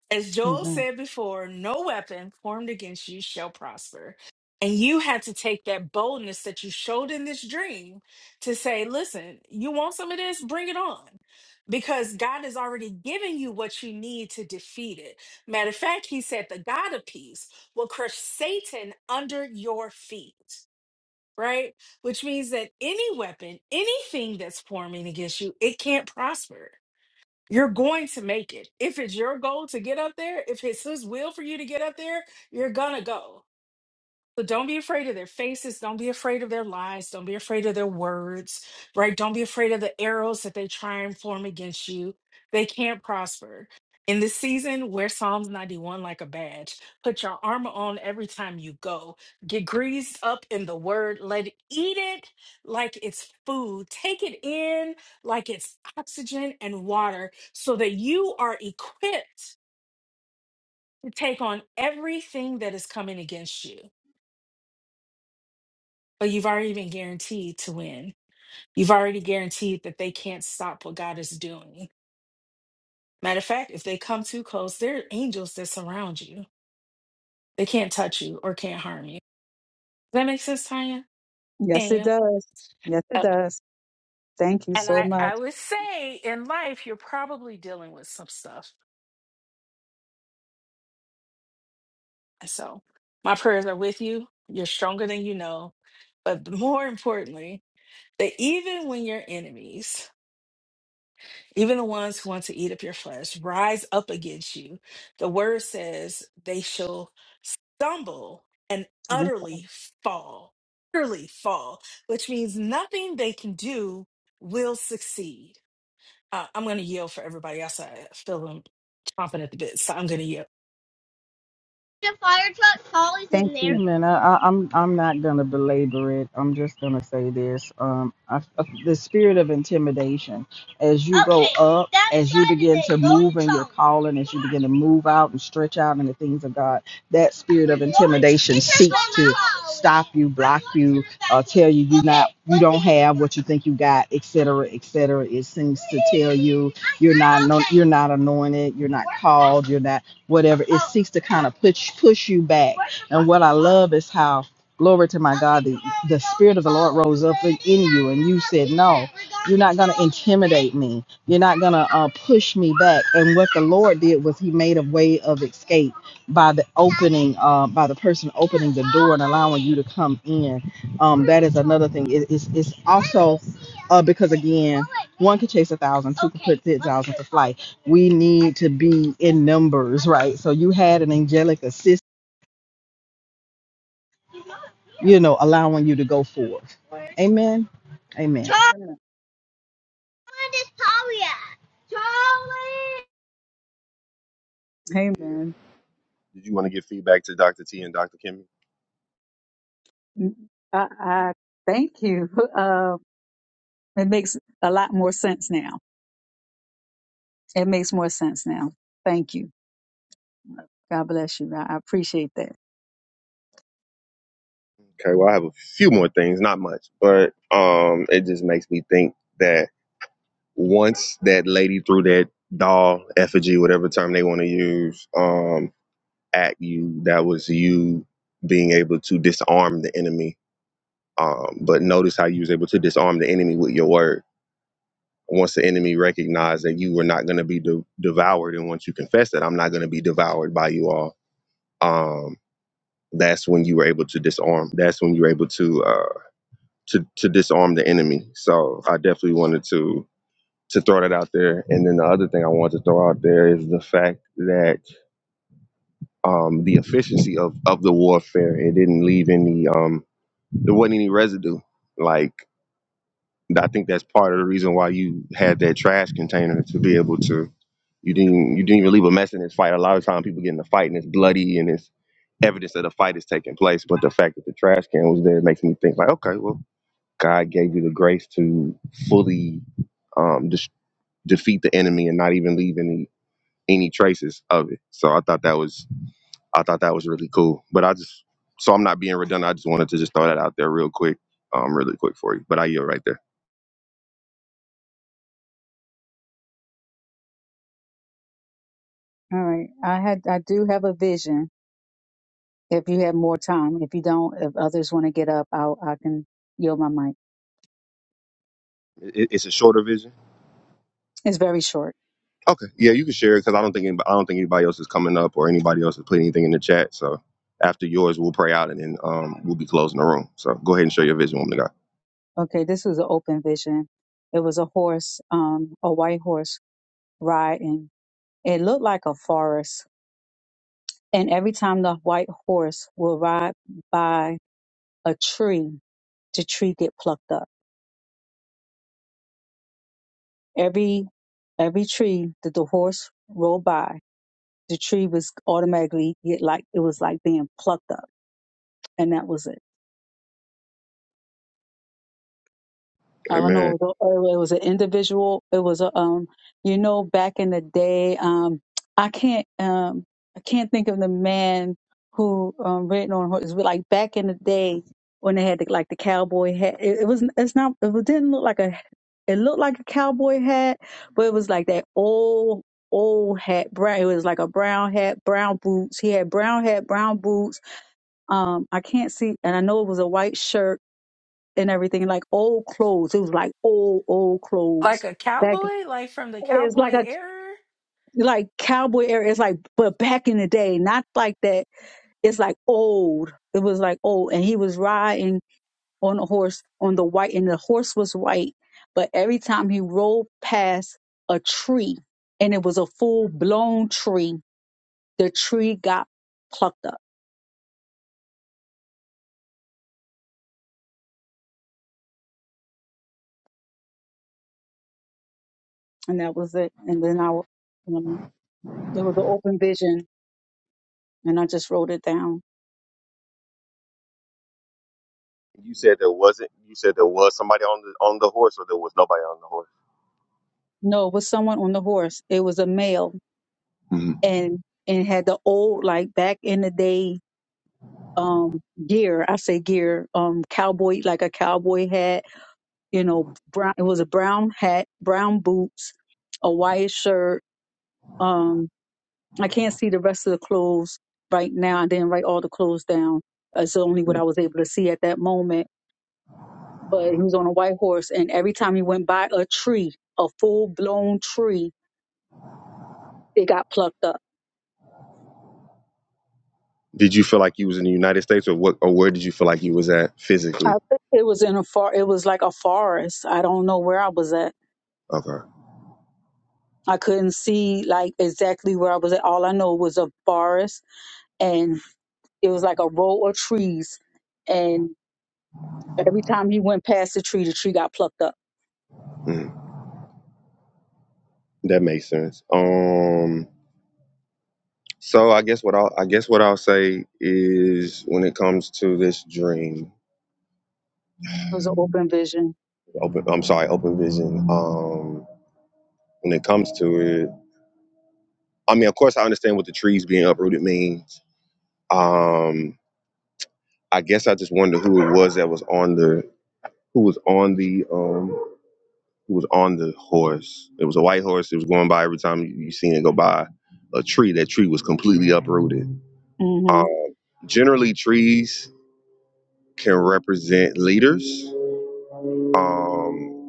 As Joel
Amen.
said before, no weapon formed against you shall prosper. And you had to take that boldness that you showed in this dream to say, listen, you want some of this? Bring it on. Because God has already given you what you need to defeat it. Matter of fact, he said, the God of peace will crush Satan under your feet, right? Which means that any weapon, anything that's forming against you, it can't prosper. You're going to make it. If it's your goal to get up there, if it's his will for you to get up there, you're going to go. So don't be afraid of their faces. Don't be afraid of their lies. Don't be afraid of their words, right? Don't be afraid of the arrows that they try and form against you. They can't prosper. In this season, wear Psalms 91 like a badge. Put your armor on every time you go. Get greased up in the word. Let it eat it like it's food. Take it in like it's oxygen and water so that you are equipped to take on everything that is coming against you but you've already been guaranteed to win. You've already guaranteed that they can't stop what God is doing. Matter of fact, if they come too close, there are angels that surround you. They can't touch you or can't harm you. Does that make sense, Tanya?
Yes, it
Tanya.
does. Yes, it
Uh,
does. Thank you
And
so
I,
much.
I would say in life, you're probably dealing with some stuff. So my prayers are with you. You're stronger than you know. But more importantly, that even when your enemies, Even the ones who want to eat up your flesh rise up against you. The word says they shall stumble and
And
utterly fall, utterly fall, which means nothing they can do will succeed. Uh, I'm going to yell for everybody else. I feel them chomping at the bit, so I'm going to yell.
The fire truck Paul is
Thank
in there.
you.
Man, I, I, I'm I'm not gonna belabor it. I'm just gonna say this. Um, I, I- the spirit of intimidation as you go Okay, up, that's as you begin it. to Saturday. Go move in your Tom. calling, as you begin to move out and stretch out in the things of God, that spirit of intimidation seeks to stop you, block you, uh, tell you you not, you don't have what you think you got, et cetera, et cetera. It seems to tell you you're not, no, you're not anointed, you're not called, you're not whatever it seeks to kind of push push you back and what i love is how glory to my god the, the spirit of the lord rose up in you and you said no you're not going to intimidate me you're not going to uh, push me back and what the lord did was he made a way of escape by the opening uh, by the person opening the door and allowing you to come in um, that is another thing it, it's, it's also uh, because again one could chase a thousand two could put ten thousand to flight we need to be in numbers, right? So you had an angelic assist, you know, allowing you to go forth. Amen. Amen.
Amen.
Yeah.
Amen.
Did you want to give feedback to Dr. T and Dr. Kimmy?
I, I thank you. Uh, it makes a lot more sense now. It makes more sense now. Thank you. God bless you. I I appreciate that.
Okay. Well, I have a few more things, not much, but um, it just makes me think that. once that lady threw that doll effigy, whatever term they want to use, um, at you, that was you being able to disarm the enemy. Um, but notice how you was able to disarm the enemy with your word. Once the enemy recognized that you were not going to be de- devoured, and once you confessed that I'm not going to be devoured by you all, um, that's when you were able to disarm. That's when you were able to uh, to to disarm the enemy. So I definitely wanted to to throw that out there. And then the other thing I want to throw out there is the fact that um, the efficiency of, of the warfare, it didn't leave any, um, there wasn't any residue. Like, I think that's part of the reason why you had that trash container to be able to, you didn't, you didn't even leave a mess in this fight. A lot of time people get in a fight and it's bloody and it's evidence that a fight is taking place. But the fact that the trash can was there makes me think like, okay, well, God gave you the grace to fully um, dis- defeat the enemy and not even leave any any traces of it. So I thought that was I thought that was really cool. But I just so I'm not being redundant. I just wanted to just throw that out there real quick, um, really quick for you. But I yield right there.
All right. I had I do have a vision. if you have more time. If you don't, if others want to get up, I'll, I can yield my mic.
It, it's a shorter vision.
It's very short.
Okay, yeah, you can share it because I don't think anybody, I don't think anybody else is coming up or anybody else has put anything in the chat. So after yours, we'll pray out and then um, we'll be closing the room. So go ahead and share your vision, woman of
Okay, this was an open vision. It was a horse, um, a white horse riding. It looked like a forest. And every time the white horse will ride by a tree, the tree get plucked up. Every every tree that the horse rolled by, the tree was automatically get like it was like being plucked up. And that was it I
God.
don't
Amen.
know. It was, a, it was an individual. It was a, um, you know, back in the day. Um, I can't, um, I can't think of the man who um written on horses. But like back in the day when they had the, like the cowboy hat. It, it was. It's not. It didn't look like a. It looked like a cowboy hat, but it was like that old old hat brown it was like a brown hat brown boots he had brown hat brown boots um i can't see and i know it was a white shirt and everything, like old clothes. It was like old, old
Like
clothes.
a
Back
cowboy? Like from the
it's like
cowboy
a
era?
like cowboy era. It's like but back in the day, not like that. It's like old. It was like old. And he was riding on a horse on the white and the horse was white. But every time he rolled past a tree and it was a full blown tree, the tree got plucked up. And that was it. And then I, w- It was an open vision, and I just wrote it down.
You said there wasn't. You said there was somebody on the on the horse, or there was nobody on the horse.
No, it was someone on the horse. It was a male,
hmm
and and had the old like back in the day um gear. I say gear, um cowboy like a cowboy hat. You know, brown. It was a brown hat, brown boots, a white shirt. Um, I can't see the rest of the clothes right now. I didn't write all the clothes down. It's only what I was able to see at that moment but he was on a white horse, and every time he went by a tree, a full blown tree, it got plucked up.
Did you feel like you was in the United States, or what, or where did you feel like you was at
I
physically?
think it was in a far. It was like a forest. I don't know where I was at.
Okay,
I couldn't see like exactly where I was at. All I know was a forest, and it was like a row of trees. And every time he went past the tree, the tree got plucked up.
Mm. that makes sense. Um, so I guess what I'll, I guess what I'll say is when it comes to this dream,
It was an open vision.
open, I'm sorry, open vision. Um, when it comes to it, I mean, of course, I understand what the trees being uprooted means. Um, I guess I just wonder who it was that was on the who was on the um who was on the horse. It was a white horse. It was going by every time you, you seen it go by a tree. That tree was completely uprooted.
mm hmm
Um, generally, trees can represent leaders. Um,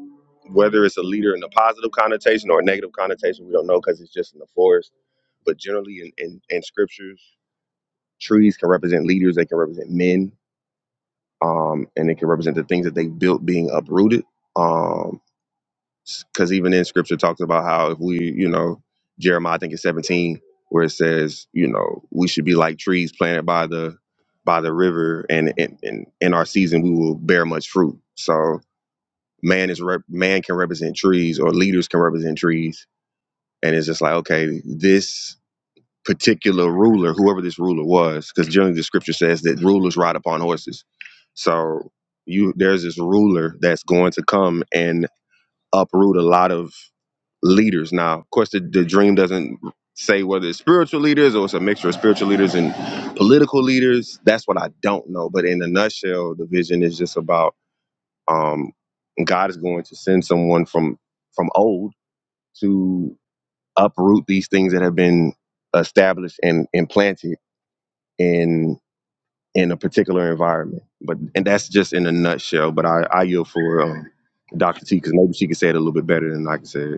whether it's a leader in a positive connotation or a negative connotation, we don't know because it's just in the forest. But generally, in, in, in scriptures, trees can represent leaders. They can represent men, um, and they can represent the things that they built being uprooted. Um. because even in scripture talks about how if we, you know, Jeremiah, I think it's 17, where it says, you know, we should be like trees planted by the by the river, and in in, in our season we will bear much fruit. So man is rep- man can represent trees, or leaders can represent trees, and it's just like okay, this particular ruler, whoever this ruler was, because generally the scripture says that rulers ride upon horses. So you there's this ruler that's going to come and uproot a lot of leaders. Now, of course, the, the dream doesn't say whether it's spiritual leaders or it's a mixture of spiritual leaders and political leaders. That's what I don't know. But in a nutshell, the vision is just about um, God is going to send someone from from old to uproot these things that have been established and implanted in in a particular environment. But and that's just in a nutshell. But I, I yield for um, Dr. T because maybe she can say it a little bit better than I can say it.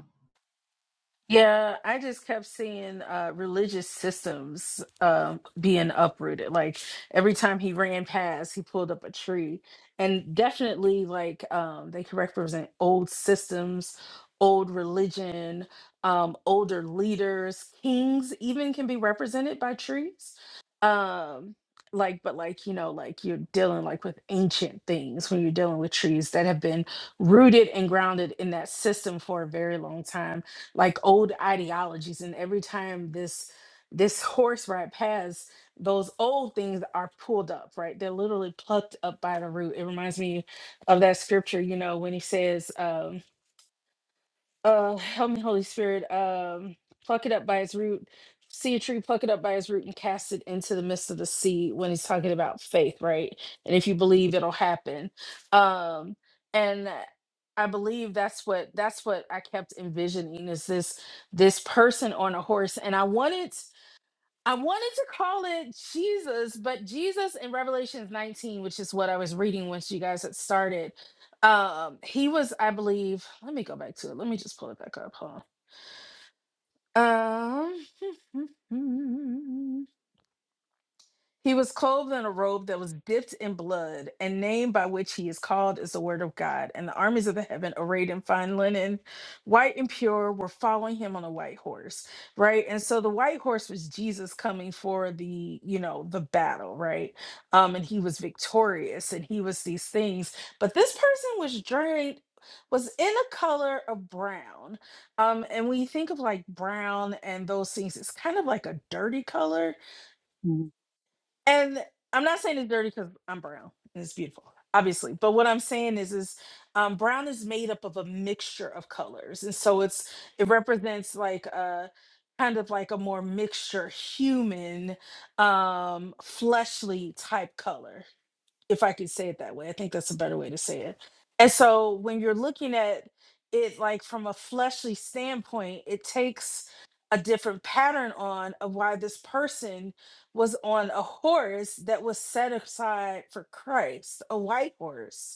Yeah, I just kept seeing uh, religious systems uh, being uprooted. Like every time he ran past, he pulled up a tree, and definitely like um, they could represent old systems, old religion, um, older leaders, kings even can be represented by trees. Um, like, but like you know, like you're dealing like with ancient things when you're dealing with trees that have been rooted and grounded in that system for a very long time like old ideologies and every time this this horse ride past those old things are pulled up right they're literally plucked up by the root it reminds me of that scripture you know when he says um uh, help me, Holy Spirit. Um, pluck it up by its root. See a tree, pluck it up by its root, and cast it into the midst of the sea. When he's talking about faith, right? And if you believe, it'll happen. Um, and I believe that's what that's what I kept envisioning is this this person on a horse, and I wanted. I wanted to call it Jesus, but Jesus in Revelations 19, which is what I was reading once you guys had started. Um, he was, I believe, let me go back to it. Let me just pull it back up. Hold on. Um He was clothed in a robe that was dipped in blood, and name by which he is called is the Word of God. And the armies of the heaven, arrayed in fine linen, white and pure, were following him on a white horse, right? And so the white horse was Jesus coming for the, you know, the battle, right? Um, and he was victorious, and he was these things. But this person was drained. Was in a color of brown. Um, and when you think of like brown and those things, it's kind of like a dirty color
mm
and I'm not saying it's dirty because I'm brown and it's beautiful, obviously. But what I'm saying is, is um, brown is made up of a mixture of colors, and so it's it represents like a kind of like a more mixture human, um, fleshly type color if I could say it that way. I think that's a better way to say it. And so when you're looking at it like from a fleshly standpoint, it takes a different pattern on of why this person was on a horse that was set aside for Christ, a white horse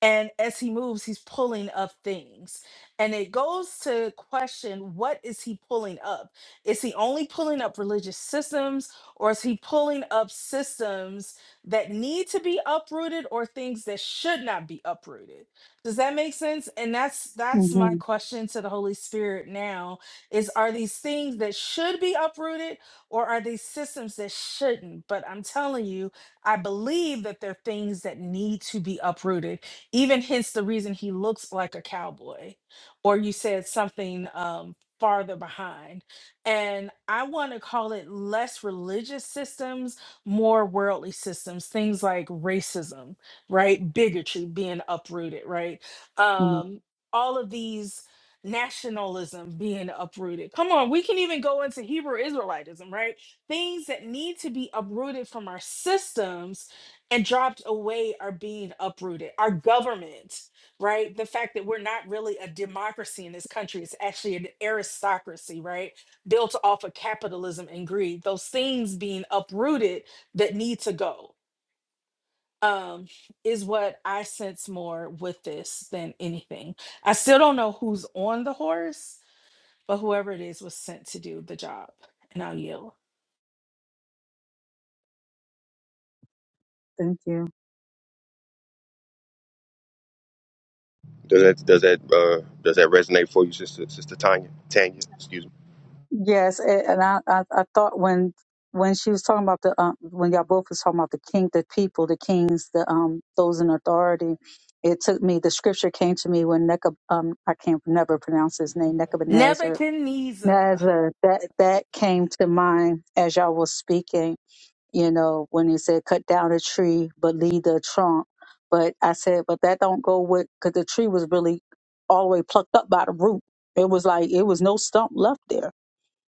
and as he moves he's pulling up things and it goes to question what is he pulling up is he only pulling up religious systems or is he pulling up systems that need to be uprooted or things that should not be uprooted does that make sense and that's
hmm
that's my
mm
question to the holy spirit now is are these things that should be uprooted or are these systems that shouldn't but i'm telling you i believe that they're things that need to be uprooted even hence the reason he looks like a cowboy or you said something um farther behind and i want to call it less religious systems more worldly systems things like racism right bigotry being uprooted right
hmm
um all of these nationalism being uprooted come on we can even go into hebrew israelitism right things that need to be uprooted from our systems and dropped away are being uprooted. Our government, right? The fact that we're not really a democracy in this country, it's actually an aristocracy, right? Built off of capitalism and greed. Those things being uprooted that need to go um, is what I sense more with this than anything. I still don't know who's on the horse, but whoever it is was sent to do the job. And I'll yield.
Thank you.
Does that does that uh, does that resonate for you, sister sister Tanya Tanya? Excuse me,
Yes, a- and I, I, I thought when when she was talking about the um, when y'all both was talking about the king, the people, the kings, the um those in authority, it took me the scripture came to me when Neca um I can't never pronounce his name Nebuchadnezzar
Nebuchadnezzar.
Nebuchadnezzar that that came to mind as y'all was speaking. You know when he said cut down a tree but leave the trunk, but I said but that don't go with because the tree was really all the way plucked up by the root. It was like it was no stump left there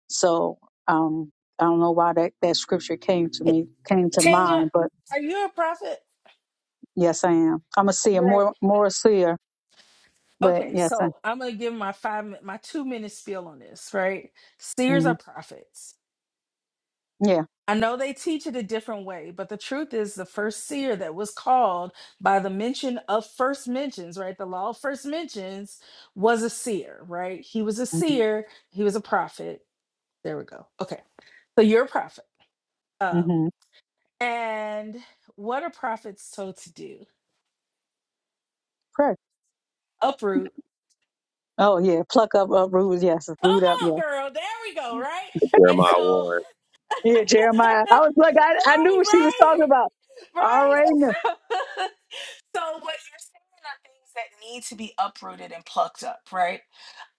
so um, I don't know why that, that scripture came to me, came to
Tanya,
mind, but
are you a prophet?
yes, I am. I'm a seer, more more a seer, but
Okay,
yes, I,
so I'm gonna give my five min- my two minute spiel on this, right? Seers are
mm,
prophets.
yeah,
I know they teach it a different way, but the truth is the first seer that was called by the mention of first mentions, right? The law of first mentions was a seer, right? He was a
mm-hmm,
seer, he was a prophet. There we go. Okay. So you're a prophet. Um,
hmm
and what are prophets told to do?
pray.
Uproot.
Oh yeah, pluck up, uproot, yes,
Come
root up,
on,
yeah,
girl. There we go, right? And
Jeremiah
so
one.
yeah. Jeremiah, I was like, I, I knew
right,
what she was talking
right,
about. I
right.
Already knew.
so what you're saying are things that need to be uprooted and plucked up, right?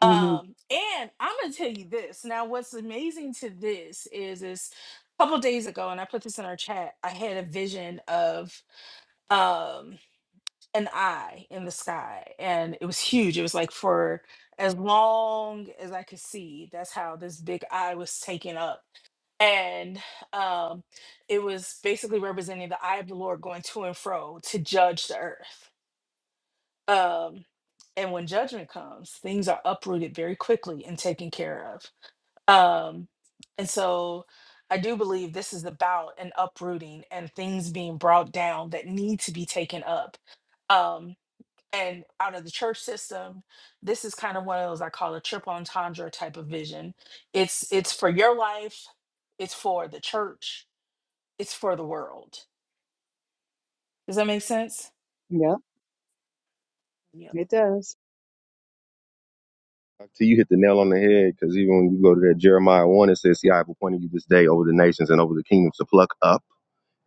hmm
Um, and I'm gonna tell you this. Now, what's amazing to this is is a couple days ago, and I put this in our chat, I had a vision of um an eye in the sky, and it was huge. It was like for as long as I could see, that's how this big eye was taken up and um, it was basically representing the eye of the Lord going to and fro to judge the earth. Um, and when judgment comes, things are uprooted very quickly and taken care of. Um, and so I do believe this is about an uprooting and things being brought down that need to be taken up. Um, and out of the church system, this is kind of one of those I call a triple entendre type of vision. It's it's for your life, it's for the church, it's for the world. Does that make sense?
Yeah,
Yeah.
it does.
See, you hit the nail on the head because even when you go to that Jeremiah one, it says, "See, I have appointed you this day over the nations and over the kingdoms to pluck up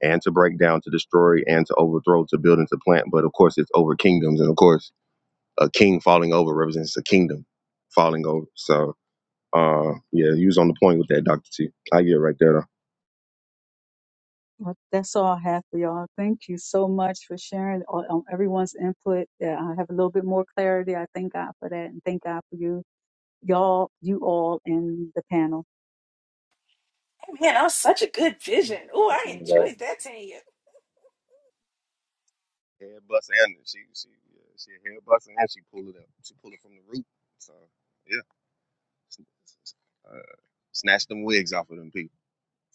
and to break down, to destroy and to overthrow, to build and to plant." But of course, it's over kingdoms, and of course, a king falling over represents a kingdom falling over. So, uh, yeah, you was on the point with that, Doctor T. I get it right there.
Well, That's all I have for y'all. Thank you so much for sharing all, um, everyone's input. Yeah, I have a little bit more clarity. I thank God for that, and thank God for you y'all, you all in the panel.
Hey, Man, that was such a good vision. Oh, I
Though.
enjoyed that, Tanya.
Head buster and she she yeah, she a head buster and she pulled it up. She pulled it from the root. So yeah, uh, snatch them wigs off of them people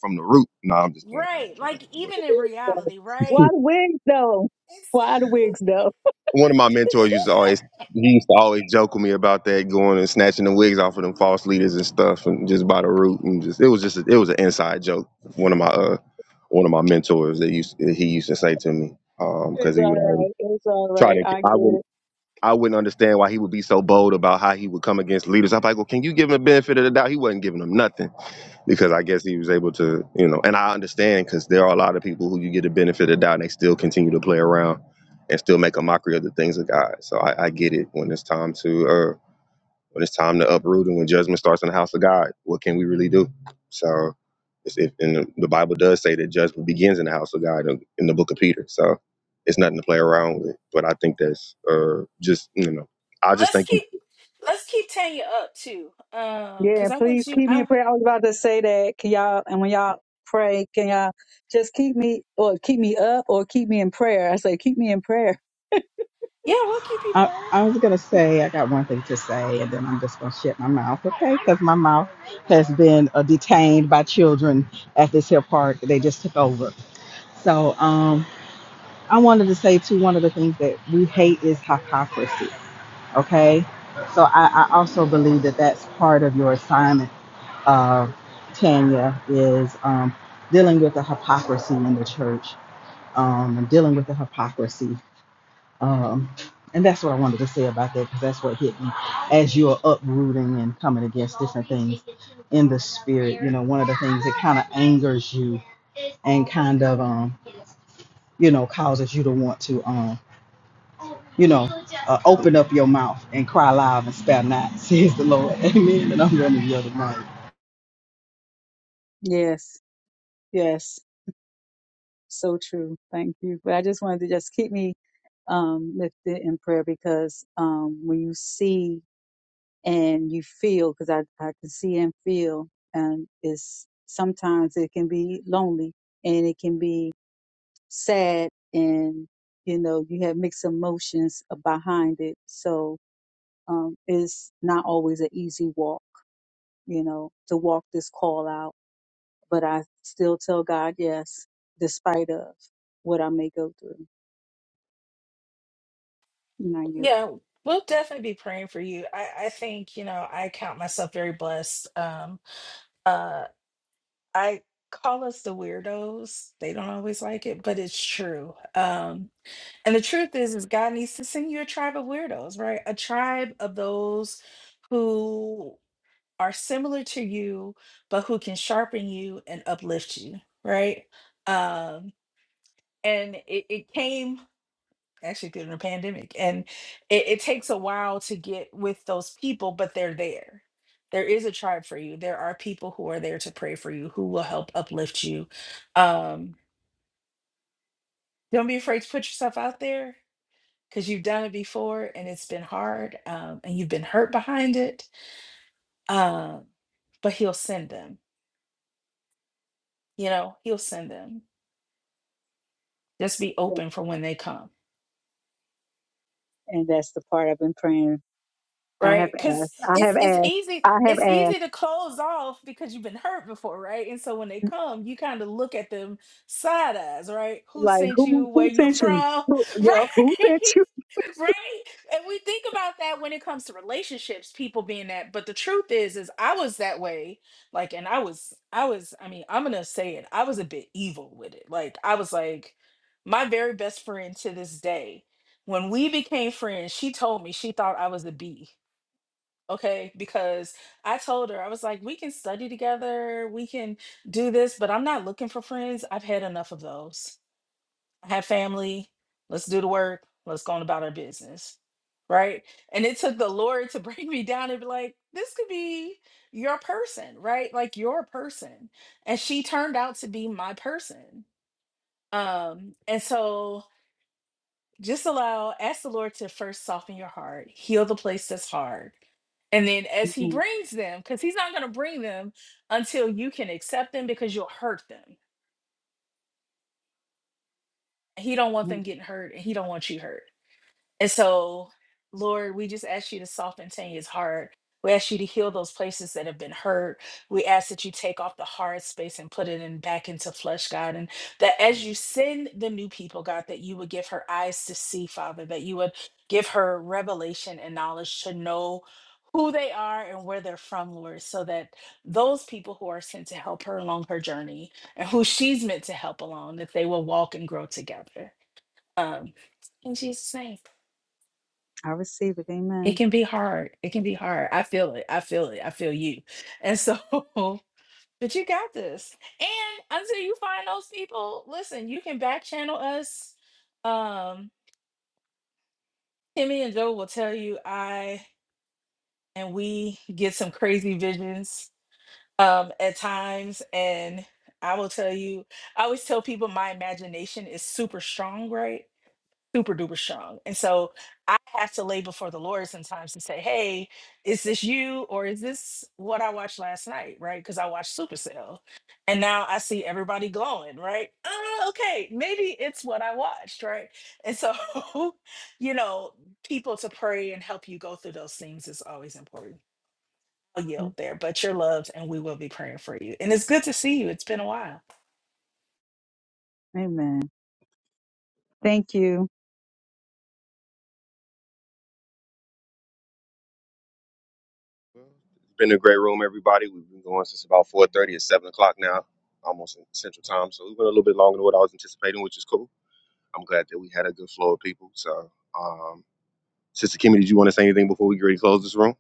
from the root. No, I'm just playing. I'm
Right.
just playing.
Like
But
even in
So,
reality, right?
why the wigs though?
It's,
Why the wigs though?
one of my mentors used to always he used to always joke with me about that going and snatching the wigs off of them false leaders and stuff and just by the root and just it was just a, it was an inside joke. One of my uh one of my mentors that used he used to say to me um, because
It's
he
all
would always
right. It's all
try
right.
to
I get
I would.
it.
I wouldn't understand why he would be so bold about how he would come against leaders. I'm like, well, can you give him the benefit of the doubt? He wasn't giving them nothing because I guess he was able to, you know, and I understand because there are a lot of people who you get the benefit of the doubt and they still continue to play around and still make a mockery of the things of God. So I, I get it when it's time to uh, when it's time to uproot and when judgment starts in the house of God, what can we really do? So, it's, it, and the the Bible does say that judgment begins in the house of God in in the book of Peter. So, it's nothing to play around with. But I think that's uh, just, you know, I just
let's
thank you.
keep let's keep Tanya up too. Um, because
Yeah,
I
please
want you
keep me
I
in prayer. I was about to say that. Can y'all and when y'all pray, can y'all just keep me or keep me up or keep me in prayer? I say keep me in prayer.
yeah, we'll keep you
I, I
praying.
was gonna say I got one thing to say, and then I'm just gonna shut my mouth, okay? Because my mouth has been uh, detained by children at this here park. They just took over. So um, I wanted to say too. One of the things that we hate is hypocrisy. Okay. So I, I also believe that that's part of your assignment, uh, Tanya, is um, dealing with the hypocrisy in the church um, and dealing with the hypocrisy. Um, and that's what I wanted to say about that because that's what hit me as you're uprooting and coming against different things in the spirit. You know, one of the things that kind of angers you and kind of, um, you know, causes you to want to. um, you know, uh, open up your mouth and cry loud and spare not, says the Lord. Amen. And I'm going to yell the mic.
Yes. Yes. So true. Thank you. But I just wanted to just keep me um, lifted in prayer because um, when you see and you feel, because I, I can see and feel, and it's sometimes it can be lonely and it can be sad, and you know you have mixed emotions behind it. So um, it's not always an easy walk, you know, to walk this call out. But I still tell God yes, despite of what I may go through. No, you.
Yeah, we'll definitely be praying for you. I, I think, you know, I count myself very blessed. Um uh I call us the weirdos. They don't always like it, but it's true. Um. And the truth is, is God needs to send you a tribe of weirdos, right? A tribe of those who are similar to you, but who can sharpen you and uplift you, right? Um, and it, it came actually during the pandemic, and it, it takes a while to get with those people, but they're there. There is a tribe for you. There are people who are there to pray for you, who will help uplift you. Um, don't be afraid to put yourself out there because you've done it before and it's been hard um, and you've been hurt behind it. Um, but he'll send them, you know, he'll send them. Just be open for when they come
And that's the part I've been praying. I have
right because
asked. I
it's
have
it's
asked.
easy
I have
it's
asked.
easy to close off because you've been hurt before right and so when they come you kind of look at them side eyes right who
Like,
sent you
who
where
who
you
sent you?
from
Who, yep, who sent
right
you?
right and we think about that when it comes to relationships people being that but the truth is is i was that way like and i was i was i mean i'm gonna say it i was a bit evil with it like i was like my very best friend to this day when we became friends she told me she thought i was a b okay? Because I told her, I was like, we can study together, we can do this, but I'm not looking for friends. I've had enough of those. I have family. Let's do the work. Let's go on about our business. Right. And it took the Lord to bring me down and be like, this could be your person, right? Like your person. And she turned out to be my person. Um, and so just allow, ask the Lord to first soften your heart, heal the place that's hard and then as he
Mhm.
brings them, because he's not going to bring them until you can accept them because you'll hurt them. He don't want
mhm.
them getting hurt and he don't want you hurt. And so, Lord, we just ask you to soften Tanya's heart. We ask you to heal those places that have been hurt. We ask that you take off the hard space and put it in back into flesh, God. And that as you send the new people, God, that you would give her eyes to see, Father, that you would give her revelation and knowledge to know who they are and where they're from, Lord, so that those people who are sent to help her along her journey and who she's meant to help along, that they will walk and grow together. Um, in Jesus' name.
I receive it.
It
Amen.
can be hard. It can be hard. I feel it. I feel it. I feel you. And so, but you got this. And until you find those people, listen, you can back channel us. Um, Timmy and Joe will tell you I and we get some crazy visions um at times. And I will tell you, I always tell people my imagination is super strong, right? super duper strong. And so I have to lay before the Lord sometimes and say, hey, is this you or is this what I watched last night? Right. Because I watched Supercell and now I see everybody glowing. Right. Uh, okay. Maybe it's what I watched. Right. And so, you know, people to pray and help you go through those things is always important. I'll yield there, but you're loved and we will be praying for you. And it's good to see you. It's been a while.
Amen. Thank you.
It's been a great room, everybody. We've been going since about 4.30 It's 7 o'clock now, almost in central time. So, we went a little bit longer than what I was anticipating, which is cool. I'm glad that we had a good flow of people. So, um, Sister Kimmy, did you want to say anything before we get ready to close this room?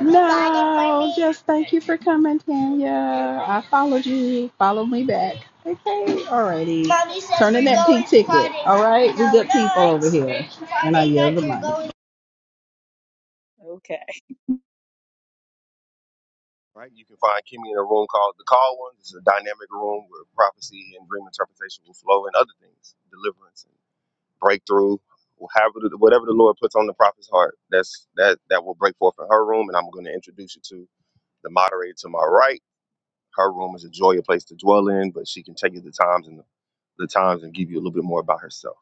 No, just already. Turn in
Mm.
that P ticket. All right, we good people over here. And I yell the mic.
Okay.
right? You can find Kimmy in a room called The Call One. It's a dynamic room where prophecy and dream interpretation will flow and other things, deliverance and breakthrough, however, the- whatever the Lord puts on the prophet's heart, that's that that will break forth in her room. And I'm going to introduce you to the moderator to my right. Her room is a joy, a place to dwell in, but she can tell you the times and the, the times and give you a little bit more about herself.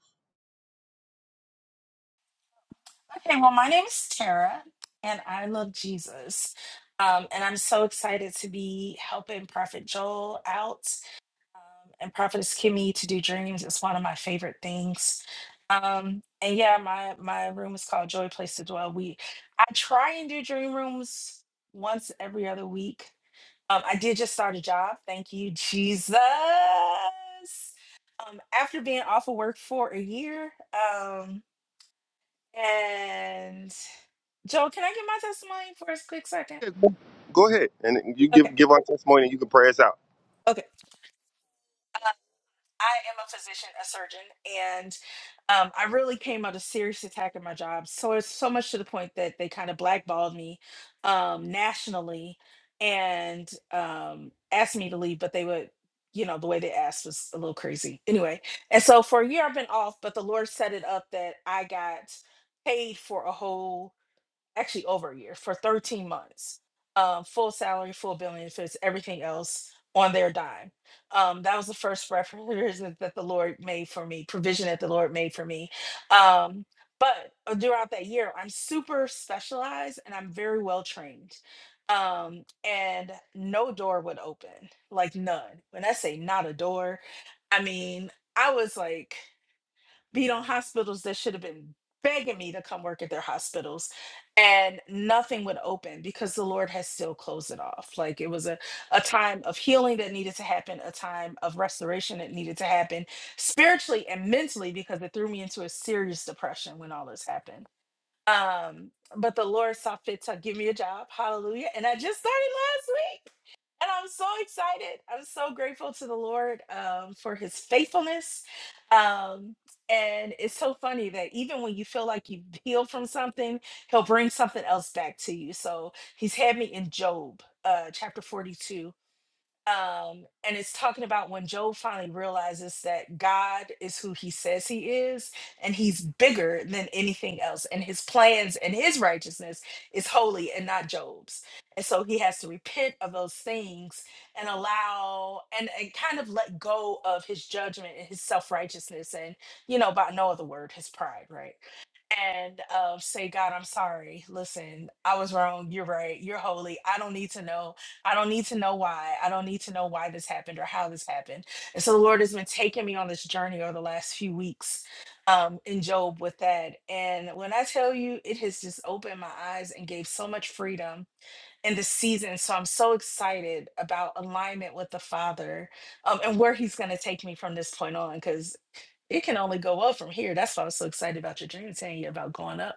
Okay, well, my name is Tara, and I love Jesus. Um, and I'm so excited to be helping Prophet Joel out um, and Prophetess Kimmy to do dreams. It's one of my favorite things. Um, and yeah, my my room is called Joy Place to Dwell. We I try and do dream rooms once every other week. Um, I did just start a job. Thank you, Jesus. Um, after being off of work for a year. Um, And Joel, can I get my testimony for a quick second?
Okay, Go go ahead and you
Okay.
give give our testimony. and You can pray us out.
Okay. Uh, I am a physician, a surgeon, and um, I really came out of serious attack at my job. So it's so much to the point that they kind of blackballed me um, nationally and um, asked me to leave, but they would, you know, the way they asked was a little crazy. Anyway, and so for a year I've been off, but the Lord set it up that I got paid for a whole actually over a year for 13 months um, full salary full benefits everything else on their dime um, that was the first reference that the lord made for me provision that the lord made for me um, but uh, throughout that year i'm super specialized and i'm very well trained um, and no door would open like none when i say not a door i mean i was like beat on hospitals that should have been begging me to come work at their hospitals and nothing would open because the lord has still closed it off like it was a, a time of healing that needed to happen a time of restoration that needed to happen spiritually and mentally because it threw me into a serious depression when all this happened um but the lord saw fit to give me a job hallelujah and i just started last week. And I'm so excited. I'm so grateful to the Lord um, for his faithfulness. Um, and it's so funny that even when you feel like you've healed from something, he'll bring something else back to you. So he's had me in Job uh, chapter 42 um and it's talking about when job finally realizes that god is who he says he is and he's bigger than anything else and his plans and his righteousness is holy and not job's and so he has to repent of those things and allow and, and kind of let go of his judgment and his self-righteousness and you know by no other word his pride right and uh, say god i'm sorry listen i was wrong you're right you're holy i don't need to know I don't need to know why. I don't need to know why this happened or how this happened. And so the Lord has been taking me on this journey over the last few weeks um, in Job with that. And when I tell you, it has just opened my eyes and gave so much freedom in the season. So I'm so excited about alignment with the Father um, and where He's going to take me from this point on because it can only go up from here. That's why I was so excited about your dream, Tanya, about going up.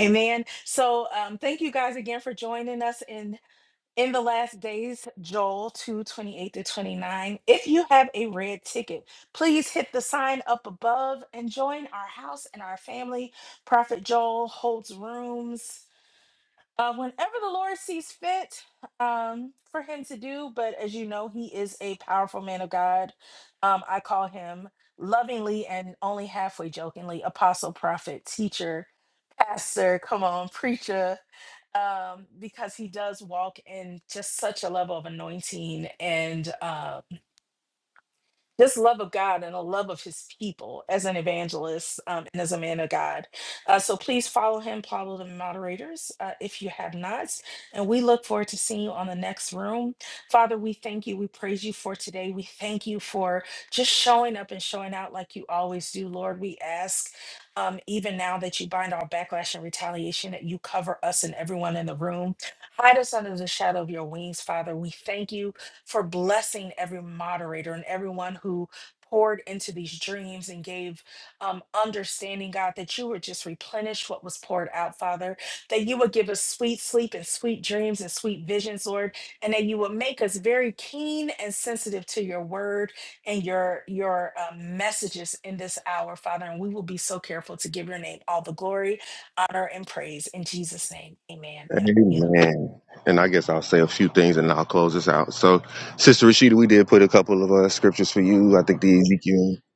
Amen. So um, thank you guys again for joining us in in the last days, Joel 2 28 to 29. If you have a red ticket, please hit the sign up above and join our house and our family. Prophet Joel holds rooms uh, whenever the Lord sees fit um, for him to do. But as you know, he is a powerful man of God. Um, I call him lovingly and only halfway jokingly apostle, prophet, teacher, pastor, come on, preacher, um, because he does walk in just such a level of anointing and. um, this love of God and a love of his people as an evangelist um, and as a man of God. Uh, so please follow him, follow the moderators uh, if you have not. And we look forward to seeing you on the next room. Father, we thank you. We praise you for today. We thank you for just showing up and showing out like you always do, Lord. We ask. Um, even now that you bind all backlash and retaliation, that you cover us and everyone in the room. Hide us under the shadow of your wings, Father. We thank you for blessing every moderator and everyone who poured into these dreams and gave um, understanding, God, that you would just replenish what was poured out, Father, that you would give us sweet sleep and sweet dreams and sweet visions, Lord, and that you would make us very keen and sensitive to your word and your your uh, messages in this hour, Father, and we will be so careful to give your name all the glory, honor, and praise in Jesus' name. Amen. And I yield.
Amen. And I guess I'll say a few things and I'll close this out. So, Sister Rashida, we did put a couple of uh, scriptures for you. I think the Ezekiel, I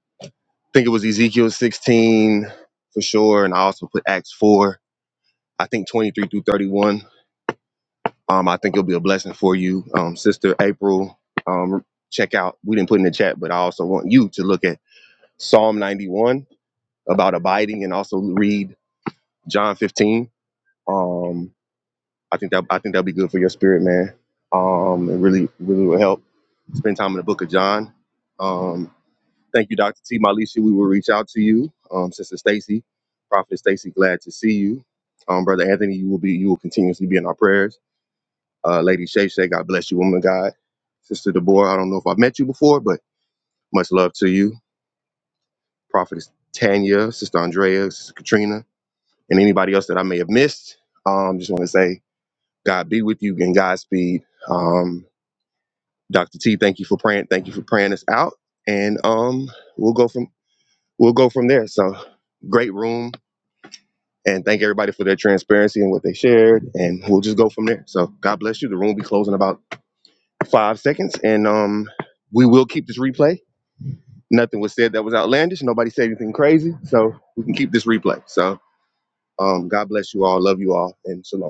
think it was Ezekiel 16 for sure. And I also put Acts 4, I think 23 through 31. Um, I think it'll be a blessing for you. Um, Sister April, um, check out, we didn't put in the chat, but I also want you to look at Psalm 91 about abiding and also read John 15. Um. I think that I think that'll be good for your spirit, man. Um, and really, really will help. Spend time in the Book of John. Um, thank you, Doctor T. Malisha. We will reach out to you, um, Sister Stacy, Prophet Stacy. Glad to see you, um, Brother Anthony. You will be you will continuously be in our prayers. Uh, Lady Shay Shay, God bless you, woman of God. Sister Deborah, I don't know if I've met you before, but much love to you, Prophetess Tanya, Sister Andrea, Sister Katrina, and anybody else that I may have missed. Um, just want to say, God be with you and Godspeed. Um, Dr. T, thank you for praying. Thank you for praying us out. And um we'll go from we'll go from there. So great room. And thank everybody for their transparency and what they shared. And we'll just go from there. So God bless you. The room will be closing in about five seconds. And um we will keep this replay. Nothing was said that was outlandish. Nobody said anything crazy. So we can keep this replay. So um God bless you all. Love you all and shalom.